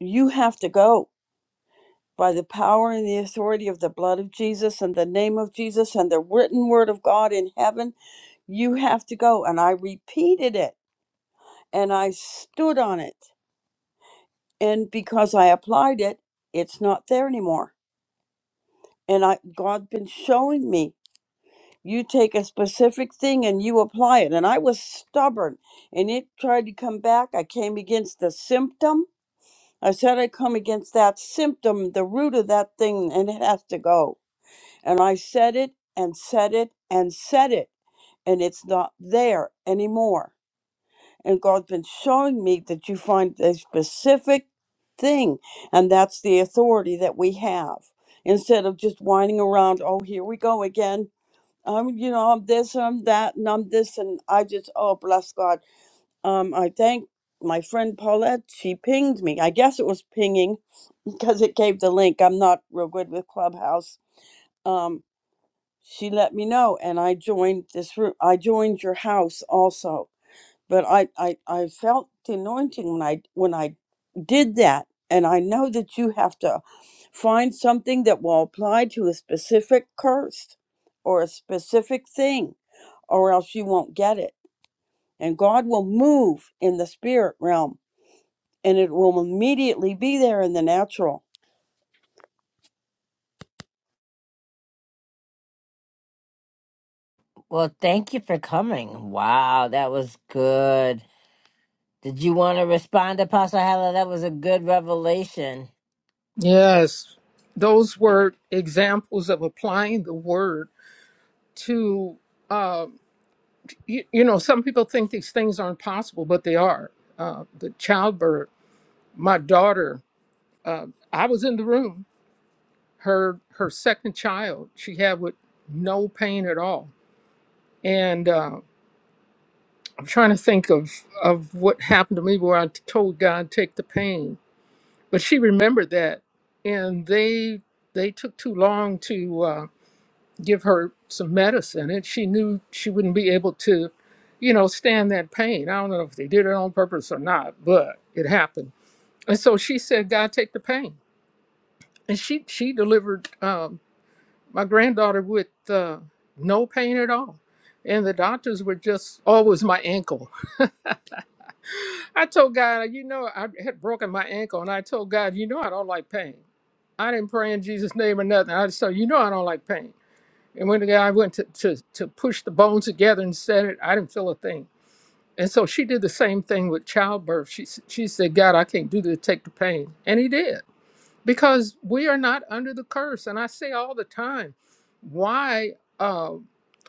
S14: you have to go by the power and the authority of the blood of jesus and the name of jesus and the written word of god in heaven you have to go and i repeated it and i stood on it and because i applied it it's not there anymore and i god been showing me You take a specific thing and you apply it. And I was stubborn and it tried to come back. I came against the symptom. I said I come against that symptom, the root of that thing, and it has to go. And I said it and said it and said it, and it's not there anymore. And God's been showing me that you find a specific thing, and that's the authority that we have. Instead of just whining around, oh, here we go again, I'm, you know, I'm this and I'm that and I'm this and I just, oh, bless God. Um, I thank my friend Paulette. She pinged me. I guess it was pinging because it gave the link. I'm not real good with Clubhouse. Um, she let me know and I joined this room. I joined your house also, but I, I, I felt the anointing when I, when I did that. And I know that you have to find something that will apply to a specific curse or a specific thing or else you won't get it. And God will move in the spirit realm and it will immediately be there in the natural.
S1: Well, thank you for coming. Wow, that was good. Did you want to respond, Apostle Hala? That was a good revelation.
S7: Yes, those were examples of applying the word to, uh, you, you know, some people think these things aren't possible, but they are. Uh, the childbirth, my daughter, uh, I was in the room, her, her second child, she had with no pain at all. And uh, I'm trying to think of, of what happened to me where I told God, take the pain. But she remembered that. And they, they took too long to. uh, give her some medicine and she knew she wouldn't be able to you know stand that pain i don't know if they did it on purpose or not but it happened and so she said god take the pain and she she delivered um, my granddaughter with uh, no pain at all and the doctors were just always my ankle i told god you know i had broken my ankle and i told god you know i don't like pain i didn't pray in jesus name or nothing i just told you know i don't like pain And when the guy went to, to, to push the bones together and set it, I didn't feel a thing. And so she did the same thing with childbirth. She, s- she said, God, I can't do this, take the pain. And he did because we are not under the curse. And I say all the time, why uh,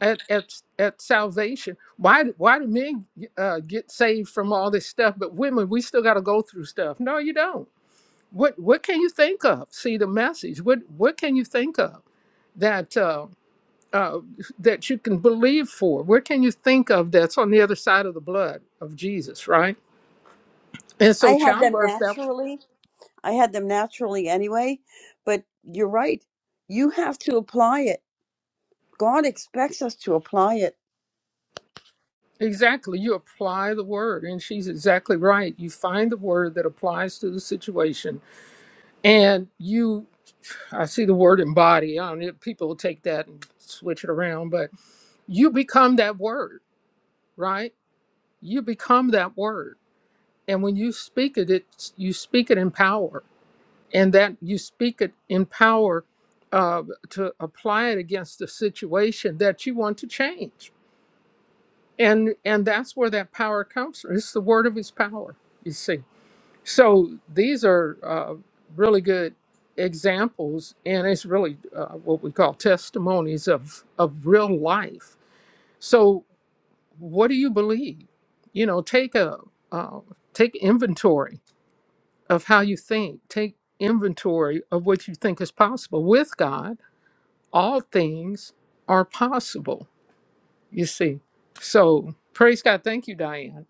S7: at, at, at salvation, why, do- why do men uh, get saved from all this stuff, but women, we still got to go through stuff? No, you don't. What, what can you think of? See the message. What, what can you think of that? uh, uh, that you can believe for? What can you think of that's on the other side of the blood of Jesus, right? And
S14: I
S7: so
S14: had them
S7: childbirth that
S14: naturally. I had them naturally anyway, but you're right. You have to apply it. God expects us to apply it.
S7: exactly you apply the word and she's exactly right. You find the word that applies to the situation and you I see the word embody. I don't know, people will take that and switch it around, but you become that word, right? You become that word. And when you speak it, it's you speak it in power and that you speak it in power uh, to apply it against the situation that you want to change and and that's where that power comes from it's the word of his power you see so these are uh, really good examples and it's really uh, what we call testimonies of of real life so what do you believe you know take a uh, take inventory of how you think. Take inventory of what you think is possible. With God, all things are possible, you see. So praise God. Thank you, Diane.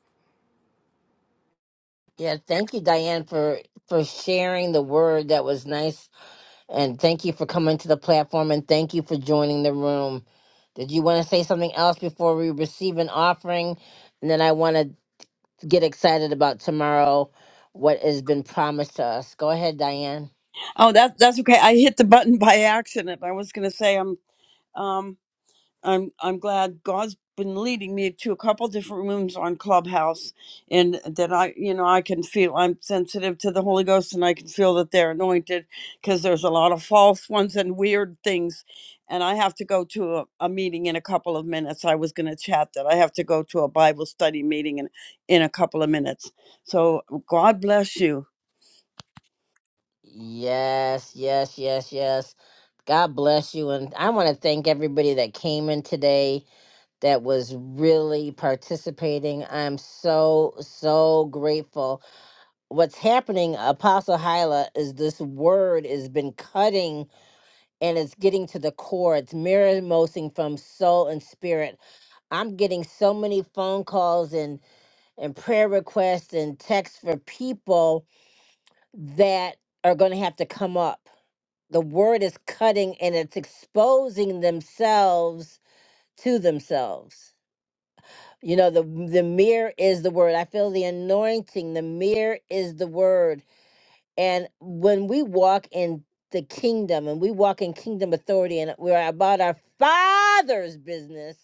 S1: Yeah, thank you, Diane, for for sharing the word. That was nice. And thank you for coming to the platform and thank you for joining the room. Did you want to say something else before we receive an offering? And then I want to get excited about tomorrow, what has been promised to us. Go ahead, Diane.
S14: Oh, that that's okay. I hit the button by accident. I was going to say I'm um I'm I'm glad God's been leading me to a couple different rooms on Clubhouse, and that I you know I can feel I'm sensitive to the Holy Ghost, and I can feel that they're anointed because there's a lot of false ones and weird things, and I have to go to a, a meeting in a couple of minutes. I was going to chat that I have to go to a Bible study meeting in in a couple of minutes. So God bless you.
S1: Yes, yes, yes, yes. God bless you. And I want to thank everybody that came in today that was really participating. I'm so, so grateful. What's happening, Apostle Hyla, is this word has been cutting and it's getting to the core. It's mirror mosing from soul and spirit. I'm getting so many phone calls and, and prayer requests and texts for people that are going to have to come up the word is cutting and it's exposing themselves to themselves you know the the mirror is the word i feel the anointing the mirror is the word and when we walk in the kingdom and we walk in kingdom authority and we're about our father's business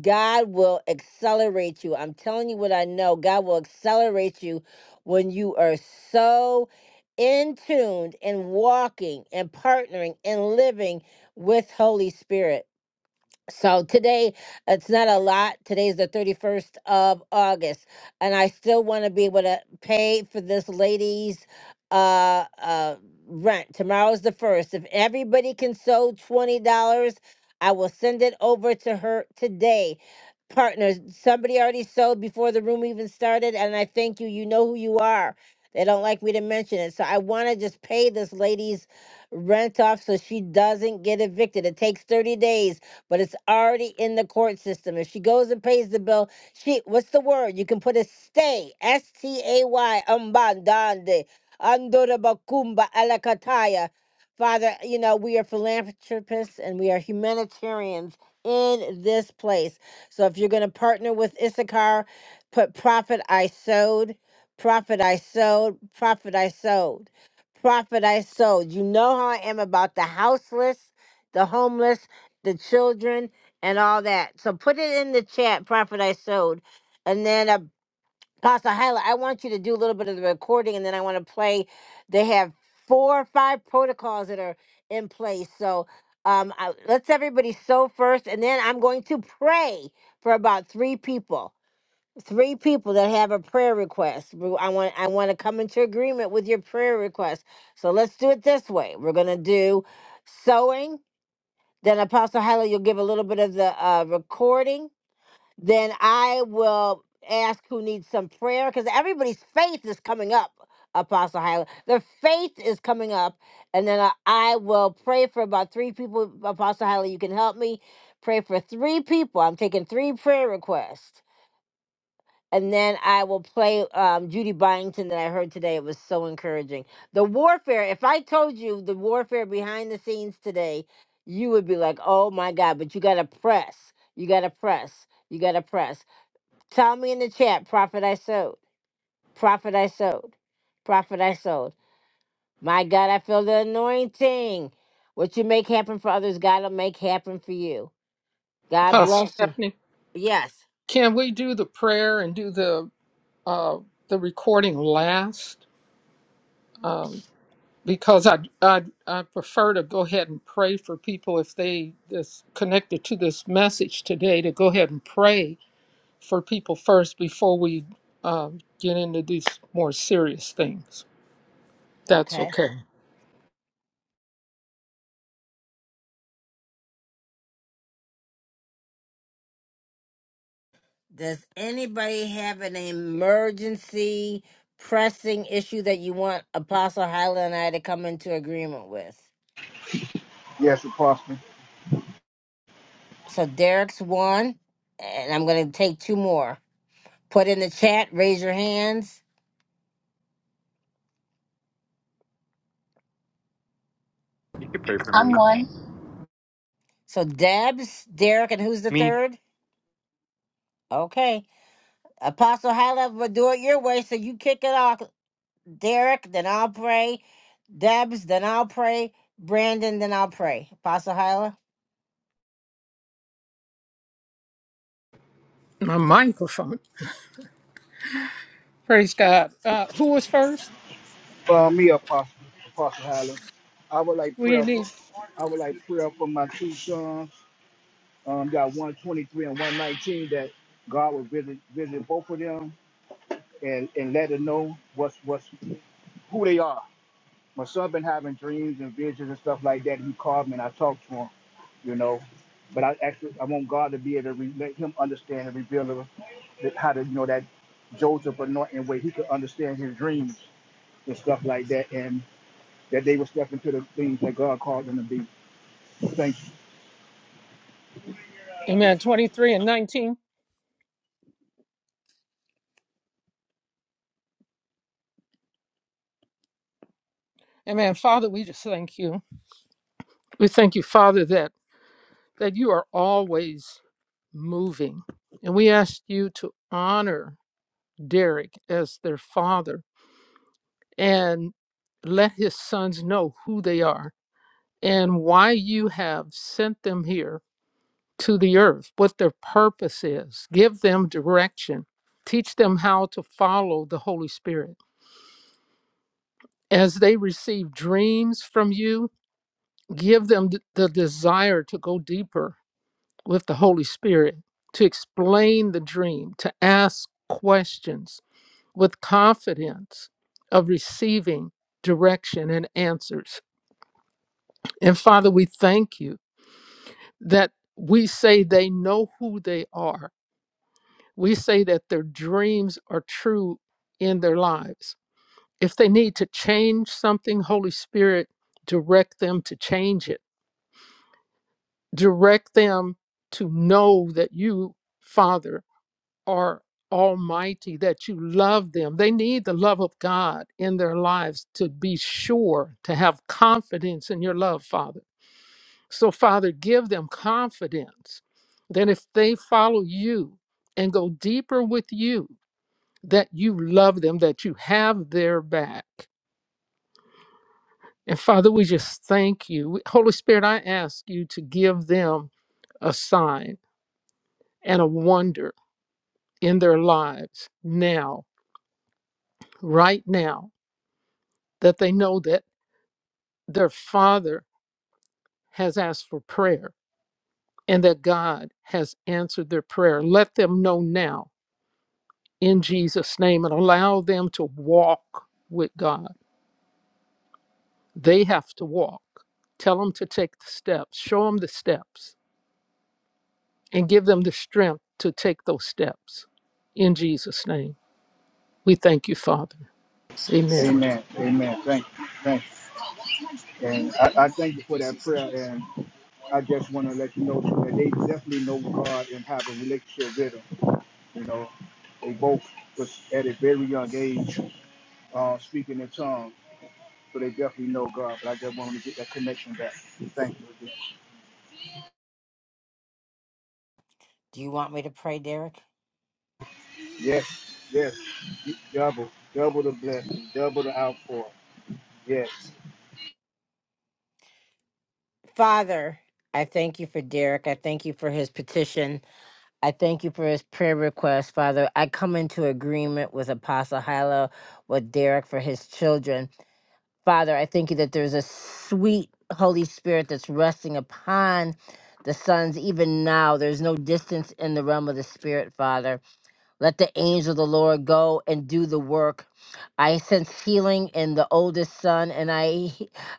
S1: God will accelerate you. I'm telling you what I know. God will accelerate you when you are so in tuned and walking and partnering and living with Holy Spirit. So today, it's not a lot. Today's the 31st of August. And I still want to be able to pay for this lady's uh, uh, rent. Tomorrow's the 1st. If everybody can sew $20, I will send it over to her today. Partners, somebody already sewed before the room even started. And I thank you. You know who you are. They don't like me to mention it. So I want to just pay this lady's rent off so she doesn't get evicted. It takes 30 days but it's already in the court system. If she goes and pays the bill, she what's the word? You can put a stay, S T A Y, umbandande, andora bakumba alakataya. Father, you know, we are philanthropists and we are humanitarians in this place. So if you're going to partner with Issachar, put profit I sowed, profit I sowed, profit I sowed, profit I sowed. You know how I am about the houseless, the homeless, the children and all that. So put it in the chat, Prophet I sowed. And then uh, Pastor Hyla, I want you to do a little bit of the recording and then I want to play. They have four or five protocols that are in place. So um, I, let's everybody sow first. And then I'm going to pray for about three people. Three people that have a prayer request. We- I want I want to come into agreement with your prayer request. So let's do it this way. We're gonna do sowing, then Apostle Hyla, you'll give a little bit of the uh, recording. Then I will ask who needs some prayer because everybody's faith is coming up. Apostle Hyla, their faith is coming up, and then I, I will pray for about three people. Apostle Hyla, you can help me pray for three people. I'm taking three prayer requests and then I will play um, Judy Byington that I heard today. It was so encouraging. The warfare, if I told you the warfare behind the scenes today, you would be like, oh my God, but you got to press. You got to press. You got to press. Tell me in the chat, Prophet I sowed. Prophet I sowed. Prophet I sowed. My God, I feel the anointing. What you make happen for others, God will make happen for you. God
S7: Pastor
S1: bless you.
S7: Stephanie,
S1: Yes.
S7: can we do the prayer and do the uh, the recording last? Um, because I, I I prefer to go ahead and pray for people if they is connected to this message today to go ahead and pray for people first before we um, get into these more serious things. That's okay.
S1: Does anybody have an emergency pressing issue that you want Apostle Hyla and I to come into agreement with?
S8: you. Yes, Apostle.
S1: So Derek's one, and I'm going to take two more. Put in the chat, raise your hands.
S10: You can pray for
S15: I'm
S10: me.
S15: one.
S1: So Debs, Derek, and who's the
S10: Me.
S1: third? Okay. Apostle Hyla, we'll do it your way. So you kick it off, Derek, then I'll pray. Debs, then I'll pray. Brandon, then I'll pray. Apostle Hyla,
S7: My microphone. Praise God. Uh, who was first?
S8: Uh, me, Apostle, Apostle Highland. I would like
S7: We
S8: prayer for,
S7: need,
S8: I would like prayer for my two sons. Um, got one twenty three and one nineteen. That God will visit visit both of them and and let them know what's what's who they are my son been having dreams and visions and stuff like that. He called me and I talked to him, you know. But I actually I want God to be able to re- let him understand and reveal to- how to you know that Joseph anointing way he could understand his dreams and stuff like that, and that they were stepping to the things that God called them to be. Thank you,
S7: amen, 23 and 19. Amen. Father, we just thank you. We thank you, Father, that, that you are always moving. And we ask you to honor Derek as their father and let his sons know who they are and why you have sent them here to the earth, what their purpose is. Give them direction. Teach them how to follow the Holy Spirit. As they receive dreams from you, give them the desire to go deeper with the Holy Spirit, to explain the dream, to ask questions with confidence of receiving direction and answers. And Father, we thank you that we say they know who they are We say that their dreams are true in their lives. If they need to change something, Holy Spirit, direct them to change it. Direct them to know that you, Father, are almighty, that you love them. They need the love of God in their lives to be sure, to have confidence in your love, Father. So, Father, give them confidence that if they follow you and go deeper with you, that you love them, that you have their back. And Father, we just thank you. Holy Spirit, I ask you to give them a sign and a wonder in their lives now, right now, that they know that their Father has asked for prayer and that God has answered their prayer. Let them know now in Jesus' name and allow them to walk with God. They have to walk. Tell them to take the steps, show them the steps and give them the strength to take those steps. In Jesus' name, we thank you, Father. Amen.
S8: Amen, Amen. Thank you, thank you. And I, I thank you for that prayer, and I just want to let you know so that they definitely know God and have a relationship with Him You know, they both was at a very young age uh, speaking in tongues, so they definitely know God. But I just wanted to get that connection back. Thank you again.
S1: do you want me to pray, Derek?
S8: Yes, yes, double, double the blessing, double the outpour. Yes,
S1: Father, I thank you for Derek. I thank you for his petition. I thank you for his prayer request, Father. I come into agreement with Apostle Hilo, with Derek for his children. Father, I thank you that there's a sweet Holy Spirit that's resting upon the sons even now. There's no distance in the realm of the Spirit, Father. Let the angel of the Lord go and do the work. I sense healing in the oldest son, and I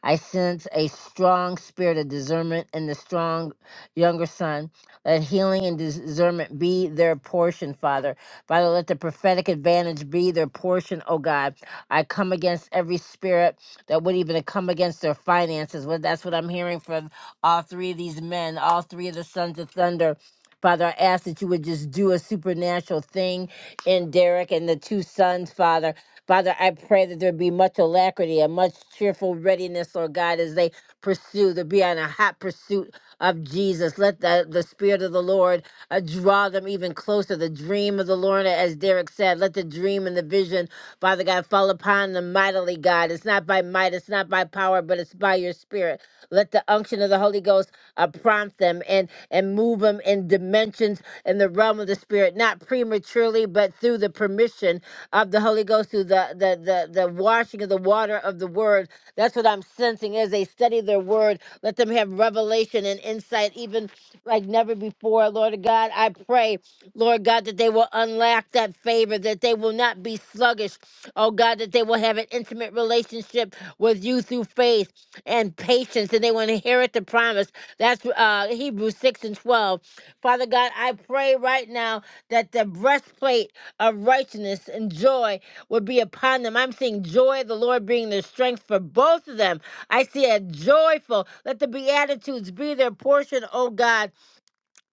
S1: I sense a strong spirit of discernment in the strong younger son. Let healing and discernment be their portion, Father. Father, let the prophetic advantage be their portion, oh God. I come against every spirit that would even come against their finances. Well, that's what I'm hearing from all three of these men, all three of the sons of thunder. Father, I ask that you would just do a supernatural thing in Derek and the two sons, Father. Father, I pray that there be much alacrity and much cheerful readiness, Lord God, as they pursue, to be on a hot pursuit of Jesus. Let the, the Spirit of the Lord uh, draw them even closer. The dream of the Lord, as Derek said, let the dream and the vision, Father God, fall upon them mightily, God. It's not by might, it's not by power, but it's by your Spirit. Let the unction of the Holy Ghost uh, prompt them and and move them in dimensions in the realm of the spirit, not prematurely, but through the permission of the Holy Ghost, through the the the, the washing of the water of the word. That's what I'm sensing as they study their word. Let them have revelation and insight, even like never before. Lord God, I pray, Lord God, that they will unlock that favor, that they will not be sluggish. Oh God, that they will have an intimate relationship with you through faith and patience, and they will inherit the promise. That's uh, Hebrews 6 and 12. Father God, I pray right now that the breastplate of righteousness and joy would be upon them. I'm seeing joy, the Lord being their strength for both of them. I see a joyful, let the Beatitudes be their portion, oh God.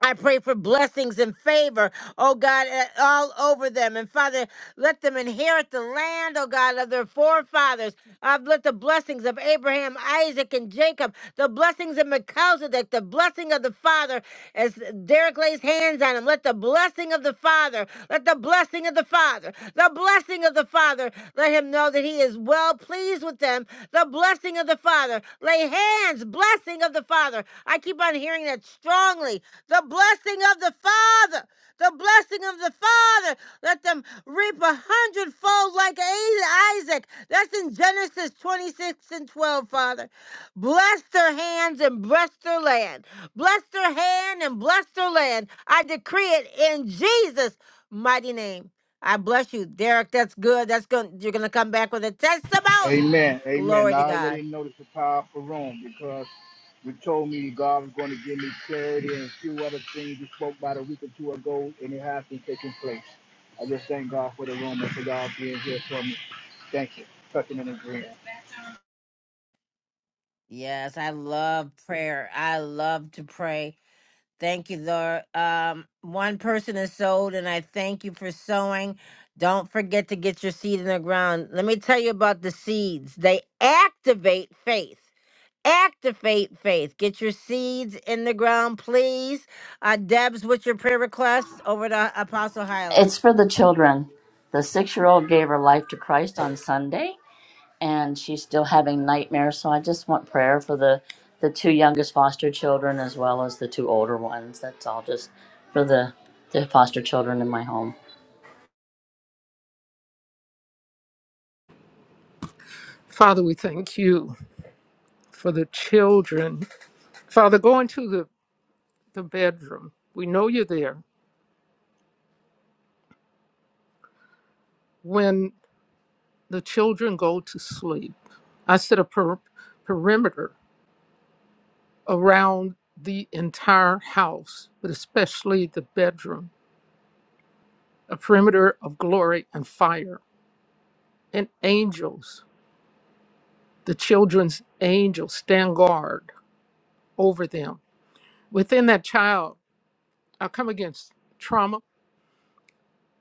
S1: I pray for blessings and favor, oh God, eh, all over them. And Father, let them inherit the land, oh God, of their forefathers. I've let the blessings of Abraham, Isaac, and Jacob, the blessings of Melchizedek, the blessing of the Father, as Derek lays hands on him. Let the blessing of the Father, let the blessing of the Father, the blessing of the Father, let him know that he is well pleased with them. The the blessing of the Father. Lay hands, blessing of the Father. I keep on hearing that strongly. The blessing of the Father. The blessing of the Father. Let them reap a hundredfold like Isaac. That's in Genesis 26 and 12, Father. Bless their hands and bless their land. Bless their hand and bless their land. I decree it in Jesus' mighty name. I bless you, Derek. That's good. That's good. You're gonna come back with a testimony.
S8: Amen, Amen.
S1: Glory
S8: Now,
S1: to
S8: I
S1: God.
S8: already know this is a powerful room because you told me God was going to give me clarity and a few other things you spoke about a week or two ago, and it has been taking place. I just thank God for the room and for y'all being here for me. Thank you. Touching and agreeing.
S1: Yes, I love prayer. I love to pray. Thank you, Lord. Um, one person is sold, and I thank you for sowing. Don't forget to get your seed in the ground. Let me tell you about the seeds. They activate faith. Activate faith. Get your seeds in the ground, please. Uh, Debs, what's your prayer request? Over to Apostle Hyla.
S15: It's for the children. The six year old gave her life to Christ on Sunday, and she's still having nightmares. So I just want prayer for the, the two youngest foster children as well as the two older ones. That's all just for the, the foster children in my home.
S7: Father, we thank you for the children. Father, go into the, the bedroom. We know you're there. When the children go to sleep, I set a per- perimeter around the entire house, but especially the bedroom, a perimeter of glory and fire and angels. The children's angels stand guard over them. Within that child, I come against trauma.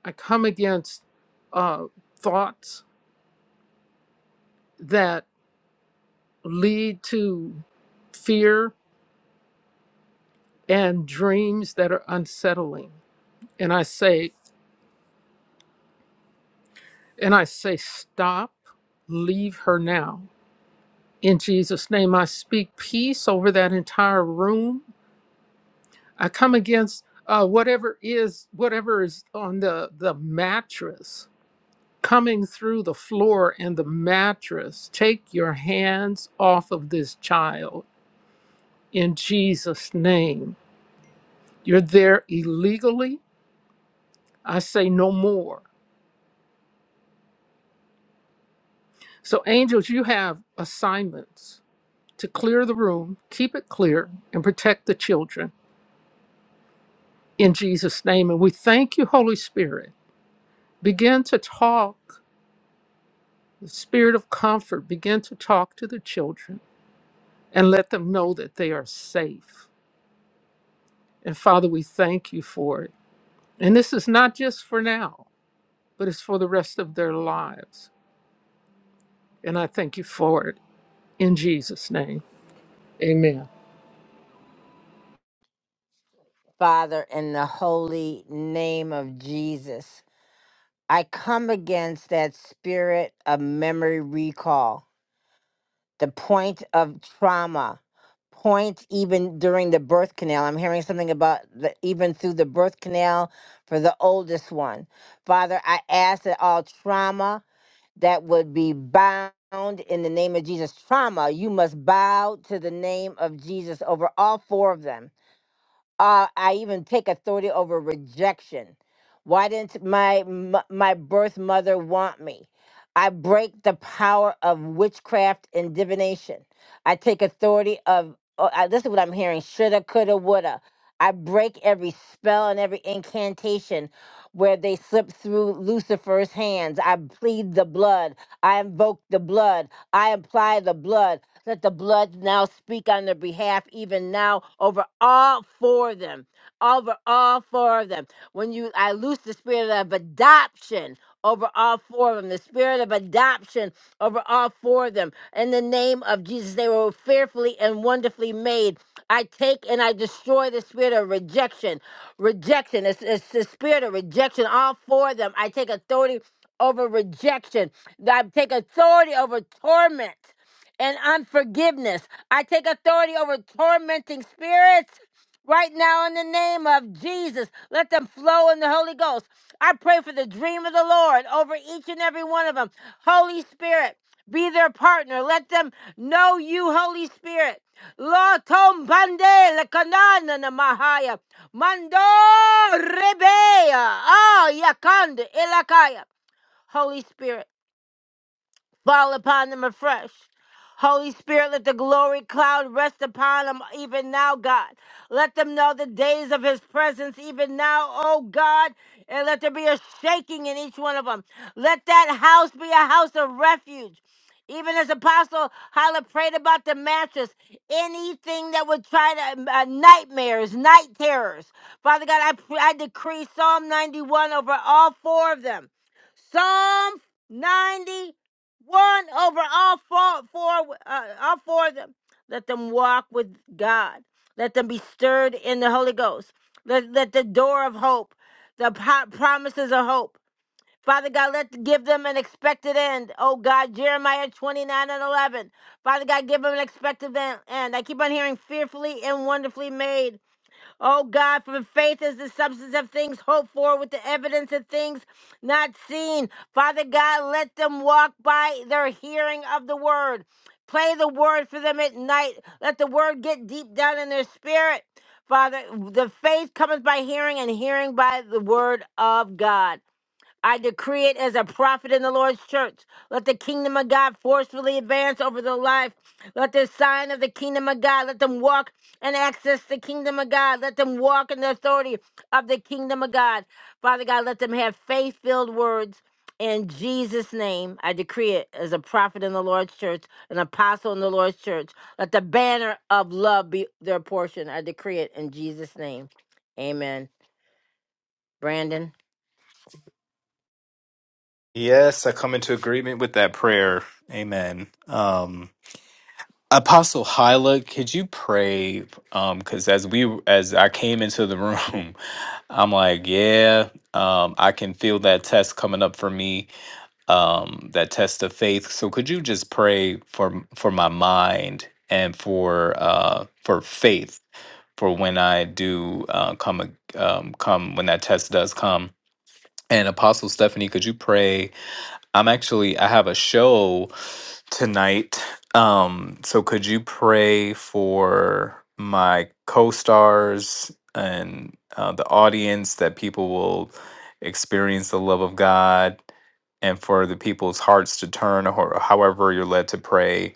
S7: I come against uh, thoughts that lead to fear and dreams that are unsettling. And I say, and I say, stop, leave her now. In Jesus' name, I speak peace over that entire room. I come against uh, whatever is whatever is on the the mattress coming through the floor and the mattress. Take your hands off of this child in Jesus' name. You're there illegally. I say no more. So, angels, you have assignments to clear the room, keep it clear, and protect the children in Jesus' name. And we thank you, Holy Spirit. Begin to talk, the spirit of comfort, begin to talk to the children and let them know that they are safe. And Father, we thank you for it. And this is not just for now, but it's for the rest of their lives. And I thank you for it in Jesus' name. Amen.
S1: Father, in the holy name of Jesus. I come against that spirit of memory recall, the point of trauma, point even during the birth canal. I'm hearing something about the, even through the birth canal for the oldest one. Father, I ask that all trauma that would be bound in the name of Jesus, trauma, you must bow to the name of Jesus over all four of them uh, I even take authority over rejection. Why didn't my m- my birth mother want me? I break the power of witchcraft and divination. I take authority of. Oh, I, this is what I'm hearing: shoulda, coulda, woulda. I break every spell and every incantation where they slip through Lucifer's hands. I plead the blood. I invoke the blood. I apply the blood. Let the blood now speak on their behalf, even now, over all four of them. Over all four of them. When you I loose the spirit of adoption over all four of them, the spirit of adoption over all four of them. In the name of Jesus, they were fearfully and wonderfully made. I take and I destroy the spirit of rejection. Rejection. It's, it's the spirit of rejection. All four of them. I take authority over rejection. I take authority over torment and unforgiveness. I take authority over tormenting spirits right now in the name of Jesus. Let them flow in the Holy Ghost. I pray for the dream of the Lord over each and every one of them. Holy Spirit, be their partner. Let them know you, Holy Spirit. La tombande le canana na mahaya. Mando rebea. Ah, yakande elakaya. Holy Spirit. Fall upon them afresh. Holy Spirit, let the glory cloud rest upon them even now, God. Let them know the days of his presence even now, oh God. And let there be a shaking in each one of them. Let that house be a house of refuge. Even as Apostle Hyla prayed about the mattress, anything that would try to, uh, nightmares, night terrors. Father God, I, pr- I decree Psalm 91 over all four of them. Psalm 91 one over all four, four uh, all four of them. Let them walk with God. Let them be stirred in the Holy Ghost. Let, let the door of hope, the po- promises of hope. Father God, let give them an expected end. Oh God, Jeremiah 29 and 11. Father God, give them an expected en- end. I keep on hearing fearfully and wonderfully made. Oh God, for faith is the substance of things hoped for with the evidence of things not seen. Father God, let them walk by their hearing of the word. Play the word for them at night. Let the word get deep down in their spirit. Father, the faith cometh by hearing, and hearing by the word of God. I decree it as a prophet in the Lord's church. Let the kingdom of God forcefully advance over the life. Let the sign of the kingdom of God, let them walk and access the kingdom of God. Let them walk in the authority of the kingdom of God. Father God, let them have faith filled words. In Jesus' name, I decree it as a prophet in the Lord's church, an apostle in the Lord's church. Let the banner of love be their portion. I decree it in Jesus' name. Amen. Brandon,
S10: Yes, I come into agreement with that prayer. Amen. Um Apostle Hyla, could you pray? Um, because as we as I came into the room, I'm like, yeah, um, I can feel that test coming up for me, um, that test of faith. So could you just pray for m- for my mind and for uh for faith for when I do uh, come a- um, come when that test does come? And Apostle Stephanie, could you pray? I'm actually I have a show tonight. Um, so could you pray for my co-stars and uh, the audience that people will experience the love of God and for the people's hearts to turn or however you're led to pray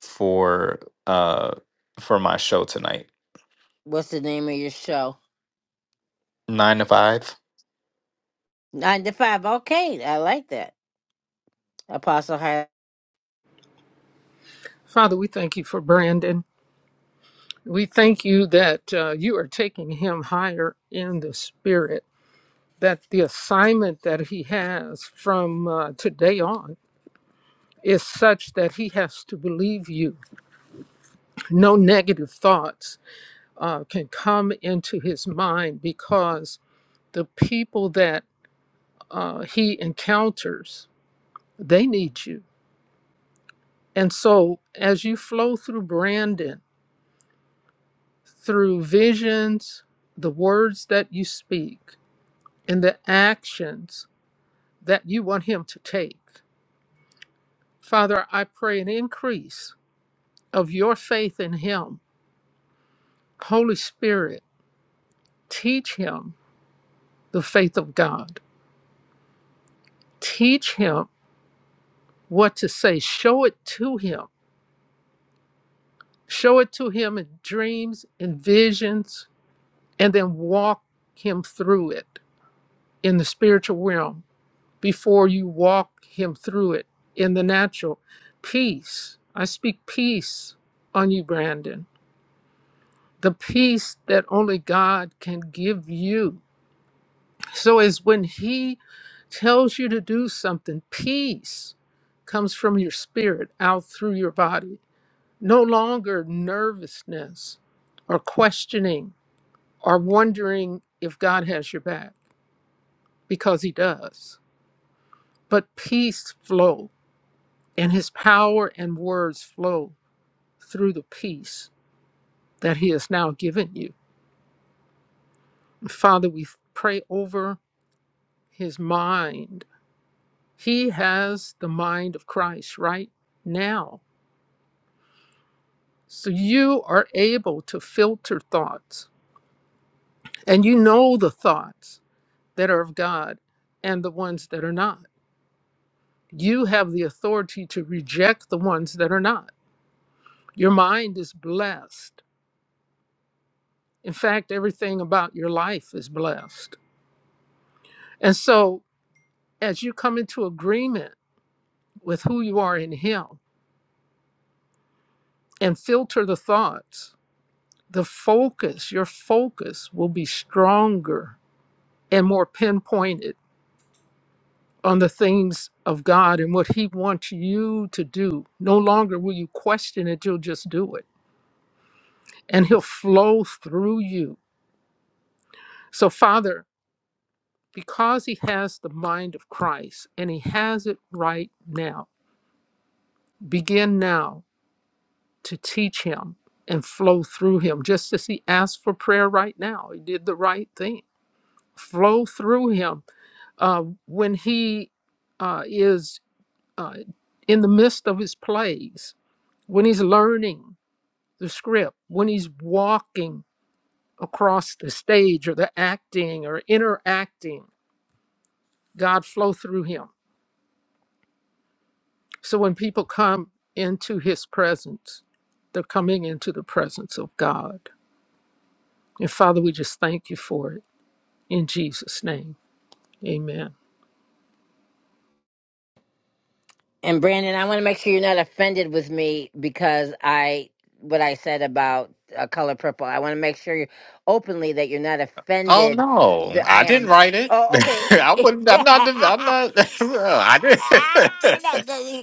S10: for uh for my show tonight.
S1: what's the name of your show?
S10: Nine to five.
S1: Nine to five. Okay, I like that. Apostle Har
S7: Father, we thank you for Brandon. We thank you that uh, you are taking him higher in the spirit, that the assignment that he has from uh, today on is such that he has to believe you. No negative thoughts uh, can come into his mind because the people that uh, he encounters They need you. And so, as you flow through Brandon, through visions, the words that you speak, and the actions that you want him to take, Father, I pray an increase of your faith in him. Holy Spirit, teach him the faith of God. Teach him what to say. Show it to him. Show it to him in dreams, in visions, and then walk him through it in the spiritual realm before you walk him through it in the natural. Peace. I speak peace on you, Brandon. The peace that only God can give you. So as when he tells you to do something, peace comes from your spirit out through your body. No longer nervousness or questioning or wondering if God has your back because he does. But peace flows and his power and words flow through the peace that he has now given you. Father, we pray over his mind. He has the mind of Christ right now. So you are able to filter thoughts, and you know the thoughts that are of God and the ones that are not. You have the authority to reject the ones that are not. Your mind is blessed. In fact, everything about your life is blessed. And so as you come into agreement with who you are in Him and filter the thoughts, the focus, your focus will be stronger and more pinpointed on the things of God and what He wants you to do. No longer will you question it, you'll just do it. And He'll flow through you. So, Father, because He has the mind of Christ and He has it right now, begin now to teach him and flow through him, just as he asked for prayer right now. He did the right thing. Flow through him uh, when he uh, is uh, in the midst of his plays, when he's learning the script, when he's walking across the stage or the acting or interacting. God flow through him. So when people come into his presence, they're coming into the presence of God. And Father, we just thank you for it. In Jesus' name, amen.
S1: and Brandon. I want to make sure you're not offended with me because I what I said about uh, color purple. I want to make sure you openly that you're not
S10: Oh
S1: offended.
S10: no,
S1: That I
S10: I
S1: have.
S10: didn't write it.
S1: Oh, okay.
S10: I wouldn't. I'm not. div- I'm not. I did.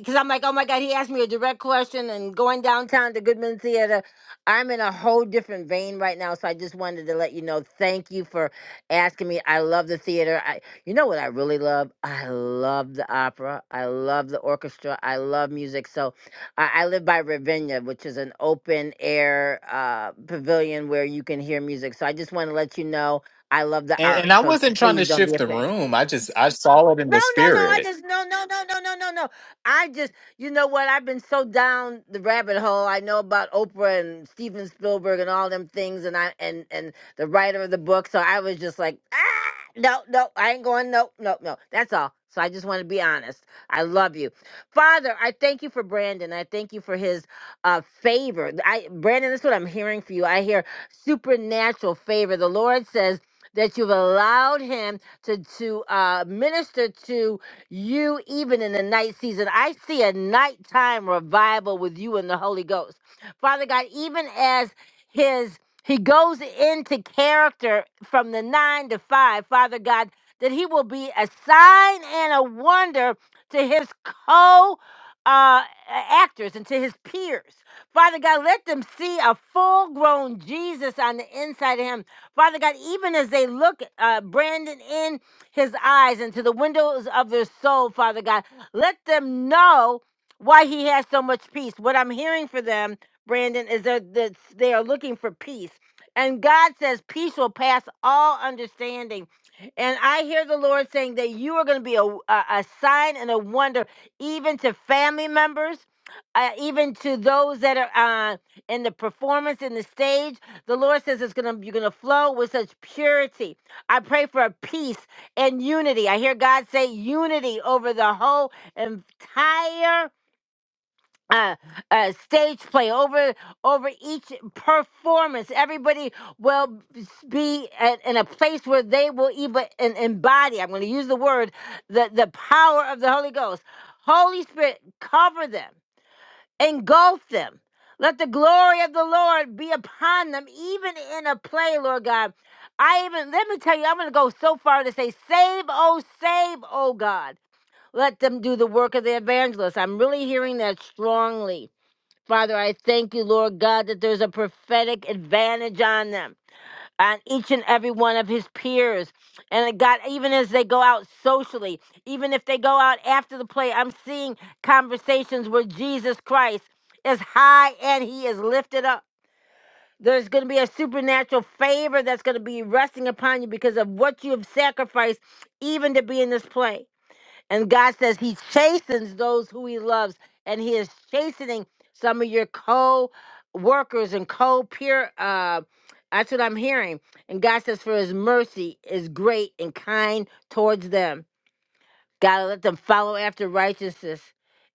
S1: because I'm like, oh my God, he asked me a direct question and going downtown to Goodman Theater. I'm in a whole different vein right now. So I just wanted to let you know. Thank you for asking me. I love the theater. I you know what I really love? I love the opera. I love the orchestra. I love music. So I, I live by Ravinia, which is an open air uh pavilion where you can hear music. So I just want to let you know I love the
S10: And, and
S1: art.
S10: I
S1: So
S10: wasn't trying to
S1: please don't be
S10: shift the
S1: offended.
S10: room. I just I saw it in
S1: No,
S10: the
S1: no, no. I
S10: spirit.
S1: just no, no, no, no, no, no, no. I just, you know what? I've been so down the rabbit hole. I know about Oprah and Steven Spielberg and all them things, and I and and the writer of the book. So I was just like, ah, no, no, I ain't going. No, no, no. That's all. So I just want to be honest. I love you, Father. I thank you for Brandon. I thank you for his uh, favor. I Brandon, that's what I'm hearing for you. I hear supernatural favor. The Lord says that you've allowed Him to to uh, minister to you even in the night season. I see a nighttime revival with you and the Holy Ghost, Father God. Even as His He goes into character from the nine to five, Father God. That he will be a sign and a wonder to his co uh, actors and to his peers. Father God, let them see a full grown Jesus on the inside of him Father God, even as they look, uh, Brandon, in his eyes into the windows of their soul, Father God, let them know why he has so much peace. What I'm hearing for them, Brandon, is that that they are looking for peace. And God says, peace will pass all understanding. And I hear the Lord saying that you are going to be a, a, a sign and a wonder, even to family members, uh, even to those that are uh, in the performance, in the stage. The Lord says it's gonna you're gonna flow with such purity. I pray for peace and unity. I hear God say unity over the whole entire uh, uh, stage play, over over each performance. Everybody will be at, in a place where they will even en- embody. I'm going to use the word the the power of the Holy Ghost. Holy Spirit, cover them engulf them. Let the glory of the Lord be upon them, even in a play, Lord God. I even, let me tell you, I'm going to go so far to say, save, oh, save, oh God. Let them do the work of the evangelist. I'm really hearing that strongly. Father, I thank you, Lord God, that there's a prophetic advantage on them on each and every one of his peers. And God, even as they go out socially, even if they go out after the play, I'm seeing conversations where Jesus Christ is high and he is lifted up. There's going to be a supernatural favor that's going to be resting upon you because of what you have sacrificed, even to be in this play. And God says He chastens those who He loves, and He is chastening some of your co workers and co peer. Uh, that's what I'm hearing. And God says, For His mercy is great and kind towards them. God, let them follow after righteousness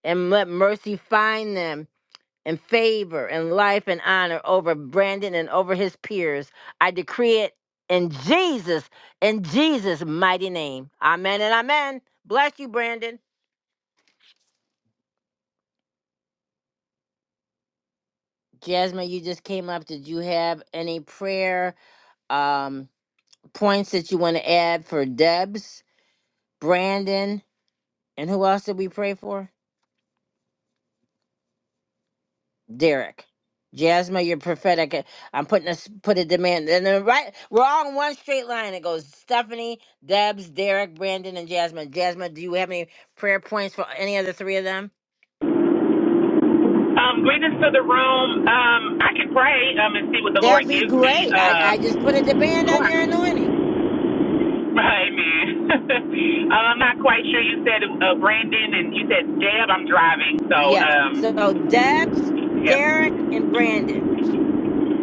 S1: and let mercy find them. And favor and life and honor over Brandon and over his peers. I decree it in Jesus, in Jesus' mighty name. Amen and amen. Bless you, Brandon. Jasmine, you just came up. Did you have any prayer um, points that you want to add for Debs, Brandon, and who else did we pray for? Derek. Jasmine, you're prophetic. Uh, I'm putting a s- put a demand, and then right, we're all in one straight line. It goes Stephanie, Debs, Derek, Brandon, and Jasmine. Jasmine, do you have any prayer points for any of the three of them?
S16: Um, greetings to the room. Um, I can pray um, and see what the
S1: That'd
S16: Lord
S1: be
S16: gives me.
S1: great. I
S16: Uh,
S1: I just put a demand
S16: oh,
S1: on
S16: I-
S1: your anointing.
S16: amen. uh, I'm not quite sure. You said uh, Brandon and you said Deb. I'm driving, so
S1: Yeah.
S16: um,
S1: So Debs,
S16: yeah.
S1: Derek, and Brandon.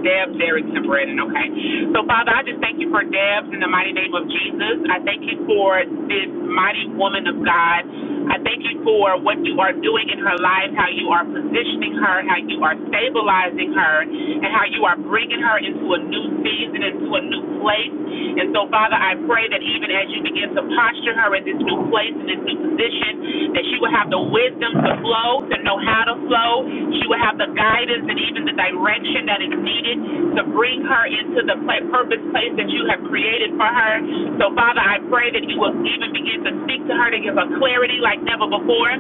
S16: Debs, Derek, and Okay. So, Father, I just thank you for Debs in the mighty name of Jesus. I thank you for this mighty woman of God. I thank you for what you are doing in her life, how you are positioning her, how you are stabilizing her, and how you are bringing her into a new season, into a new place. And so, Father, I pray that even as you begin to posture her in this new place, in this new position, that she will have the wisdom to flow, to know how to flow. She will have the guidance and even the direction direction that is needed to bring her into the purpose place that you have created for her. So, Father, I pray that you will even begin to speak to her to give her clarity like never before.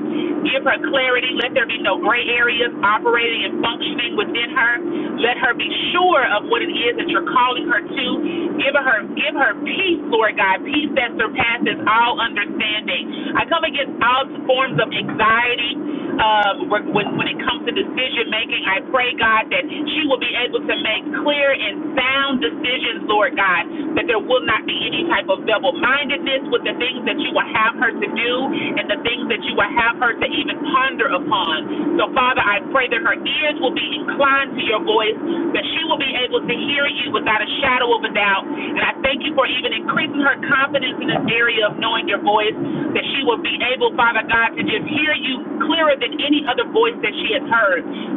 S16: Give her clarity. Let there be no gray areas operating and functioning within her. Let her be sure of what it is that you're calling her to. Give her give her peace, Lord God, peace that surpasses all understanding. I come against all forms of anxiety um, when, when it comes to decision making morning. I pray, God, that she will be able to make clear and sound decisions, Lord God, that there will not be any type of double mindedness with the things that you will have her to do and the things that you will have her to even ponder upon. So, Father, I pray that her ears will be inclined to your voice, that she will be able to hear you without a shadow of a doubt. And I thank you for even increasing her confidence in this area of knowing your voice, that she will be able, Father God, to just hear you clearer than any other voice that she has heard her.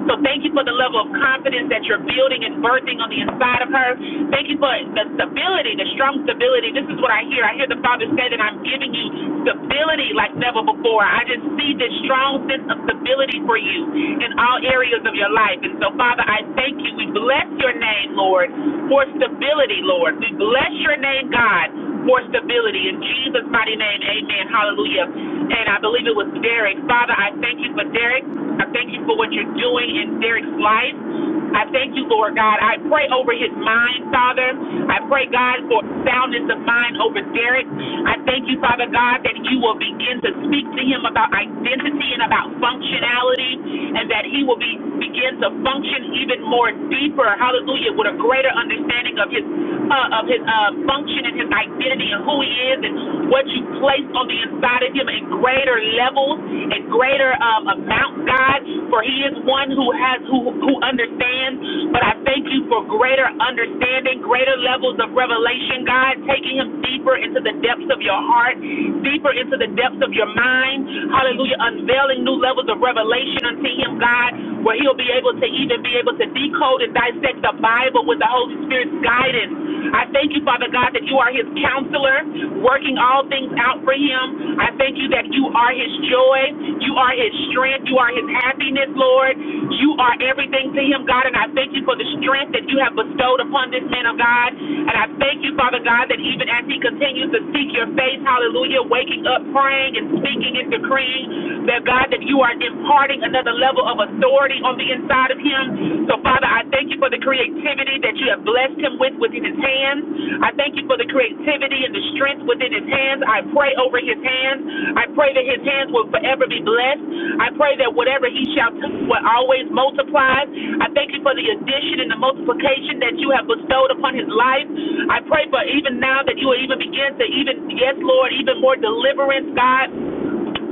S16: So thank you for the level of confidence that you're building and birthing on the inside of her. Thank you for the stability, the strong stability. This is what I hear. I hear the Father say that I'm giving you stability like never before. I just see this strong sense of stability for you in all areas of your life. And so, Father, I thank you. We bless your name, Lord, for stability, Lord. We bless your name, God for stability. In Jesus' mighty name, amen. Hallelujah. And I believe it was Derek. Father, I thank you for Derek. I thank you for what you're doing in Derek's life. I thank you, Lord God. I pray over his mind, Father. I pray, God, for soundness of mind over Derek. I thank you, Father God, that you will begin to speak to him about identity and about functionality, and that he will be begin to function even more deeper. Hallelujah, with a greater understanding of his uh, of his uh, function and his identity and who he is and what you play placed on the inside of him in greater levels and greater um, amount, God, for he is one who has who who understands. But I thank you for greater understanding, greater levels of revelation, God, taking him deeper into the depths of your heart, deeper into the depths of your mind. Hallelujah. Unveiling new levels of revelation unto him, God, where he'll be able to even be able to decode and dissect the Bible with the Holy Spirit's guidance guidance. I thank you, Father God, that you are his counselor, working all things out for him. I thank you that you are his joy, you are his strength, you are his happiness, Lord. You are everything to him, God, and I thank you for the strength that you have bestowed upon this man of God. And I thank you, Father God, that even as he continues to seek your face, hallelujah, waking up, praying and speaking and decreeing that God, that you are imparting another level of authority somebody on the inside of him. So, Father, I thank you for the creativity that you have blessed him with within his hands. I thank you for the creativity and the strength within his hands. I pray over his hands. I pray that his hands will forever be blessed. I pray that whatever he shall do will always multiply. I thank you for the addition and the multiplication that you have bestowed upon his life. I pray for even now that you will even begin to even, yes, Lord, even more deliverance, God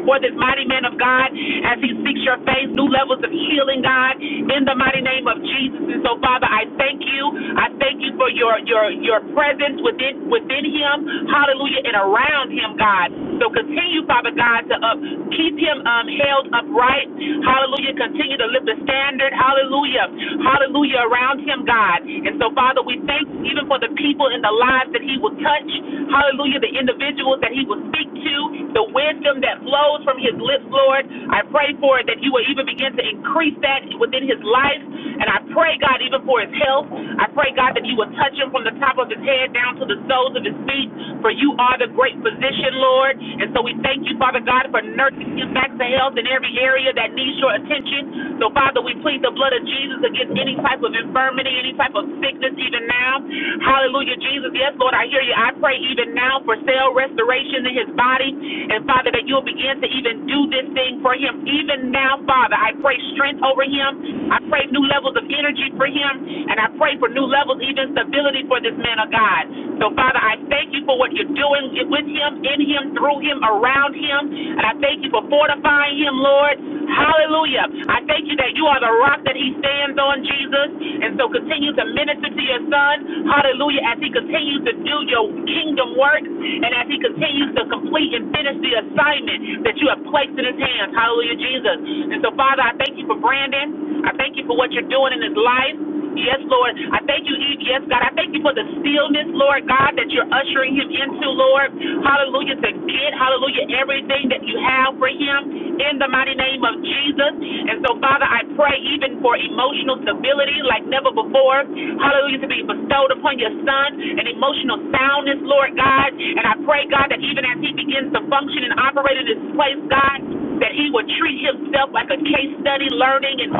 S16: for this mighty man of God as he seeks your face, new levels of healing, God, in the mighty name of Jesus. And so, Father, I thank you. I thank you for your your your presence within within him, hallelujah, and around him, God. So continue, Father God, to up keep him um held upright. Hallelujah. Continue to lift the standard, hallelujah, hallelujah, around him, God. And so, Father, we thank you even for the people in the lives that he will touch. Hallelujah the individuals that he will speak to, the wisdom that flows from his lips, Lord. I pray for it that you will even begin to increase that within his life. And I pray, God, even for his health. I pray, God, that you will touch him from the top of his head down to the soles of his feet, for you are the great physician, Lord. And so we thank you, Father God, for nursing him back to health in every area that needs your attention. So, Father, we plead the blood of Jesus against any type of infirmity, any type of sickness, even now. Hallelujah, Jesus. Yes, Lord, I hear you. I pray even now for cell restoration in his body. And Father, that you'll begin to even do this thing for him. Even now, Father, I pray strength over him. I pray new levels of energy for him. And I pray for new levels, even stability for this man of God. So, Father, I thank you for what you're doing with him, in him, through him, around him. And I thank you for fortifying him, Lord. Hallelujah. I thank you that you are the rock that he stands hands on Jesus. And so continue to minister to your son. Hallelujah. As he continues to do your kingdom work and as he continues to complete and finish the assignment that you have placed in his hands. Hallelujah, Jesus. And so, Father, I thank you for Brandon. I thank you for what you're doing in his life. Yes, Lord. I thank you, E- yes, God. I thank you for the stillness, Lord God, that you're ushering him into, Lord. Hallelujah, to get, hallelujah, everything that you have for him in the mighty name name of Jesus. And so, Father, I pray even for emotional stability like never before. Hallelujah, to be bestowed upon your son and emotional soundness, Lord God. And I pray, God, that even as he begins to function and operate in this place, God, that he would treat himself like a case study, learning and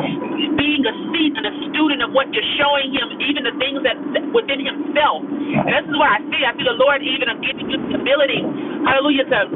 S16: being a seat and a student of what you're showing him, even the things that within himself. And this is what I see. I see the Lord even of giving you stability. hallelujah, to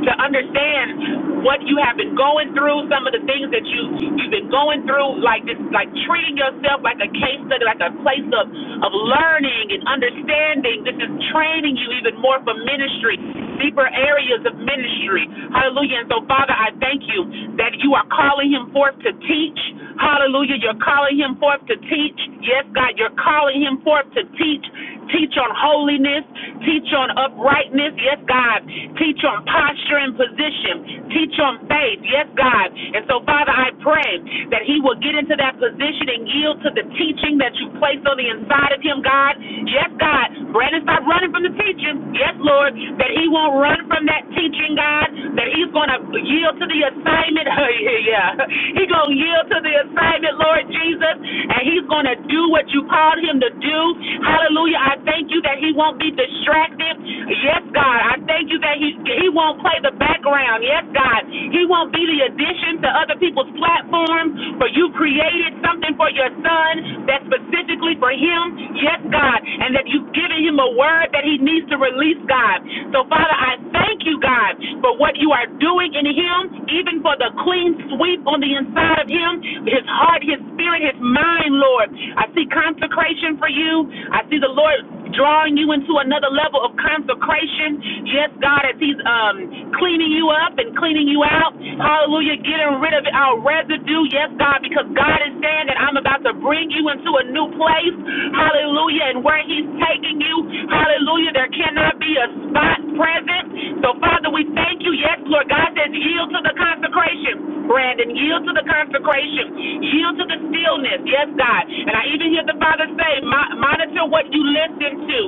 S16: to understand what you have been going through, some of the things that you you've been going through, like this, like treating yourself like a case study, like a place of of learning and understanding. This is training you even more for ministry, deeper areas of ministry. Hallelujah. And so, Father, I thank you that you are calling him forth to teach. Hallelujah. You're calling him forth to teach. Yes, God, you're calling him forth to teach Teach on holiness. Teach on uprightness. Yes, God. Teach on posture and position. Teach on faith. Yes, God. And so, Father, I pray that he will get into that position and yield to the teaching that you place on the inside of him, God. Yes, God. Brandon, stop running from the teaching. Yes, Lord. That he won't run from that teaching, God. That he's going to yield to the assignment. yeah, yeah. He's going to yield to the assignment, Lord Jesus. And he's going to do what you called him called him to do. Hallelujah. I thank you that he won't be distracted. Yes, God. I thank you that he he won't play the background. Yes, God. He won't be the addition to other people's platforms, for you created something for your son that's specifically for him. Yes, God. And that you've given him a word that he needs to release, God. So, Father, I thank you, God, for what you are doing in him, even for the clean sweep on the inside of him, his heart, his spirit, his mind, time, Lord. I see consecration for you. I see the Lord drawing you into another level of consecration. Yes, God, as He's um, cleaning you up and cleaning you out. Hallelujah. Getting rid of our residue. Yes, God, because God is saying that I'm about to bring you into a new place. Hallelujah. And where He's taking you, hallelujah, there cannot be a spot present. So, Father, we thank you. Yes, Lord. God says, yield to the consecration. Brandon, yield to the consecration. Yield to the stillness. Yes, God. And I even hear the Father say, monitor what you listen to.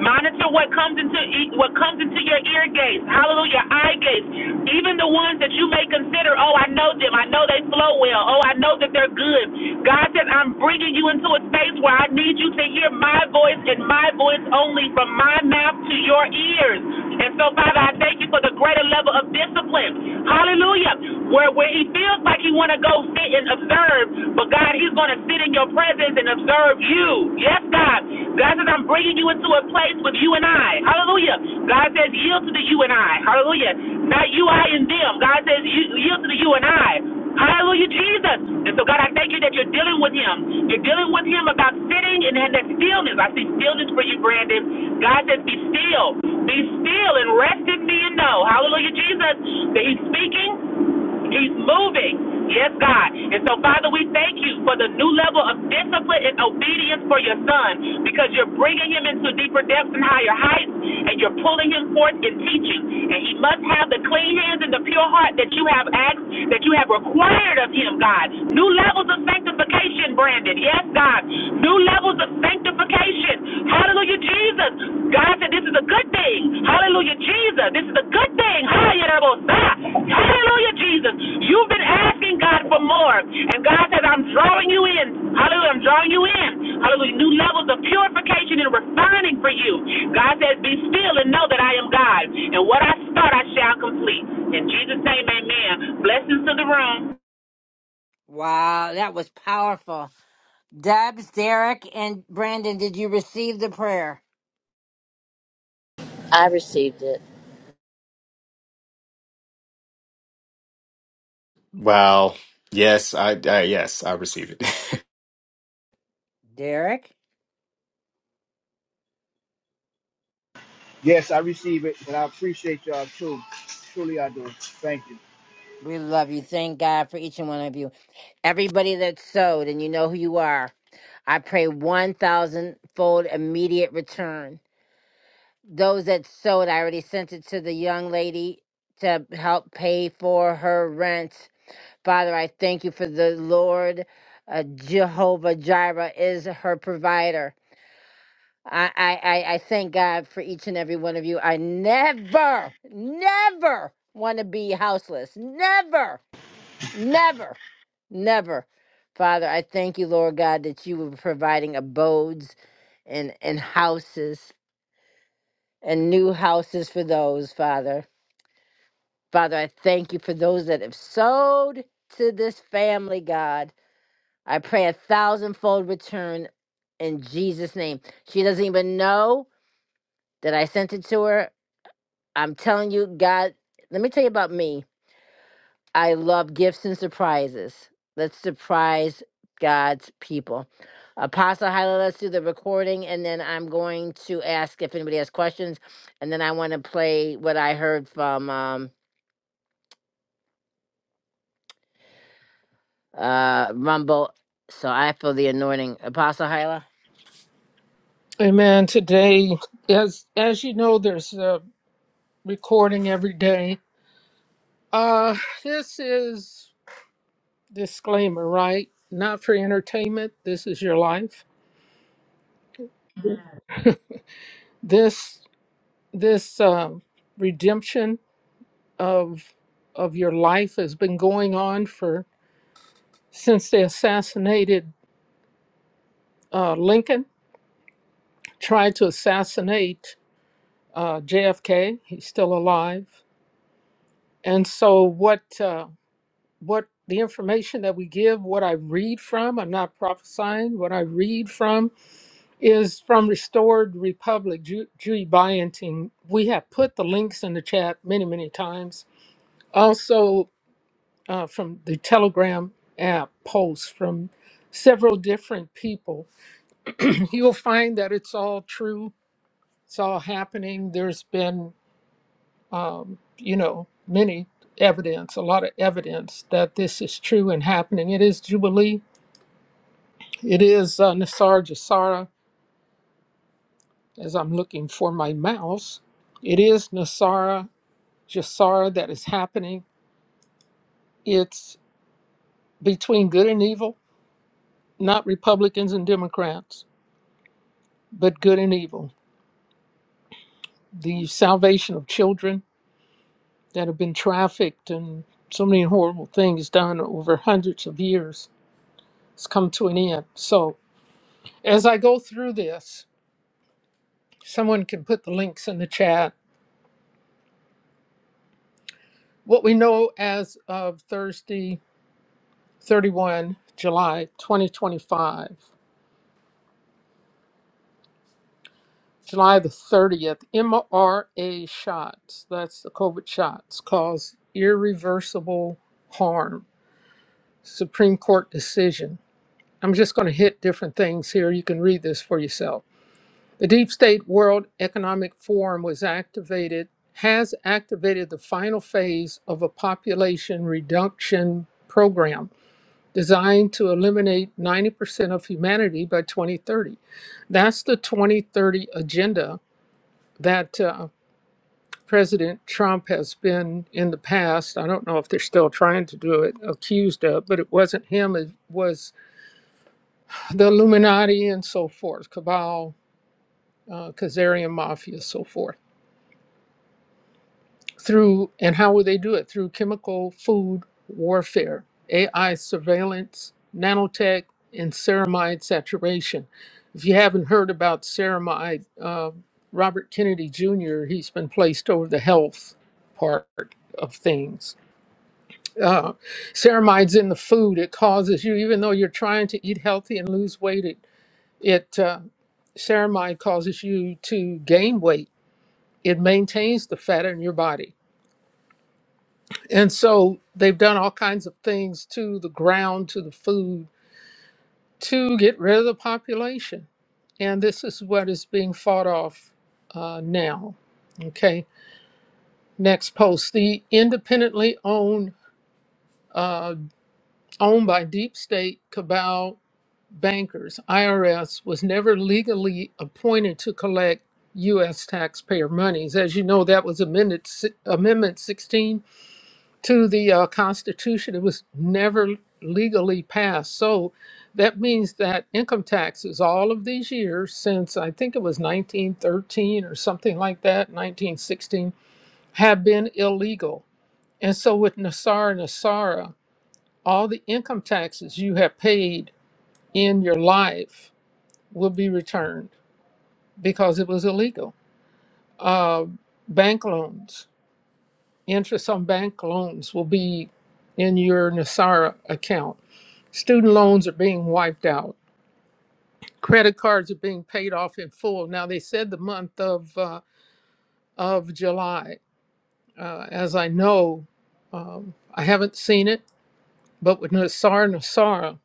S16: Monitor what comes into e- what comes into your ear gates. Hallelujah, eye gates. Even the ones that you may consider, oh, I know them. I know they flow well. Oh, I know that they're good. God says, I'm bringing you into a space where I need you to hear my voice and my voice only from my mouth to your ears. And so, Father, I thank you for the greater level of discipline. Hallelujah. Where where he feels like like he want to go sit and observe, but God, he's going to sit in your presence and observe you. Yes, God. God says, I'm bringing you into a place with you and I. Hallelujah. God says, yield to the you and I. Hallelujah. Not you, I, and them. God says, yield to the you and I. Hallelujah, Jesus. And so, God, I thank you that you're dealing with him. You're dealing with him about sitting and that stillness. I see stillness for you, Brandon. God says, be still. Be still and rest in me and know. Hallelujah, Jesus. That he's speaking. He's moving. Yes, God. And so, Father, we thank you for the new level of discipline and obedience for your son because you're bringing him into deeper depths and higher heights, and you're pulling him forth in teaching. And he must have the clean hands and the pure heart that you have asked, that you have required of him, God. New levels of sanctification, Brandon. Yes, God. New levels of sanctification. Hallelujah. Hallelujah, Jesus. God said this is a good thing. Hallelujah, Jesus. This is a good thing. Hallelujah, Hallelujah, Jesus. You've been asking God for more. And God says, I'm drawing you in. Hallelujah, I'm drawing you in. Hallelujah, new levels of purification and refining for you. God says, Be still and know that I am God. And what I start, I shall complete. In Jesus' name, amen. Blessings to the room.
S1: Wow, that was powerful. Dubs, Derek, and Brandon, did you receive the prayer?
S15: I received it.
S10: Wow. Yes, I, I yes, I receive it.
S1: Derek?
S8: Yes, I receive it, and I appreciate y'all too. Truly, I do. Thank you.
S1: We love you. Thank God for each and one of you. Everybody that sowed, and you know who you are. I pray 1,000 fold immediate return. Those that sowed, I already sent it to the young lady to help pay for her rent. Father, I thank you for the Lord uh, Jehovah Jireh is her provider. I, I, I I thank God for each and every one of you. I never, never want to be houseless. Never, never, never. Father, I thank you, Lord God, that you were providing abodes and, and houses and new houses for those, Father. Father, I thank you for those that have sowed to this family, God. I pray a thousandfold return in Jesus' name. She doesn't even know that I sent it to her I'm telling you, God, let me tell you about me. I love gifts and surprises. Let's surprise God's people. Apostle let us do the recording, and then I'm going to ask if anybody has questions, and then I want to play what I heard from um, uh, Rumble. So I feel the anointing. Apostle Hyla.
S7: Amen. Today, as as you know, there's a recording every day. Uh, this is disclaimer, right? Not for entertainment. This is your life. This this uh, redemption of of your life has been going on for since they assassinated uh, Lincoln. Tried to assassinate uh, JFK. He's still alive. And so what? Uh, what the information that we give, what I read from, I'm not prophesying, what I read from is from Restored Republic, Ju- Judy Byenting. We have put the links in the chat many, many times. Also uh, from the Telegram app posts from several different people. You'll find that it's all true, it's all happening. There's been, um, you know, many evidence, a lot of evidence that this is true and happening. It is Jubilee It is uh, Nasara Jasara, as I'm looking for my mouse. It is Nasara Jasara that is happening. It's between good and evil, not Republicans and Democrats, but good and evil. The salvation of children that have been trafficked and so many horrible things done over hundreds of years has come to an end. So, as I go through this, someone can put the links in the chat. What we know as of Thursday, 31 July 2025. July the 30th, MRA shots, that's the COVID shots, cause irreversible harm. Supreme Court decision. I'm just going to hit different things here. You can read this for yourself. The Deep State World Economic Forum was activated, has activated the final phase of a population reduction program designed to eliminate 90% of humanity by 2030. That's the 2030 agenda that uh, President Trump has been in the past. I don't know if they're still trying to do it, accused of, but it wasn't him, it was the Illuminati and so forth, Cabal, uh, Kazarian Mafia, so forth. through and how will they do it through chemical food warfare ai surveillance nanotech and ceramide saturation if you haven't heard about ceramide uh, robert kennedy jr he's been placed over the health part of things uh, ceramides in the food it causes you even though you're trying to eat healthy and lose weight it, it uh, ceramide causes you to gain weight it maintains the fat in your body And so they've done all kinds of things to the ground, to the food, to get rid of the population. And this is what is being fought off uh, now. Okay, next post. The independently owned, uh, owned by deep state cabal bankers, IRS, was never legally appointed to collect U.S. taxpayer monies. As you know, that was amended, si, Amendment 16 to the uh, Constitution. It was never legally passed. So that means that income taxes, all of these years since I think it was 1913 or something like that, 1916, have been illegal. And so with Nasara Nasara, all the income taxes you have paid in your life will be returned because it was illegal. Uh, bank loans, interest on bank loans will be in your Nasara account Student loans are being wiped out. Credit cards are being paid off in full. Now they said the month of uh, of July. Uh, as I know, um, I haven't seen it, but with Nassar Nassara,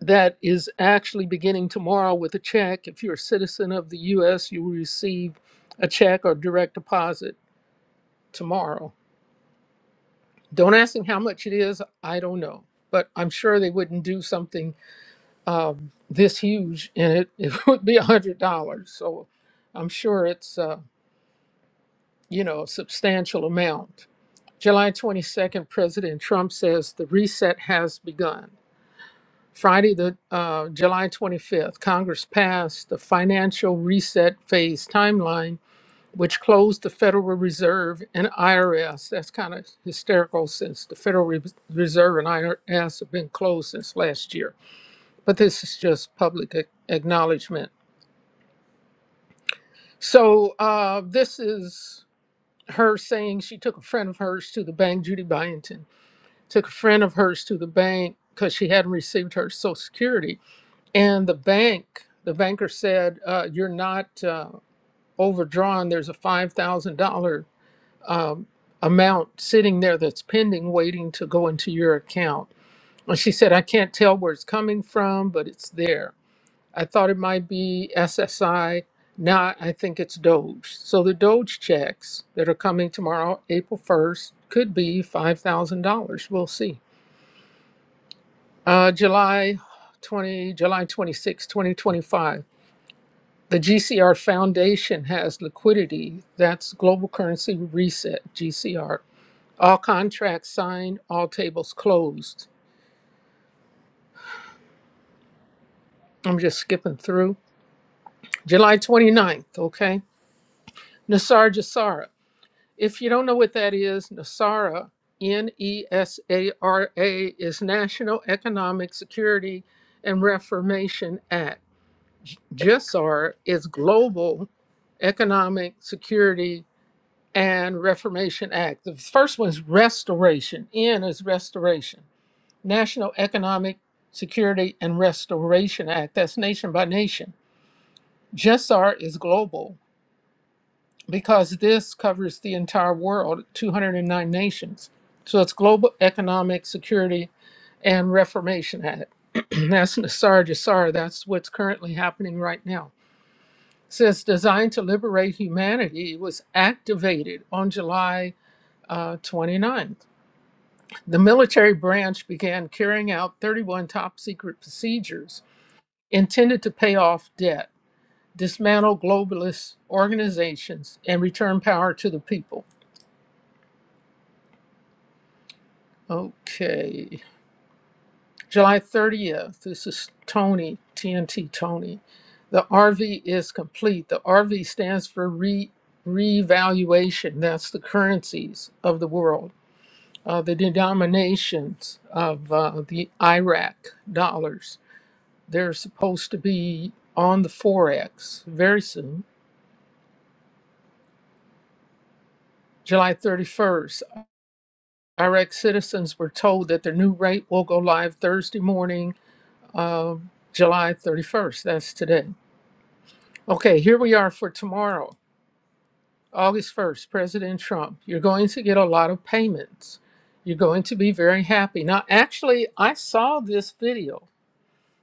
S7: that is actually beginning tomorrow with a check. If you're a citizen of the U.S., you will receive a check or direct deposit tomorrow. Don't ask them how much it is. I don't know, but I'm sure they wouldn't do something um, this huge, and it, it would be a hundred dollars. So I'm sure it's uh, you know a substantial amount. July 22nd, President Trump says the reset has begun. Friday, the uh, July 25th, Congress passed the financial reset phase timeline, which closed the Federal Reserve and IRS. That's kind of hysterical since the Federal Re- Reserve and IRS have been closed since last year. But this is just public ac- acknowledgement. So uh, this is her saying she took a friend of hers to the bank, Judy Byington, took a friend of hers to the bank because she hadn't received her Social Security. And the bank, the banker said, uh, You're not uh, overdrawn. There's a $5,000 um, amount sitting there that's pending, waiting to go into your account. And she said, I can't tell where it's coming from, but it's there. I thought it might be SSI. Now I think it's Doge. So the Doge checks that are coming tomorrow, April 1st, could be $5,000. We'll see. Uh, July 20, July 26, 2025. The GCR Foundation has liquidity. That's Global Currency Reset, GCR. All contracts signed, all tables closed. I'm just skipping through. July 29th, okay? Nassar Jassara. If you don't know what that is, NESARA, N E S A R A, is National Economic Security and Reformation Act. J- GISAR is Global Economic Security and Reformation Act. The first one is restoration. N is restoration. National Economic Security and Restoration Act. That's nation by nation. GISAR is global because this covers the entire world, 209 nations. So it's Global Economic Security and Reformation Act. that's Nassar Jassar. That's what's currently happening right now. says designed to liberate humanity it was activated on July uh, 29th. The military branch began carrying out 31 top secret procedures intended to pay off debt, dismantle globalist organizations, and return power to the people. Okay. July 30th. This is Tony, TNT Tony. The RV is complete. The RV stands for re revaluation. That's the currencies of the world, uh, the denominations of uh, the Iraq dollars. They're supposed to be on the Forex very soon. July 31st, Iraq citizens were told that their new rate will go live Thursday morning, uh, July 31st. That's today. Okay, here we are for tomorrow, August 1st, President Trump. You're going to get a lot of payments. You're going to be very happy. Now, actually, I saw this video.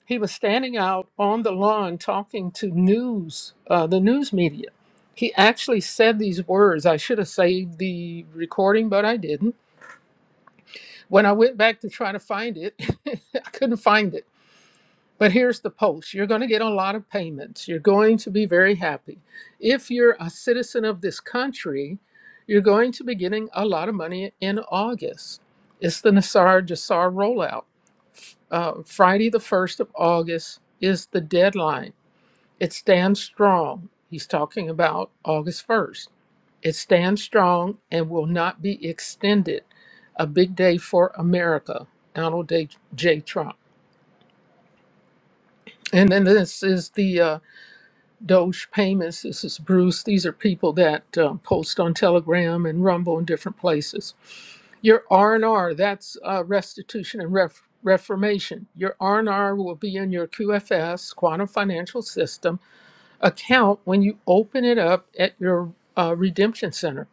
S7: He was standing out on the lawn talking to news, uh, the news media. He actually said these words. I should have saved the recording, but I didn't. When I went back to try to find it, I couldn't find it. But here's the post you're going to get a lot of payments. You're going to be very happy. If you're a citizen of this country, you're going to be getting a lot of money in August. It's the Nassar Jassar rollout. Uh, Friday, the 1st of August, is the deadline. It stands strong. He's talking about August 1st. It stands strong and will not be extended. A big day for America, Donald J. J. Trump. And then this is the uh, Doge payments. This is Bruce. These are people that uh, post on Telegram and Rumble and different places. Your R and R. That's uh, restitution and ref- reformation. Your R and R will be in your QFS Quantum Financial System account when you open it up at your uh, redemption center.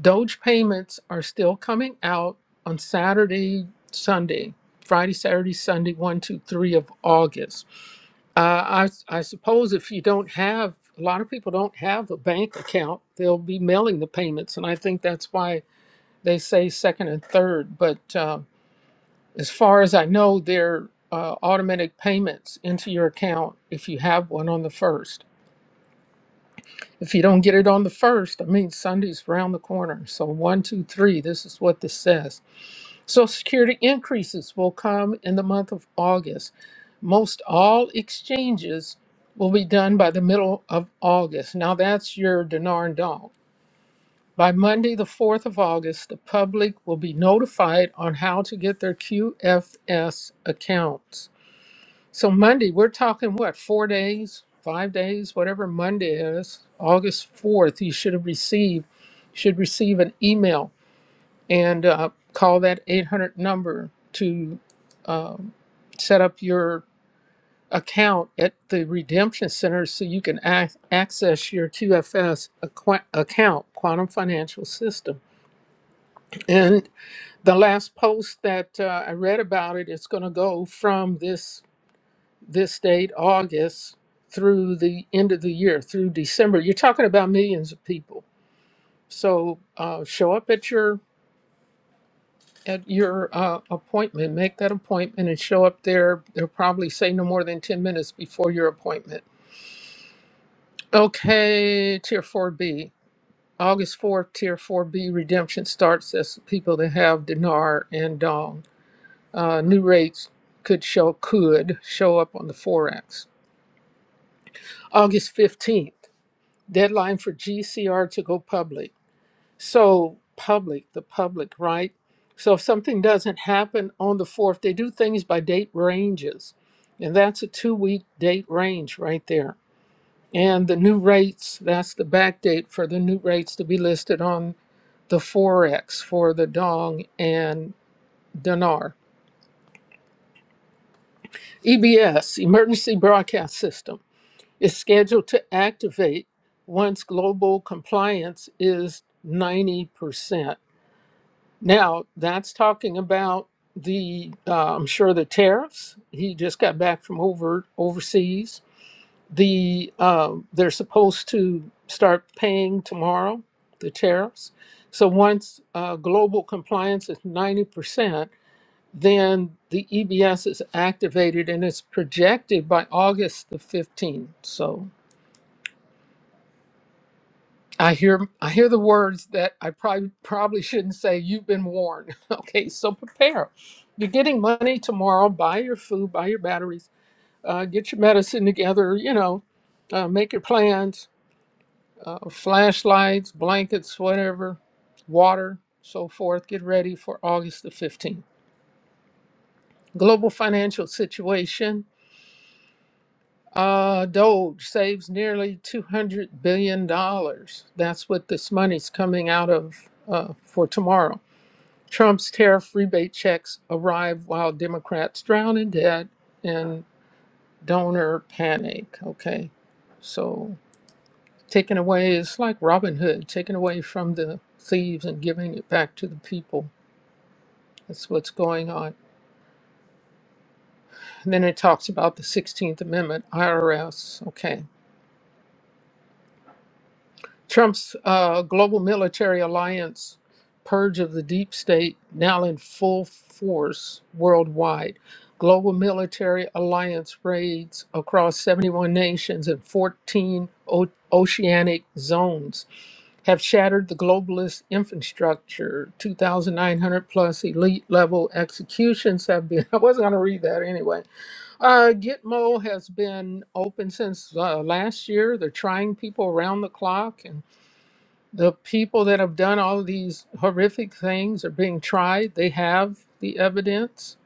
S7: Doge payments are still coming out on Saturday, Sunday, Friday, Saturday, Sunday, one, two, three of August uh, I, s- I suppose if you don't have, a lot of people don't have a bank account, they'll be mailing the payments. And I think that's why they say second and third. But uh, as far as I know, they're uh, automatic payments into your account if you have one on the first. If you don't get it on the first, I mean, Sunday's round the corner. So, one, two, three, this is what this says Social Security increases will come in the month of August. most all exchanges will be done by the middle of August. Now that's your dinar and dong. By Monday, the 4th of August, the public will be notified on how to get their QFS accounts. So Monday, we're talking what, four days, five days, whatever Monday is, August 4th, you should have received, should receive an email and uh, call that 800 number to um, set up your account at the redemption center so you can ac- access your QFS aqua- account, Quantum Financial System. And the last post that uh, I read about it, it's going to go from this this date, August, through the end of the year, through December. You're talking about millions of people. So uh, show up at your at your uh, appointment, make that appointment, and show up there. They'll probably say no more than ten minutes before your appointment Okay, Tier 4B. August 4th, Tier 4B redemption starts as people that have dinar and dong. Uh, new rates could show could show up on the forex. August 15th, deadline for GCR to go public. So public, the public, right? So if something doesn't happen on the 4th, they do things by date ranges. And that's a two week date range right there. And the new rates, that's the backdate for the new rates to be listed on the Forex for the Dong and Dinar. EBS, Emergency Broadcast System, is scheduled to activate once global compliance is 90%. Now, that's talking about the, uh, I'm sure, the tariffs. He just got back from over overseas the um, they're supposed to start paying tomorrow the tariffs. So once uh, global compliance is ninety percent, then the EBS is activated and it's projected by August the fifteenth. So I hear I hear the words that I probably probably shouldn't say. You've been warned. okay, so prepare. You're getting money tomorrow. Buy your food. Buy your batteries. Uh, get your medicine together. You know, uh, make your plans uh, flashlights, blankets, whatever, water, so forth. Get ready for August the 15th. Global financial situation. Uh, Doge saves nearly $200 billion. dollars. That's what this money's coming out of uh, for tomorrow. Trump's tariff rebate checks arrive while Democrats drown in debt and donor panic. Okay. So Taken away is like Robin Hood, taken away from the thieves and giving it back to the people. That's what's going on. And then it talks about the 16th Amendment, IRS. Okay. Trump's uh, global military alliance purge of the deep state now in full force worldwide. Global military alliance raids across 71 nations and 14 o- oceanic zones. have shattered the globalist infrastructure. 2,900 plus elite level executions have been. I wasn't going to read that anyway. Uh, Gitmo has been open since uh, last year. They're trying people around the clock, and the people that have done all of these horrific things are being tried. They have the evidence.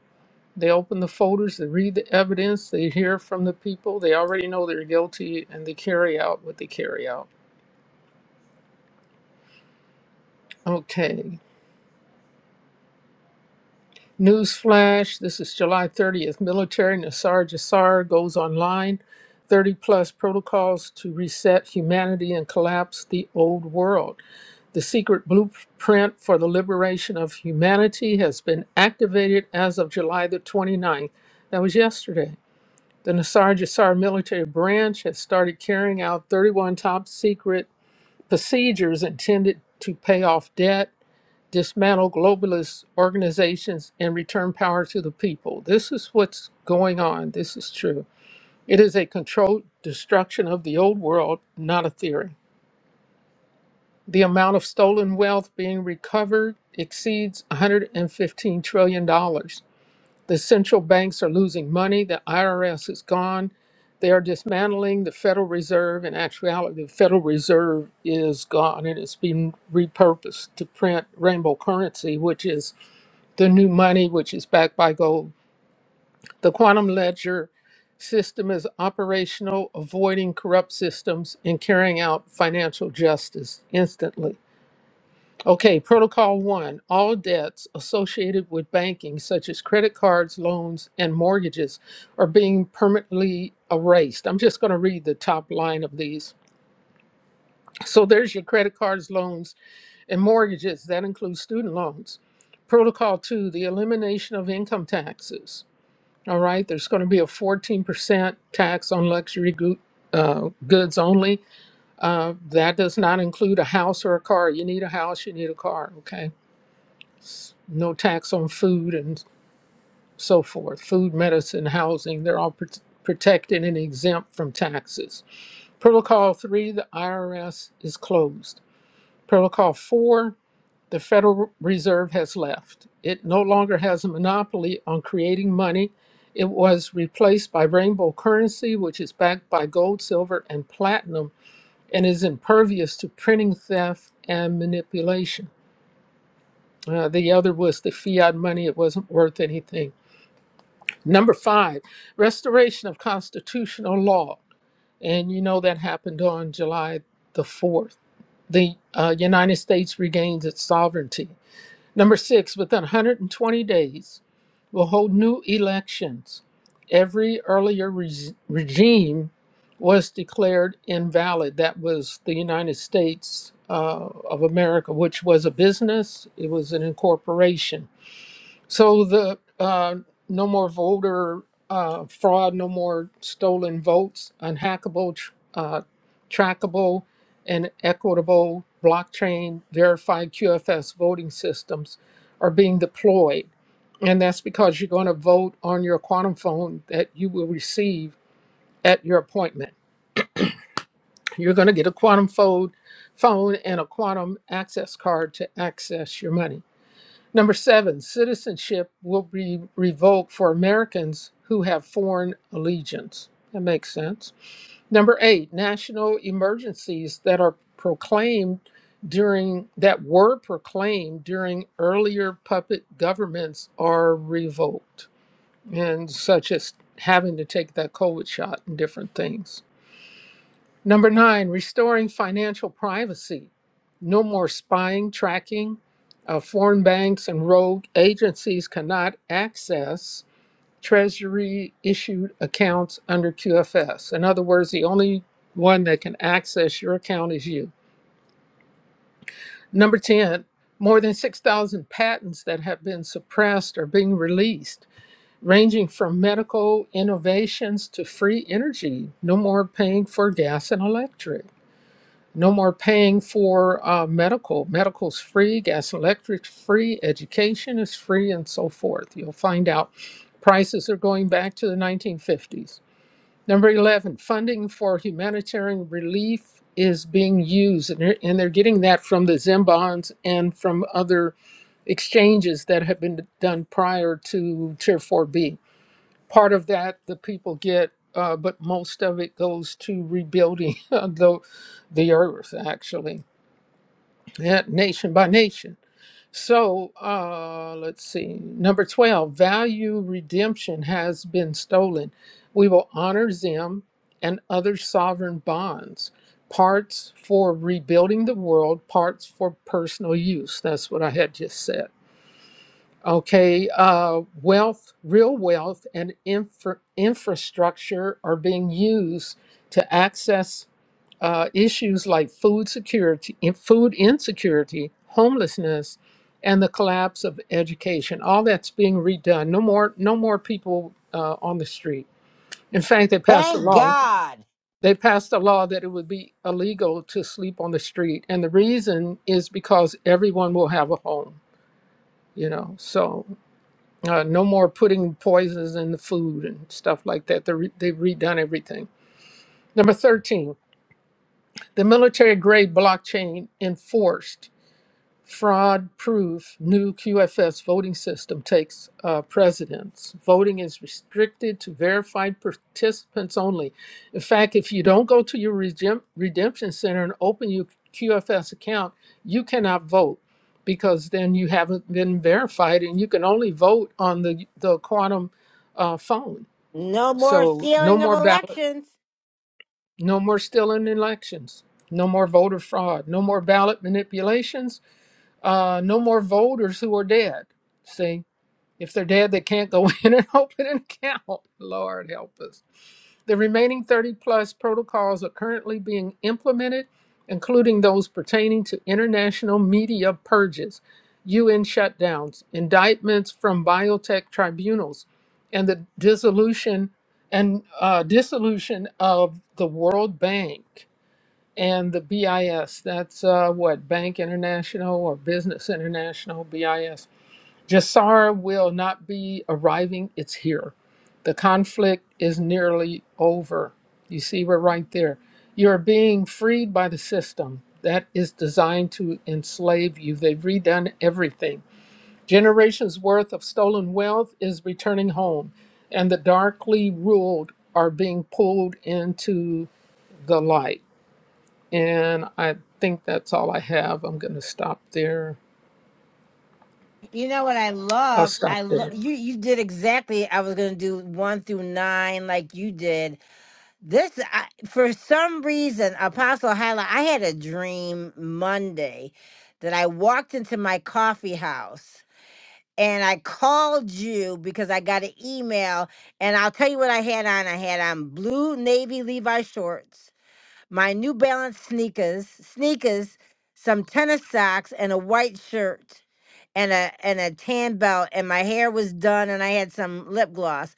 S7: They open the folders, they read the evidence, they hear from the people. They already know they're guilty, and they carry out what they carry out. Okay, Newsflash, this is July 30th. Military Nassar Jassar goes online. 30 plus protocols to reset humanity and collapse the old world. The secret blueprint for the liberation of humanity has been activated as of July the 29th. That was yesterday. The Nassar Jassar military branch has started carrying out 31 top secret procedures intended to pay off debt, dismantle globalist organizations, and return power to the people. This is what's going on. This is true. It is a controlled destruction of the old world, not a theory. The amount of stolen wealth being recovered exceeds $115 trillion. dollars. The central banks are losing money. The IRS is gone. They are dismantling the Federal Reserve. In actuality, the Federal Reserve is gone and it's been repurposed to print rainbow currency, which is the new money, which is backed by gold. The quantum ledger system is operational, avoiding corrupt systems and carrying out financial justice instantly. Okay, Protocol 1 All debts associated with banking, such as credit cards, loans, and mortgages, are being permanently erased. I'm just going to read the top line of these. So there's your credit cards, loans, and mortgages. That includes student loans. Protocol 2 The elimination of income taxes. All right, there's going to be a 14% tax on luxury goo- uh, goods only. Uh, that does not include a house or a car. You need a house, you need a car. Okay. no tax on food and so forth. Food, medicine, housing, they're all prot protected and exempt from taxes. Protocol 3, the IRS is closed. Protocol 4, the Federal Reserve has left. It no longer has a monopoly on creating money. It was replaced by rainbow currency, which is backed by gold, silver, and platinum, and is impervious to printing theft and manipulation. Uh, the other was the fiat money, it wasn't worth anything Number five, restoration of constitutional law. And you know that happened on July the 4th. The uh, United States regains its sovereignty. Number six, within 120 days, we'll hold new elections. Every earlier res- regime was declared invalid. That was the United States uh, of America, which was a business, it was an incorporation so the uh, no more voter uh, fraud, no more stolen votes, unhackable, tr- uh, trackable, and equitable blockchain verified QFS voting systems are being deployed. And that's because you're going to vote on your quantum phone that you will receive at your appointment. You're going to get a quantum phone, phone and a quantum access card to access your money. Number seven, citizenship will be revoked for Americans who have foreign allegiance. That makes sense. Number eight, national emergencies that are proclaimed during that were proclaimed during earlier puppet governments are revoked, and such as having to take that COVID shot and different things. Number nine, restoring financial privacy. No more spying, tracking. Uh, foreign banks and rogue agencies cannot access Treasury issued accounts under QFS. In other words, the only one that can access your account is you. Number 10, more than 6,000 patents that have been suppressed are being released, ranging from medical innovations to free energy. No more paying for gas and electric. No more paying for uh, medical. Medical's free, gas, electric's free, education is free, and so forth. You'll find out prices are going back to the 1950s. Number 11, funding for humanitarian relief is being used, and they're, and they're getting that from the Zim bonds and from other exchanges that have been done prior to Tier 4B. Part of that the people get, uh, but most of it goes to rebuilding the, the earth, actually yeah, nation by nation. So uh, let's see. Number 12, value redemption has been stolen. We will honor Zim and other sovereign bonds, parts for rebuilding the world, parts for personal use. That's what I had just said. Okay, uh, wealth, real wealth, and infra- infrastructure are being used to access uh, issues like food security, in- food insecurity, homelessness, and the collapse of education. All that's being redone. No more, no more people uh, on the street. In fact, they passed a
S1: Thank
S7: law.
S1: God.
S7: They passed a law that it would be illegal to sleep on the street, and the reason is because everyone will have a home. You know, so uh, no more putting poisons in the food and stuff like that. They re- they've redone everything. Number thirteen, the military grade blockchain enforced fraud proof new QFS voting system takes uh, precedence. Voting is restricted to verified participants only. In fact, if you don't go to your regem- redemption center and open your QFS account, you cannot vote because then you haven't been verified and you can only vote on the, the quantum uh, phone.
S1: No more
S7: So, no
S1: stealing of
S7: more ballot,
S1: elections.
S7: no more stealing elections, no more voter fraud, no more ballot manipulations uh, no more voters who are dead. See, if they're dead, they can't go in and open an account. Lord help us. The remaining 30 plus protocols are currently being implemented, including those pertaining to international media purges, UN shutdowns, indictments from biotech tribunals, and the dissolution and uh, dissolution of the World Bank and the BIS. That's uh, what Bank International or Business International BIS. Jassara will not be arriving. It's here. The conflict is nearly over. You see, we're right there. You're being freed by the system that is designed to enslave you. They've redone everything. Generations worth of stolen wealth is returning home, and the darkly ruled are being pulled into the light and I think that's all I have. I'm going to stop there.
S1: You know what I
S7: I'll
S1: love?
S7: stop
S1: I love
S7: there.
S1: you. You did exactly. I was gonna do one through nine, like you did. This, I, for some reason, Apostle Hyla, I had a dream Monday that I walked into my coffee house and I called you because I got an email. And I'll tell you what I had on. I had on blue navy Levi shorts my New Balance sneakers, sneakers, some tennis socks, and a white shirt, and a and a tan belt. And my hair was done, and I had some lip gloss.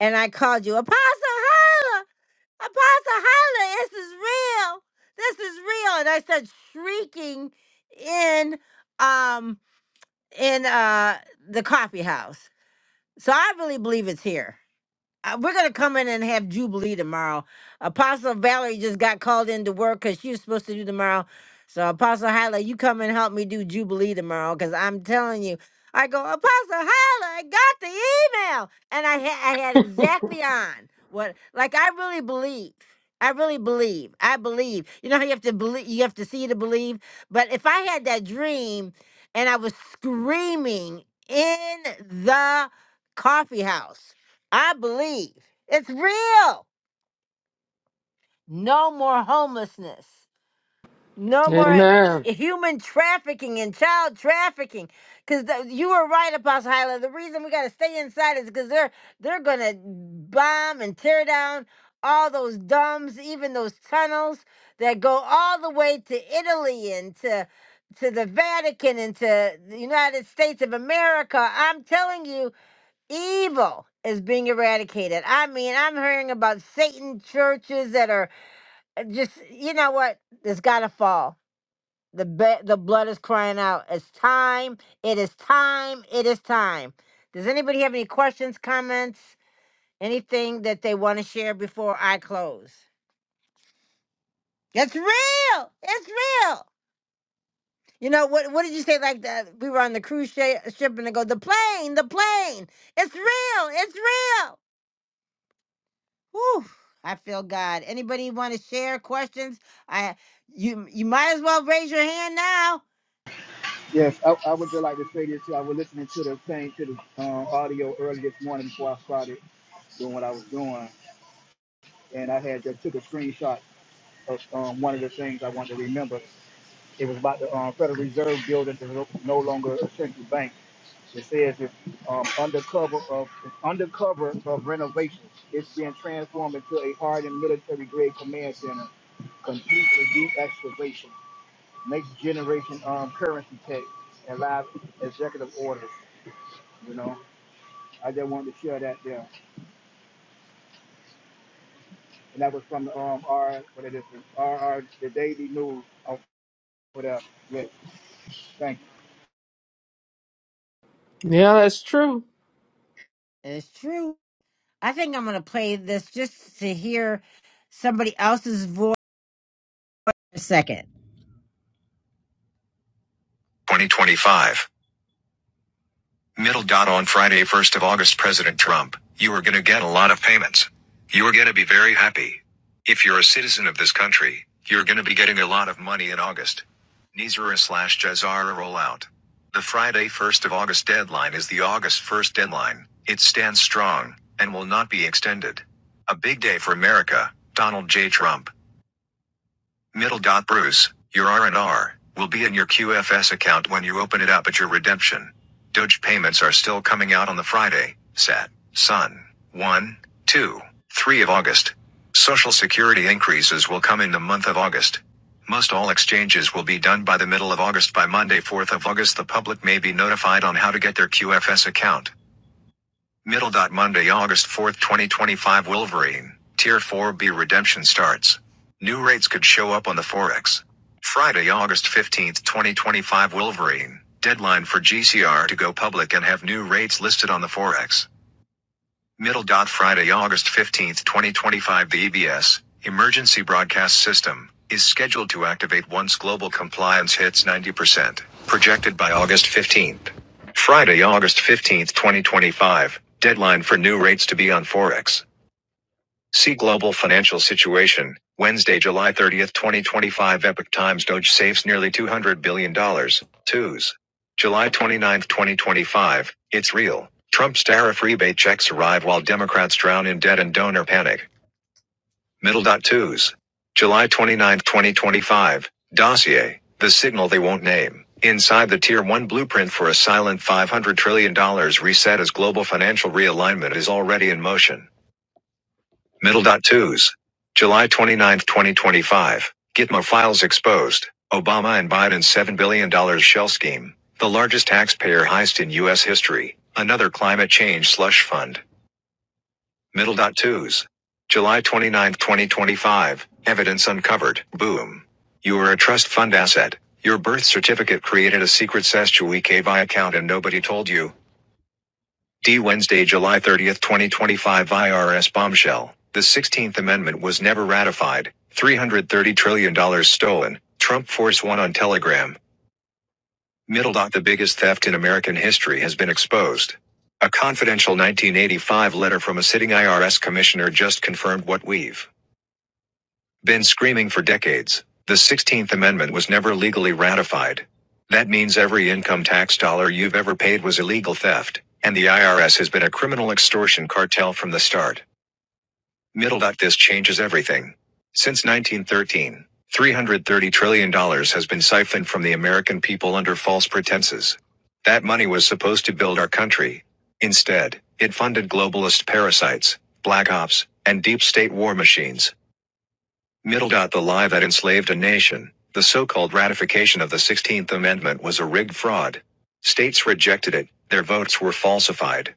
S1: And I called you, Apostle Hyla, Apostle Hyla, this is real, this is real. And I started shrieking in um in uh the coffee house. So I really believe it's here uh, we're gonna come in and have Jubilee tomorrow. Apostle Valerie just got called into work because she was supposed to do tomorrow. So Apostle Hyla, you come and help me do Jubilee tomorrow because I'm telling you, I go Apostle Hyla, I got the email, and I had I had exactly on what like I really believe. I really believe. I believe. You know how you have to believe. You have to see to believe. But if I had that dream, and I was screaming in the coffee house I believe it's real. No more homelessness. No more
S7: Amen.
S1: human trafficking and child trafficking. Because you were right, Apostle Hyla. The reason we got to stay inside is because they're they're gonna bomb and tear down all those dumbs, even those tunnels that go all the way to Italy and to to the Vatican and to the United States of America. I'm telling you, evil is being eradicated. I mean, I'm hearing about Satan churches that are uh, just you know what? It's got to fall. The be- the blood is crying out. It's time. It is time. It is time. Does anybody have any questions, comments, anything that they want to share before I close? It's real. It's real. You know what? What did you say? Like that? We were on the cruise shi- ship, and they go, "The plane, the plane. It's real. It's real." Whew, I feel God. Anybody want to share questions? I you you might as well raise your hand now.
S8: Yes, I, I would just like to say this too. I was listening to the thing to the uh, audio earlier this morning before I started doing what I was doing, and I had just took a screenshot of um, one of the things I wanted to remember. It was about the um, Federal Reserve building is no no longer a central bank. It says it's um, undercover of it's undercover of renovation. It's being transformed into a hardened military grade command center, complete with deactivation. next generation um, currency tech and live executive orders. You know, I just wanted to share that there, and that was from the um, R what it is, RR the Daily News. of will up. Yeah, thank
S7: Yeah, that's true.
S1: It's true. I think I'm gonna play this just to hear somebody else's voice for a second. 2025. Middle dot on Friday, 1st of August, President Trump, you are gonna get a lot of payments. You are gonna be very happy. If you're a citizen of this country, you're gonna be getting a lot of money in August. Nizara slash Jazara rollout. The Friday, 1st of August deadline is the August 1st deadline. It stands strong and will not be extended. A big day for America, Donald J. Trump. Middle dot Bruce, your R&R will be in your QFS account when you open it up at your redemption. Doge payments are still coming out on the Friday, Sat, Sun, one, 2, 3 of August. Social Security increases will come in the month of August. Most all exchanges will be done by the middle of August. By Monday, 4th of August, the public may be notified on how to get their QFS account. Middle. dot Monday, August 4th, 2025. Wolverine. Tier 4B redemption starts. New rates could show up on the Forex. Friday, August 15th, 2025. Wolverine. Deadline for GCR to go public and have new rates listed on the Forex. Middle Friday, August 15th, 2025. The EBS emergency broadcast system is scheduled to activate once global compliance hits 90%, projected by August 15th. Friday, August 15th, 2025. Deadline for new rates to be on Forex. See Global Financial Situation, Wednesday, July 30th, 2025. Epic Times Doge saves nearly $200 billion. dollars, Twos. July 29th, 2025. It's real. Trump's tariff rebate checks arrive while Democrats drown in debt and donor panic. Middle dot twos. July 29th, 2025. Dossier. The signal they won't name. Inside the Tier 1 blueprint for a silent $500 trillion dollars reset as global financial realignment is already in motion. Middle dot twos. July 29, 2025. Gitmo files exposed. Obama and Biden's $7 billion dollars shell scheme. The largest taxpayer heist in U.S. history. Another climate change slush fund. Middle dot twos. July 29, 2025. Evidence uncovered. Boom. You are a trust fund asset. Your birth certificate created a secret Sestuike account and nobody told you. D. Wednesday, July 30th, 2025 IRS bombshell. The 16th Amendment was never ratified. $330 trillion dollars stolen. Trump Force One on Telegram. Middle dot the biggest theft in American history has been exposed. A confidential 1985 letter from a sitting IRS commissioner just confirmed what we've. Been screaming for decades. The 16th Amendment was never legally ratified. That means every income tax dollar you've ever paid was illegal theft, and the IRS has been a criminal extortion cartel from the start. Middle dot this changes everything. Since 1913, $330 trillion dollars has been siphoned from the American people under false pretenses. That money was supposed to build our country. Instead, it funded globalist parasites, black ops, and deep state war machines. Middle. The lie that enslaved a nation, the so called ratification of the 16th Amendment, was a rigged fraud. States rejected it, their votes were falsified.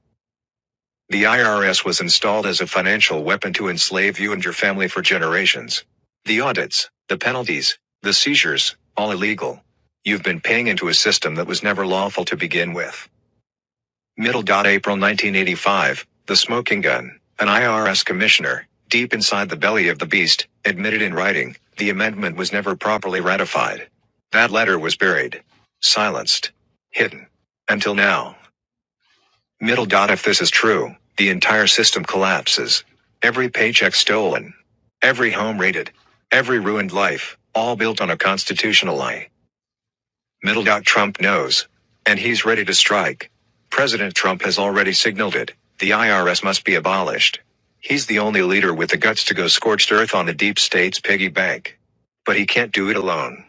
S1: The IRS was installed as a financial weapon to enslave you and your family for generations. The audits, the penalties, the seizures, all illegal. You've been paying into a system that was never lawful to begin with. Middle. April 1985, the smoking gun, an IRS commissioner, deep inside the belly of the beast, admitted in writing the amendment was never properly ratified. That letter was buried, silenced, hidden. Until now. Middle. dot. If this is true, the entire system collapses. Every paycheck stolen, every home raided, every ruined life, all built on a constitutional lie. Middle. Trump knows. And he's ready to strike. President Trump has already signaled it. The IRS must be abolished. He's the only leader with the guts to go scorched earth on the deep state's piggy bank. But he can't do it alone.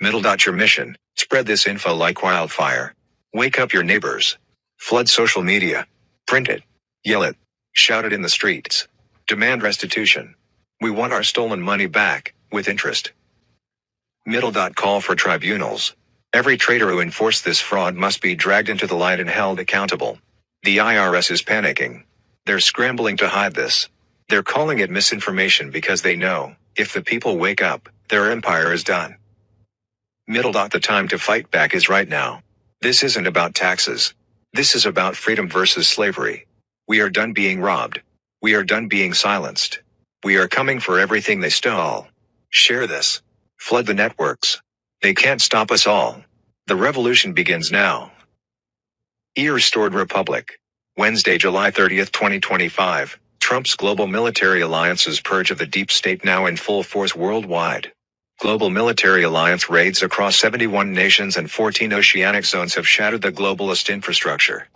S1: Middle. Your mission. Spread this info like wildfire. Wake up your neighbors. Flood social media. Print it. Yell it. Shout it in the streets. Demand restitution. We want our stolen money back, with interest. Middle. Call for tribunals. Every traitor who enforced this fraud must be dragged into the light and held accountable. The IRS is panicking. They're scrambling to hide this. They're calling it misinformation because they know, if the people wake up, their empire is done. Middle dot the time to fight back is right now. This isn't about taxes. This is about freedom versus slavery. We are done being robbed. We are done being silenced. We are coming for everything they stole. Share this. Flood the networks. They can't stop us all. The revolution begins now. E U restored Republic. Wednesday, July 30th, 2025. Trump's global military alliances purge of the deep state now in full force worldwide. Global military alliance raids across 71 nations and 14 oceanic zones have shattered the globalist infrastructure.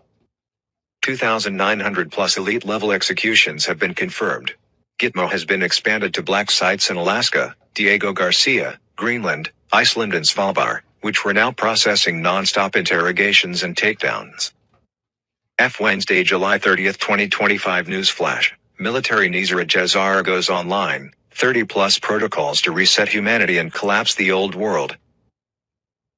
S1: 2,900 plus elite level executions have been confirmed. Gitmo has been expanded to black sites in Alaska, Diego Garcia, Greenland, Iceland, and Svalbard, which were now processing non stop interrogations and takedowns. F Wednesday, July 30th, 2025 News Flash. Military Nizar Jazar goes online. 30 plus protocols to reset humanity and collapse the old world.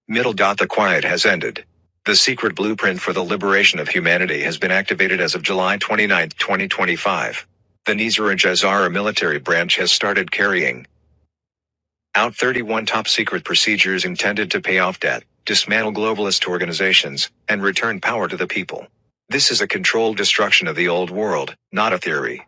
S1: Middle dot the quiet has ended. The secret blueprint for the liberation of humanity has been activated as of July 29, 2025. The Nizar Jazara military branch has started carrying out 31 top secret procedures intended to pay off debt, dismantle globalist organizations, and return power to the people. This is a controlled destruction of the old world, not a theory.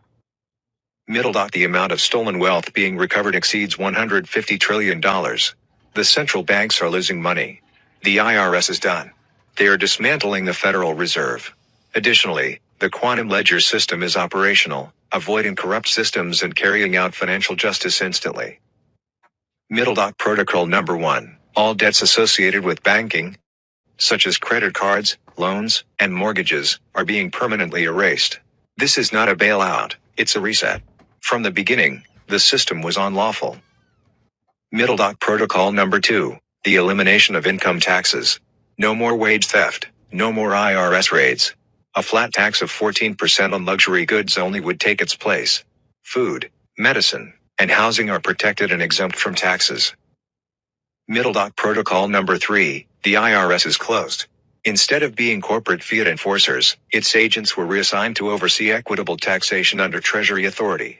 S1: Middle dot the amount of stolen wealth being recovered exceeds $150 trillion. dollars. The central banks are losing money. The IRS is done. They are dismantling the Federal Reserve. Additionally, the quantum ledger system is operational, avoiding corrupt systems and carrying out financial justice instantly. Middle Dock Protocol Number 1. All debts associated with banking, such as credit cards, loans, and mortgages, are being permanently erased. This is not a bailout, it's a reset. From the beginning, the system was unlawful. Middle Dock Protocol Number 2. The elimination of income taxes. No more wage theft, no more IRS raids. A flat tax of 14% on luxury goods only would take its place. Food, medicine, and housing are protected and exempt from taxes. Middle dot protocol number three, the IRS is closed. Instead of being corporate fiat enforcers, its agents were reassigned to oversee equitable taxation under Treasury authority.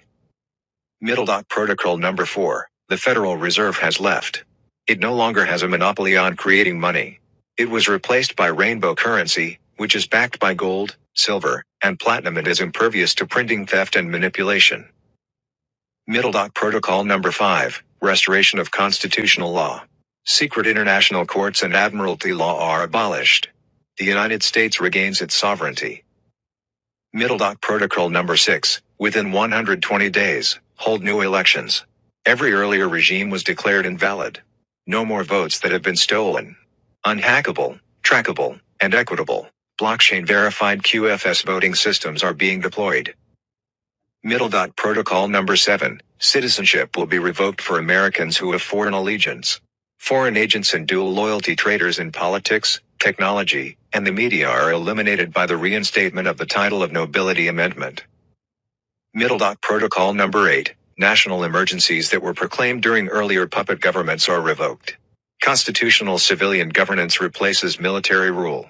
S1: Middle dot protocol number four, the Federal Reserve has left. It no longer has a monopoly on creating money. It was replaced by rainbow currency, which is backed by gold, silver, and platinum and is impervious to printing theft and manipulation. Middle Dock Protocol Number 5, Restoration of Constitutional Law. Secret international courts and admiralty law are abolished. The United States regains its sovereignty. Middle Dock Protocol Number 6, within 120 days, hold new elections. Every earlier regime was declared invalid. No more votes that have been stolen. Unhackable, trackable, and equitable. Blockchain verified QFS voting systems are being deployed. Middle dot protocol number 7. Citizenship will be revoked for Americans who have foreign allegiance. Foreign agents and dual loyalty traitors in politics, technology, and the media are eliminated by the reinstatement of the title of nobility amendment. Middle dot protocol number 8. National emergencies that were proclaimed during earlier puppet governments are revoked. Constitutional civilian governance replaces military rule.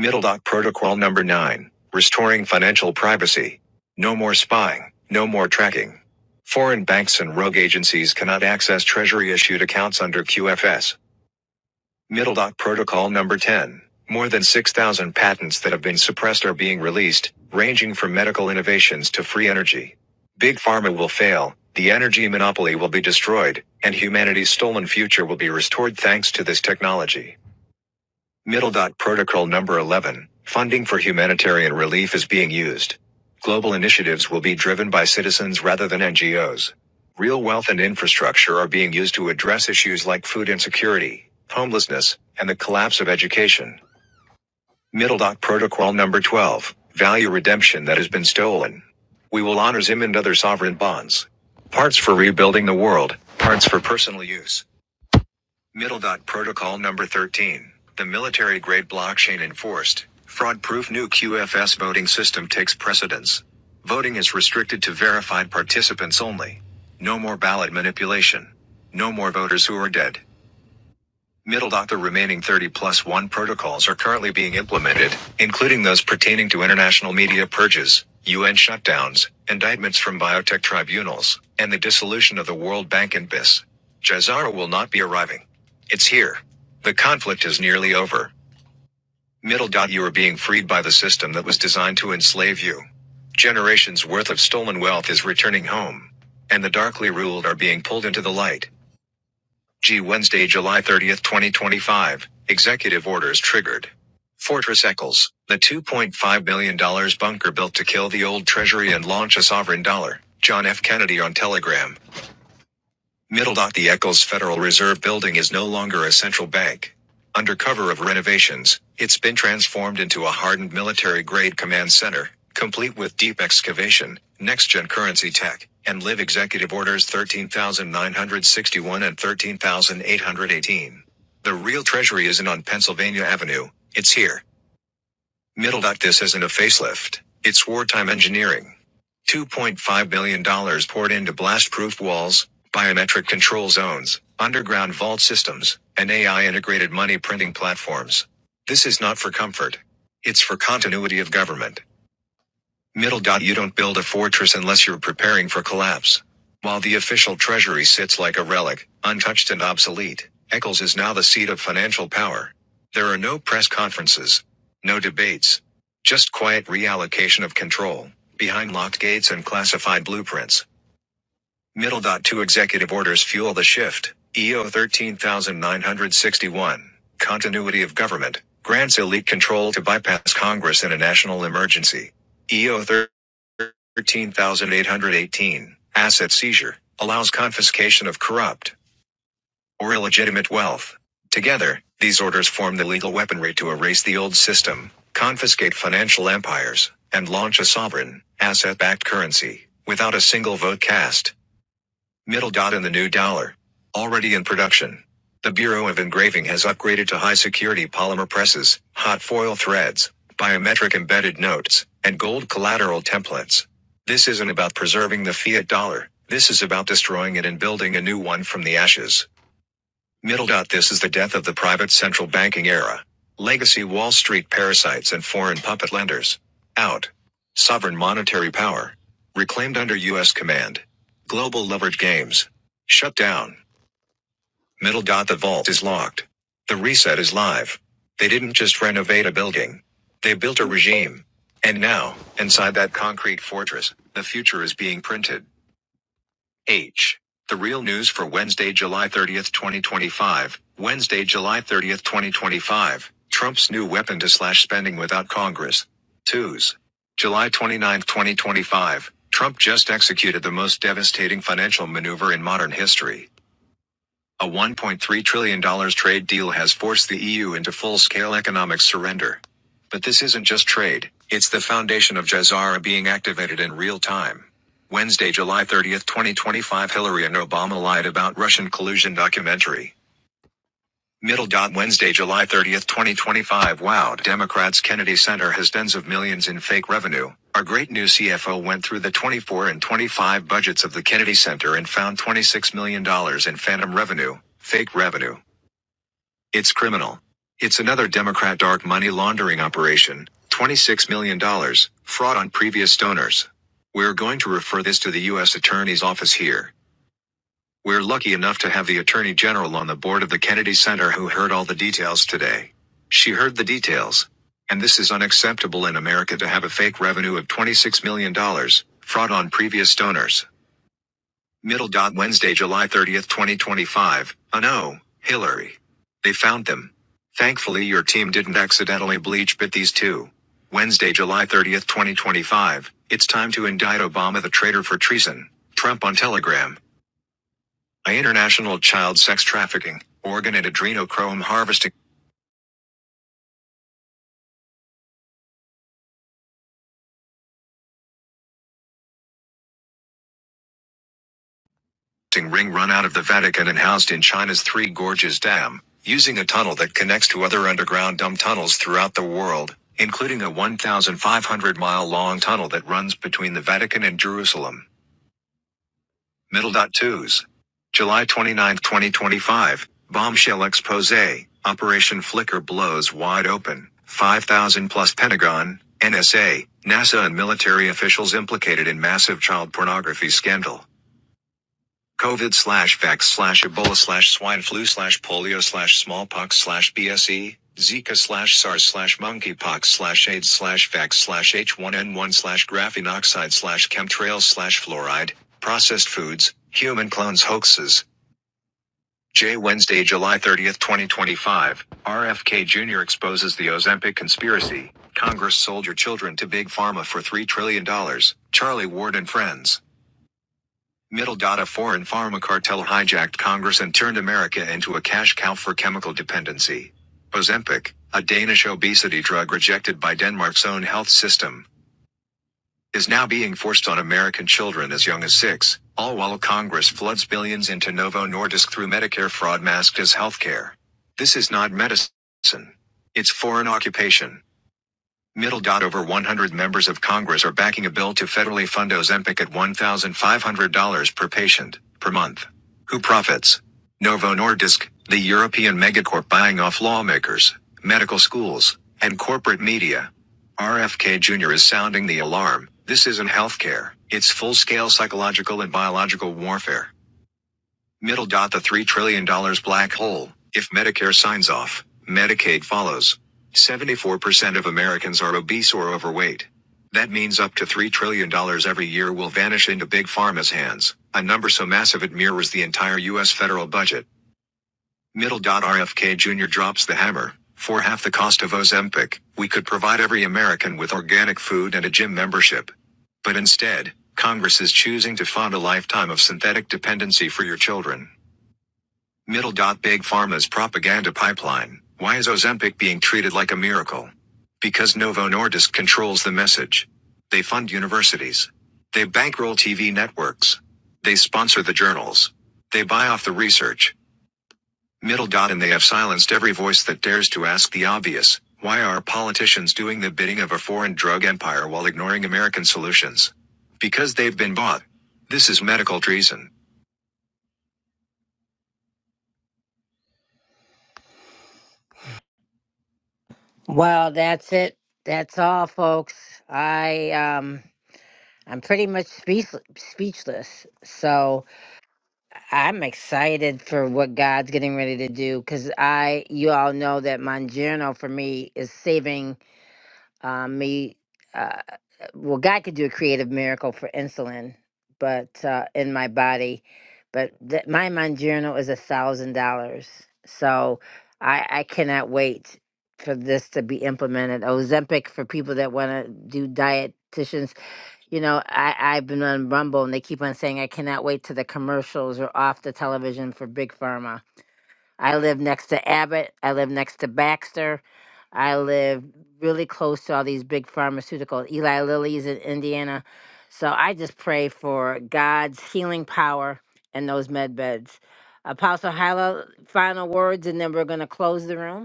S1: MiddleDoc Protocol Number 9 Restoring Financial Privacy. No more spying, no more tracking. Foreign banks and rogue agencies cannot access Treasury issued accounts under QFS. MiddleDoc Protocol Number 10 More than 6,000 patents that have been suppressed are being released, ranging from medical innovations to free energy. Big Pharma will fail, the energy monopoly will be destroyed, and humanity's stolen future will be restored thanks to this technology. Middle dot protocol number 11. Funding for humanitarian relief is being used. Global initiatives will be driven by citizens rather than NGOs. Real wealth and infrastructure are being used to address issues like food insecurity, homelessness, and the collapse of education. Middle dot protocol number 12. Value redemption that has been stolen. We will honor Zim and other sovereign bonds. Parts for rebuilding the world, parts for personal use. Middle dot protocol number 13. The military grade blockchain enforced fraud proof new QFS voting system takes precedence. Voting is restricted to verified participants only. No more ballot manipulation. No more voters who are dead. Middle dot the remaining 30 plus 1 protocols are currently being implemented, including those pertaining to international media purges, UN shutdowns, indictments from biotech tribunals, and the dissolution of the World Bank and BIS. Jazara will not be arriving. It's here. The conflict is nearly over. Middle dot you are being freed by the system that was designed to enslave you. Generations worth of stolen wealth is returning home. And the darkly ruled are being pulled into the light. G. Wednesday, July 30th, 2025. Executive orders triggered. Fortress Eccles, the $2.5 million bunker built to kill the old treasury and launch a sovereign dollar. John F. Kennedy on Telegram. Middle Dock The Eccles Federal Reserve Building is no longer a central bank. Under cover of renovations, it's been transformed into a hardened military grade command center, complete with deep excavation, next gen currency tech, and live executive orders 13,961 and 13,818. The real treasury isn't on Pennsylvania Avenue, it's here. Middle. This isn't a facelift. It's wartime engineering. $2.5 billion dollars poured into blast-proof walls, biometric control zones, underground vault systems, and AI-integrated money printing platforms. This is not for comfort. It's for continuity of government. Middle. dot. You don't build a fortress unless you're preparing for collapse. While the official treasury sits like a relic, untouched and obsolete, Eccles is now the seat of financial power. There are no press conferences, no debates, just quiet reallocation of control, behind locked gates and classified blueprints. Middle dot two executive orders fuel the shift. EO 13961. Continuity of government grants elite control to bypass Congress in a national emergency. EO 13818. Asset seizure allows confiscation of corrupt or illegitimate wealth. Together, these orders form the legal weaponry to erase the old system, confiscate financial empires, and launch a sovereign, asset backed currency without a single vote cast. Middle dot and the new dollar. Already in production. The Bureau of Engraving has upgraded to high security polymer presses, hot foil threads, biometric embedded notes, and gold collateral templates. This isn't about preserving the fiat dollar. This is about destroying it and building a new one from the ashes. Middle dot this is the death of the private central banking era. Legacy Wall Street parasites and foreign puppet lenders. Out. Sovereign monetary power. Reclaimed under US command. Global leverage games. Shut down. Middle dot the vault is locked. The reset is live. They didn't just renovate a building. They built a regime. And now, inside that concrete fortress, the future is being printed. H. The Real News for Wednesday, July 30th, 2025. Wednesday, July 30th, 2025. Trump's new weapon to slash spending without Congress. 2s. July 29th, 2025. Trump just executed the most devastating financial maneuver in modern history. A $1.3 trillion dollars trade deal has forced the EU into full scale economic surrender. But this isn't just trade, it's the foundation of Jazara being activated in real time. Wednesday, July 30th, 2025, Hillary and Obama lied about Russian collusion documentary. Middle dot Wednesday, July 30th, 2025. Wow, Democrats Kennedy Center has tens of millions in fake revenue. Our great new CFO went through the 24 and 25 budgets of the Kennedy Center and found $26 million dollars in phantom revenue, fake revenue. It's criminal. It's another Democrat dark money laundering operation, $26 million, dollars, fraud on previous donors. We're going to refer this to the U.S. Attorney's Office here. We're lucky enough to have the Attorney General on the board of the Kennedy Center who heard all the details today. She heard the details. And this is unacceptable in America to have a fake revenue of $26 million, dollars, fraud on previous donors. Middle dot Wednesday, July 30th, 2025. Oh no, Hillary. They found them. Thankfully, your team didn't accidentally bleach bit these two. Wednesday, July 30th, 2025. It's time to indict Obama the traitor for treason. Trump on Telegram by international child sex trafficking, organ and adrenochrome harvesting ring run out of the Vatican and housed in China's Three Gorges Dam, using a tunnel that connects to other underground dump tunnels throughout the world, including a 1,500 mile long tunnel that runs between the Vatican and Jerusalem. Metal Dot Twos. July 29, 2025. Bombshell expose. Operation Flicker blows wide open. 5,000 plus Pentagon, NSA, NASA and military officials implicated in massive child pornography scandal. COVID slash vax slash Ebola slash swine flu slash polio slash smallpox slash BSE, Zika slash SARS slash monkeypox slash AIDS slash vax slash H1N1 slash graphene oxide slash chemtrails slash fluoride, processed foods, human clones hoaxes. J. Wednesday, July 30th, 2025. RFK Jr. exposes the Ozempic conspiracy. Congress sold your children to Big Pharma for $3 trillion. dollars, Charlie Ward and friends. Middle dot a foreign pharma cartel hijacked Congress and turned America into a cash cow for chemical dependency. Ozempic, a Danish obesity drug rejected by Denmark's own health system, is now being forced on American children as young as six, all while Congress floods billions into Novo Nordisk through Medicare fraud masked as healthcare. This is not medicine. It's foreign occupation. Middle dot over 100 members of Congress are backing a bill to federally fund Ozempic at $1,500 per patient per month. Who profits? Novo Nordisk, the European megacorp buying off lawmakers, medical schools, and corporate media. RFK Jr. is sounding the alarm. This isn't healthcare. It's full-scale psychological and biological warfare. Middle dot the $3 trillion dollars black hole. If Medicare signs off, Medicaid follows. 74% of Americans are obese or overweight. That means up to $3 trillion dollars every year will vanish into big pharma's hands, a number so massive it mirrors the entire U.S. federal budget. Middle dot RFK Jr. drops the hammer. For half the cost of Ozempic, we could provide every American with organic food and a gym membership. But instead, Congress is choosing to fund a lifetime of synthetic dependency for your children. Middle. dot Big Pharma's propaganda pipeline. Why is Ozempic being treated like a miracle? Because Novo Nordisk controls the message. They fund universities. They bankroll TV networks. They sponsor the journals. They buy off the research. Middle. dot And they have silenced every voice that dares to ask the obvious. Why are politicians doing the bidding of a foreign drug empire while ignoring American solutions? Because they've been bought. This is medical treason. Well, that's it. That's all, folks. I um I'm pretty much speech- speechless. So I'm excited for what God's getting ready to do cuz I you all know that Mangiano for me is saving um, me, uh, well, God could do a creative miracle for insulin, but uh, in my body, but th- my Monjournal is a thousand dollars, so I, I cannot wait for this to be implemented. Ozempic for people that want to do dietitians. You know, I I've been on Rumble and they keep on saying I cannot wait till the commercials are off the television for Big Pharma I live next to Abbott. I live next to Baxter. I live really close to all these big pharmaceuticals. Eli Lilly's in Indiana. So I just pray for God's healing power and those med beds. Apostle Hyla, final words, and then we're going to close the room.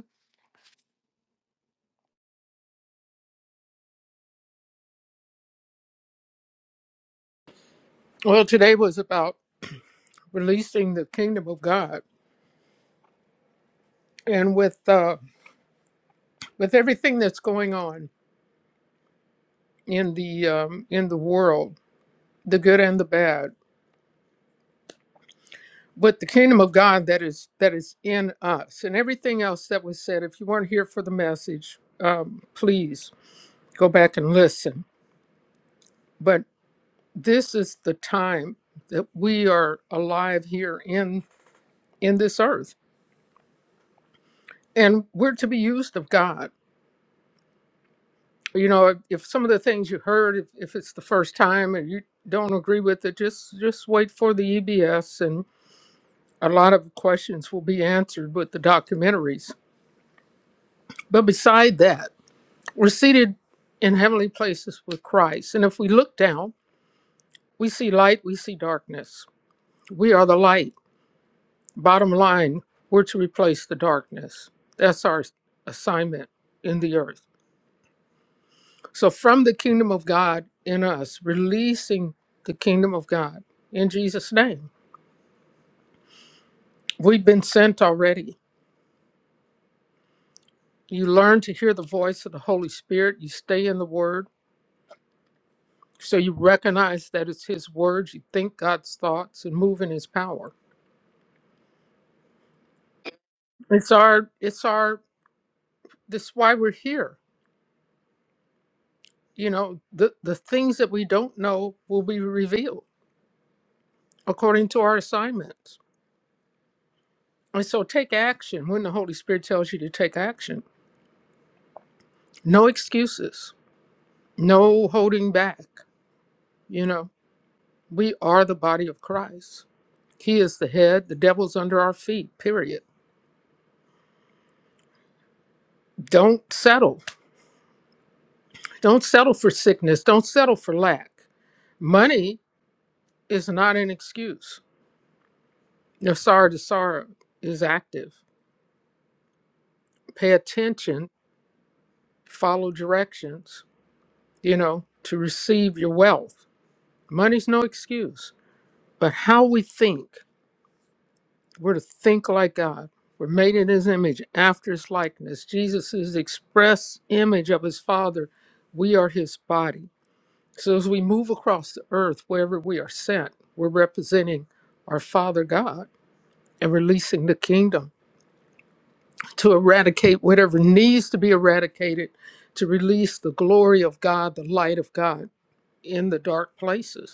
S7: Well, today was about releasing the kingdom of God, and with uh, with everything that's going on in the um, in the world, the good and the bad, but the kingdom of God that is that is in us, and everything else that was said. If you weren't here for the message, um, please go back and listen. But this is the time that we are alive here in in this earth and we're to be used of god you know if, if some of the things you heard if, if it's the first time and you don't agree with it just just wait for the ebs and a lot of questions will be answered with the documentaries but beside that we're seated in heavenly places with christ and if we look down we see light we see darkness we are the light Bottom line, we're to replace the darkness. That's our assignment in the earth. So, from the kingdom of God in us, releasing the kingdom of God in Jesus' name, we've been sent already. You learn to hear the voice of the Holy Spirit, you stay in the word. So, you recognize that it's His word, you think God's thoughts and move in His power. It's our, it's our, this is why we're here. You know, the, the things that we don't know will be revealed according to our assignments. And so take action when the Holy Spirit tells you to take action. No excuses, no holding back. You know, we are the body of Christ. He is the head, the devil's under our feet, period. Don't settle. Don't settle for sickness. Don't settle for lack. Money is not an excuse. If sorrow to sorrow is active, pay attention, follow directions, you know, to receive your wealth. Money's no excuse But how we think, we're to think like God. We're made in his image, after his likeness. Jesus is the express image of his Father. We are his body. So as we move across the earth, wherever we are sent, we're representing our Father God and releasing the kingdom to eradicate whatever needs to be eradicated, to release the glory of God, the light of God in the dark places.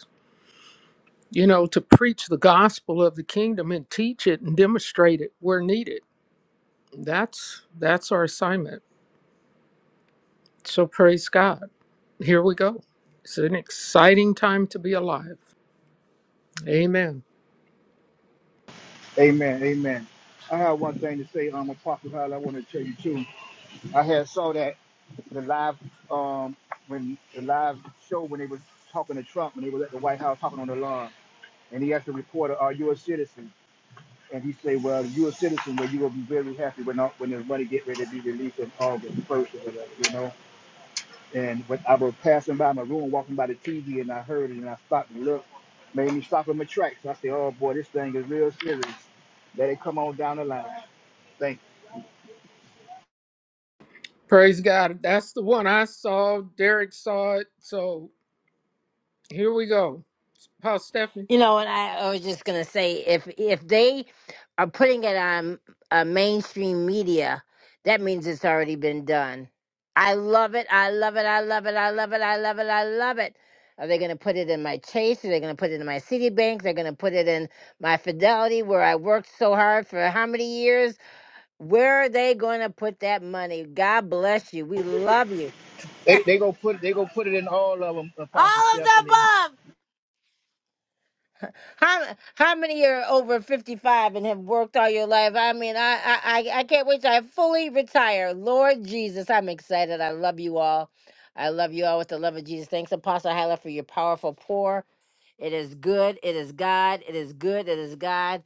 S7: you know, to preach the gospel of the kingdom and teach it and demonstrate it where needed. That's that's our assignment. So praise God. Here we go. It's an exciting time to be alive. Amen.
S8: you. Amen. Amen. I have one thing to say, um, Apostle Hall. I want to tell you too. I had saw that the live um when the live show when they was talking to Trump when they was at the White House talking on the lawn, and he asked the reporter, "Are you a citizen?" and he say, "Well, you're a citizen, where you will be very happy when all- when this money get ready to be released on August first or whatever, you know." And when I was passing by my room, walking by the TV, and I heard it, and I stopped and looked, made me stop in my tracks. I said, "Oh boy, this thing is real serious. Let it come on down the line." Thank. you.
S7: Praise God. That's the one I saw. Derek saw it. So here we go. Paul Stephanie.
S1: You know, and I, I was just gonna say, if if they are putting it on uh, mainstream media, that means it's already been done. I love it. I love it. I love it. I love it. I love it. I love it. Are they gonna put it in my Chase? Are they gonna put it in my Citibank? They're gonna put it in my Fidelity, where I worked so hard for how many years? Where are they gonna put that money? God bless you. We love you.
S8: They they gonna put they gonna put it in all of them,
S1: All
S8: Apostle
S1: of the
S8: Stephanie.
S1: above. How how many are over fifty five and have worked all your life? I mean, I I I I can't wait till I fully retire. Lord Jesus, I'm excited. I love you all. I love you all with the love of Jesus. Thanks, Apostle Hyla, for your powerful pour. It is good. It is God. It is good. It is God.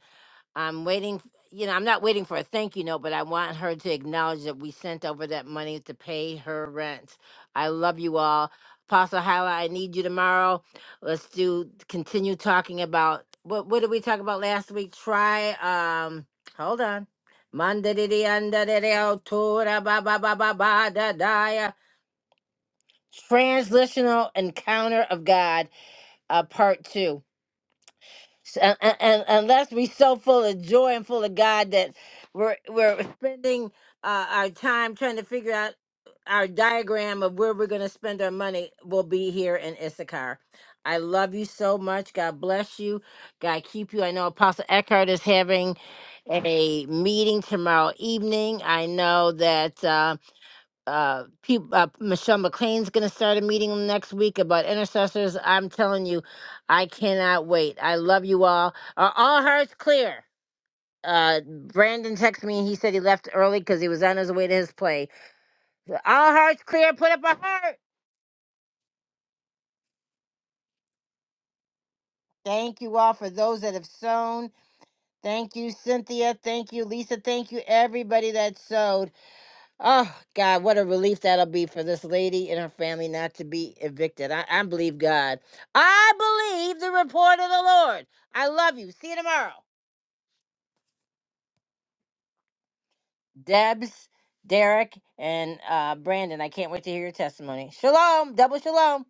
S1: I'm waiting, f- you know, I'm not waiting for a thank you note, but I want her to acknowledge that we sent over that money to pay her rent. I love you all. Apostle Hyla, I need you tomorrow. Let's do continue talking about what what did we talk about last week? Try um hold on. Mandadidi andadideo tora ba ba ba ba ba da da Translational Encounter of God, uh, part two and, and, unless we so full of joy and full of God that we're we're spending uh, our time trying to figure out our diagram of where we're going to spend our money, will be here in Issachar. I love you so much. God bless you. God keep you. I know Apostle Eckhart is having a meeting tomorrow evening. I know that. Uh, uh, peop uh, Michelle McLean's going to start a meeting next week about intercessors. I'm telling you, I cannot wait. I love you all. Are all hearts clear? Uh, Brandon texted me. He said he left early because he was on his way to his play. So All hearts clear. Put up a heart. Thank you all for those that have sewn. Thank you, Cynthia. Thank you, Lisa. Thank you, everybody that sewed. Oh God, what a relief that'll be for this lady and her family not to be evicted. I, I believe God. I believe the report of the Lord. I love you. See you tomorrow. Debs, Derek, and uh, Brandon. I can't wait to hear your testimony. Shalom. Double shalom.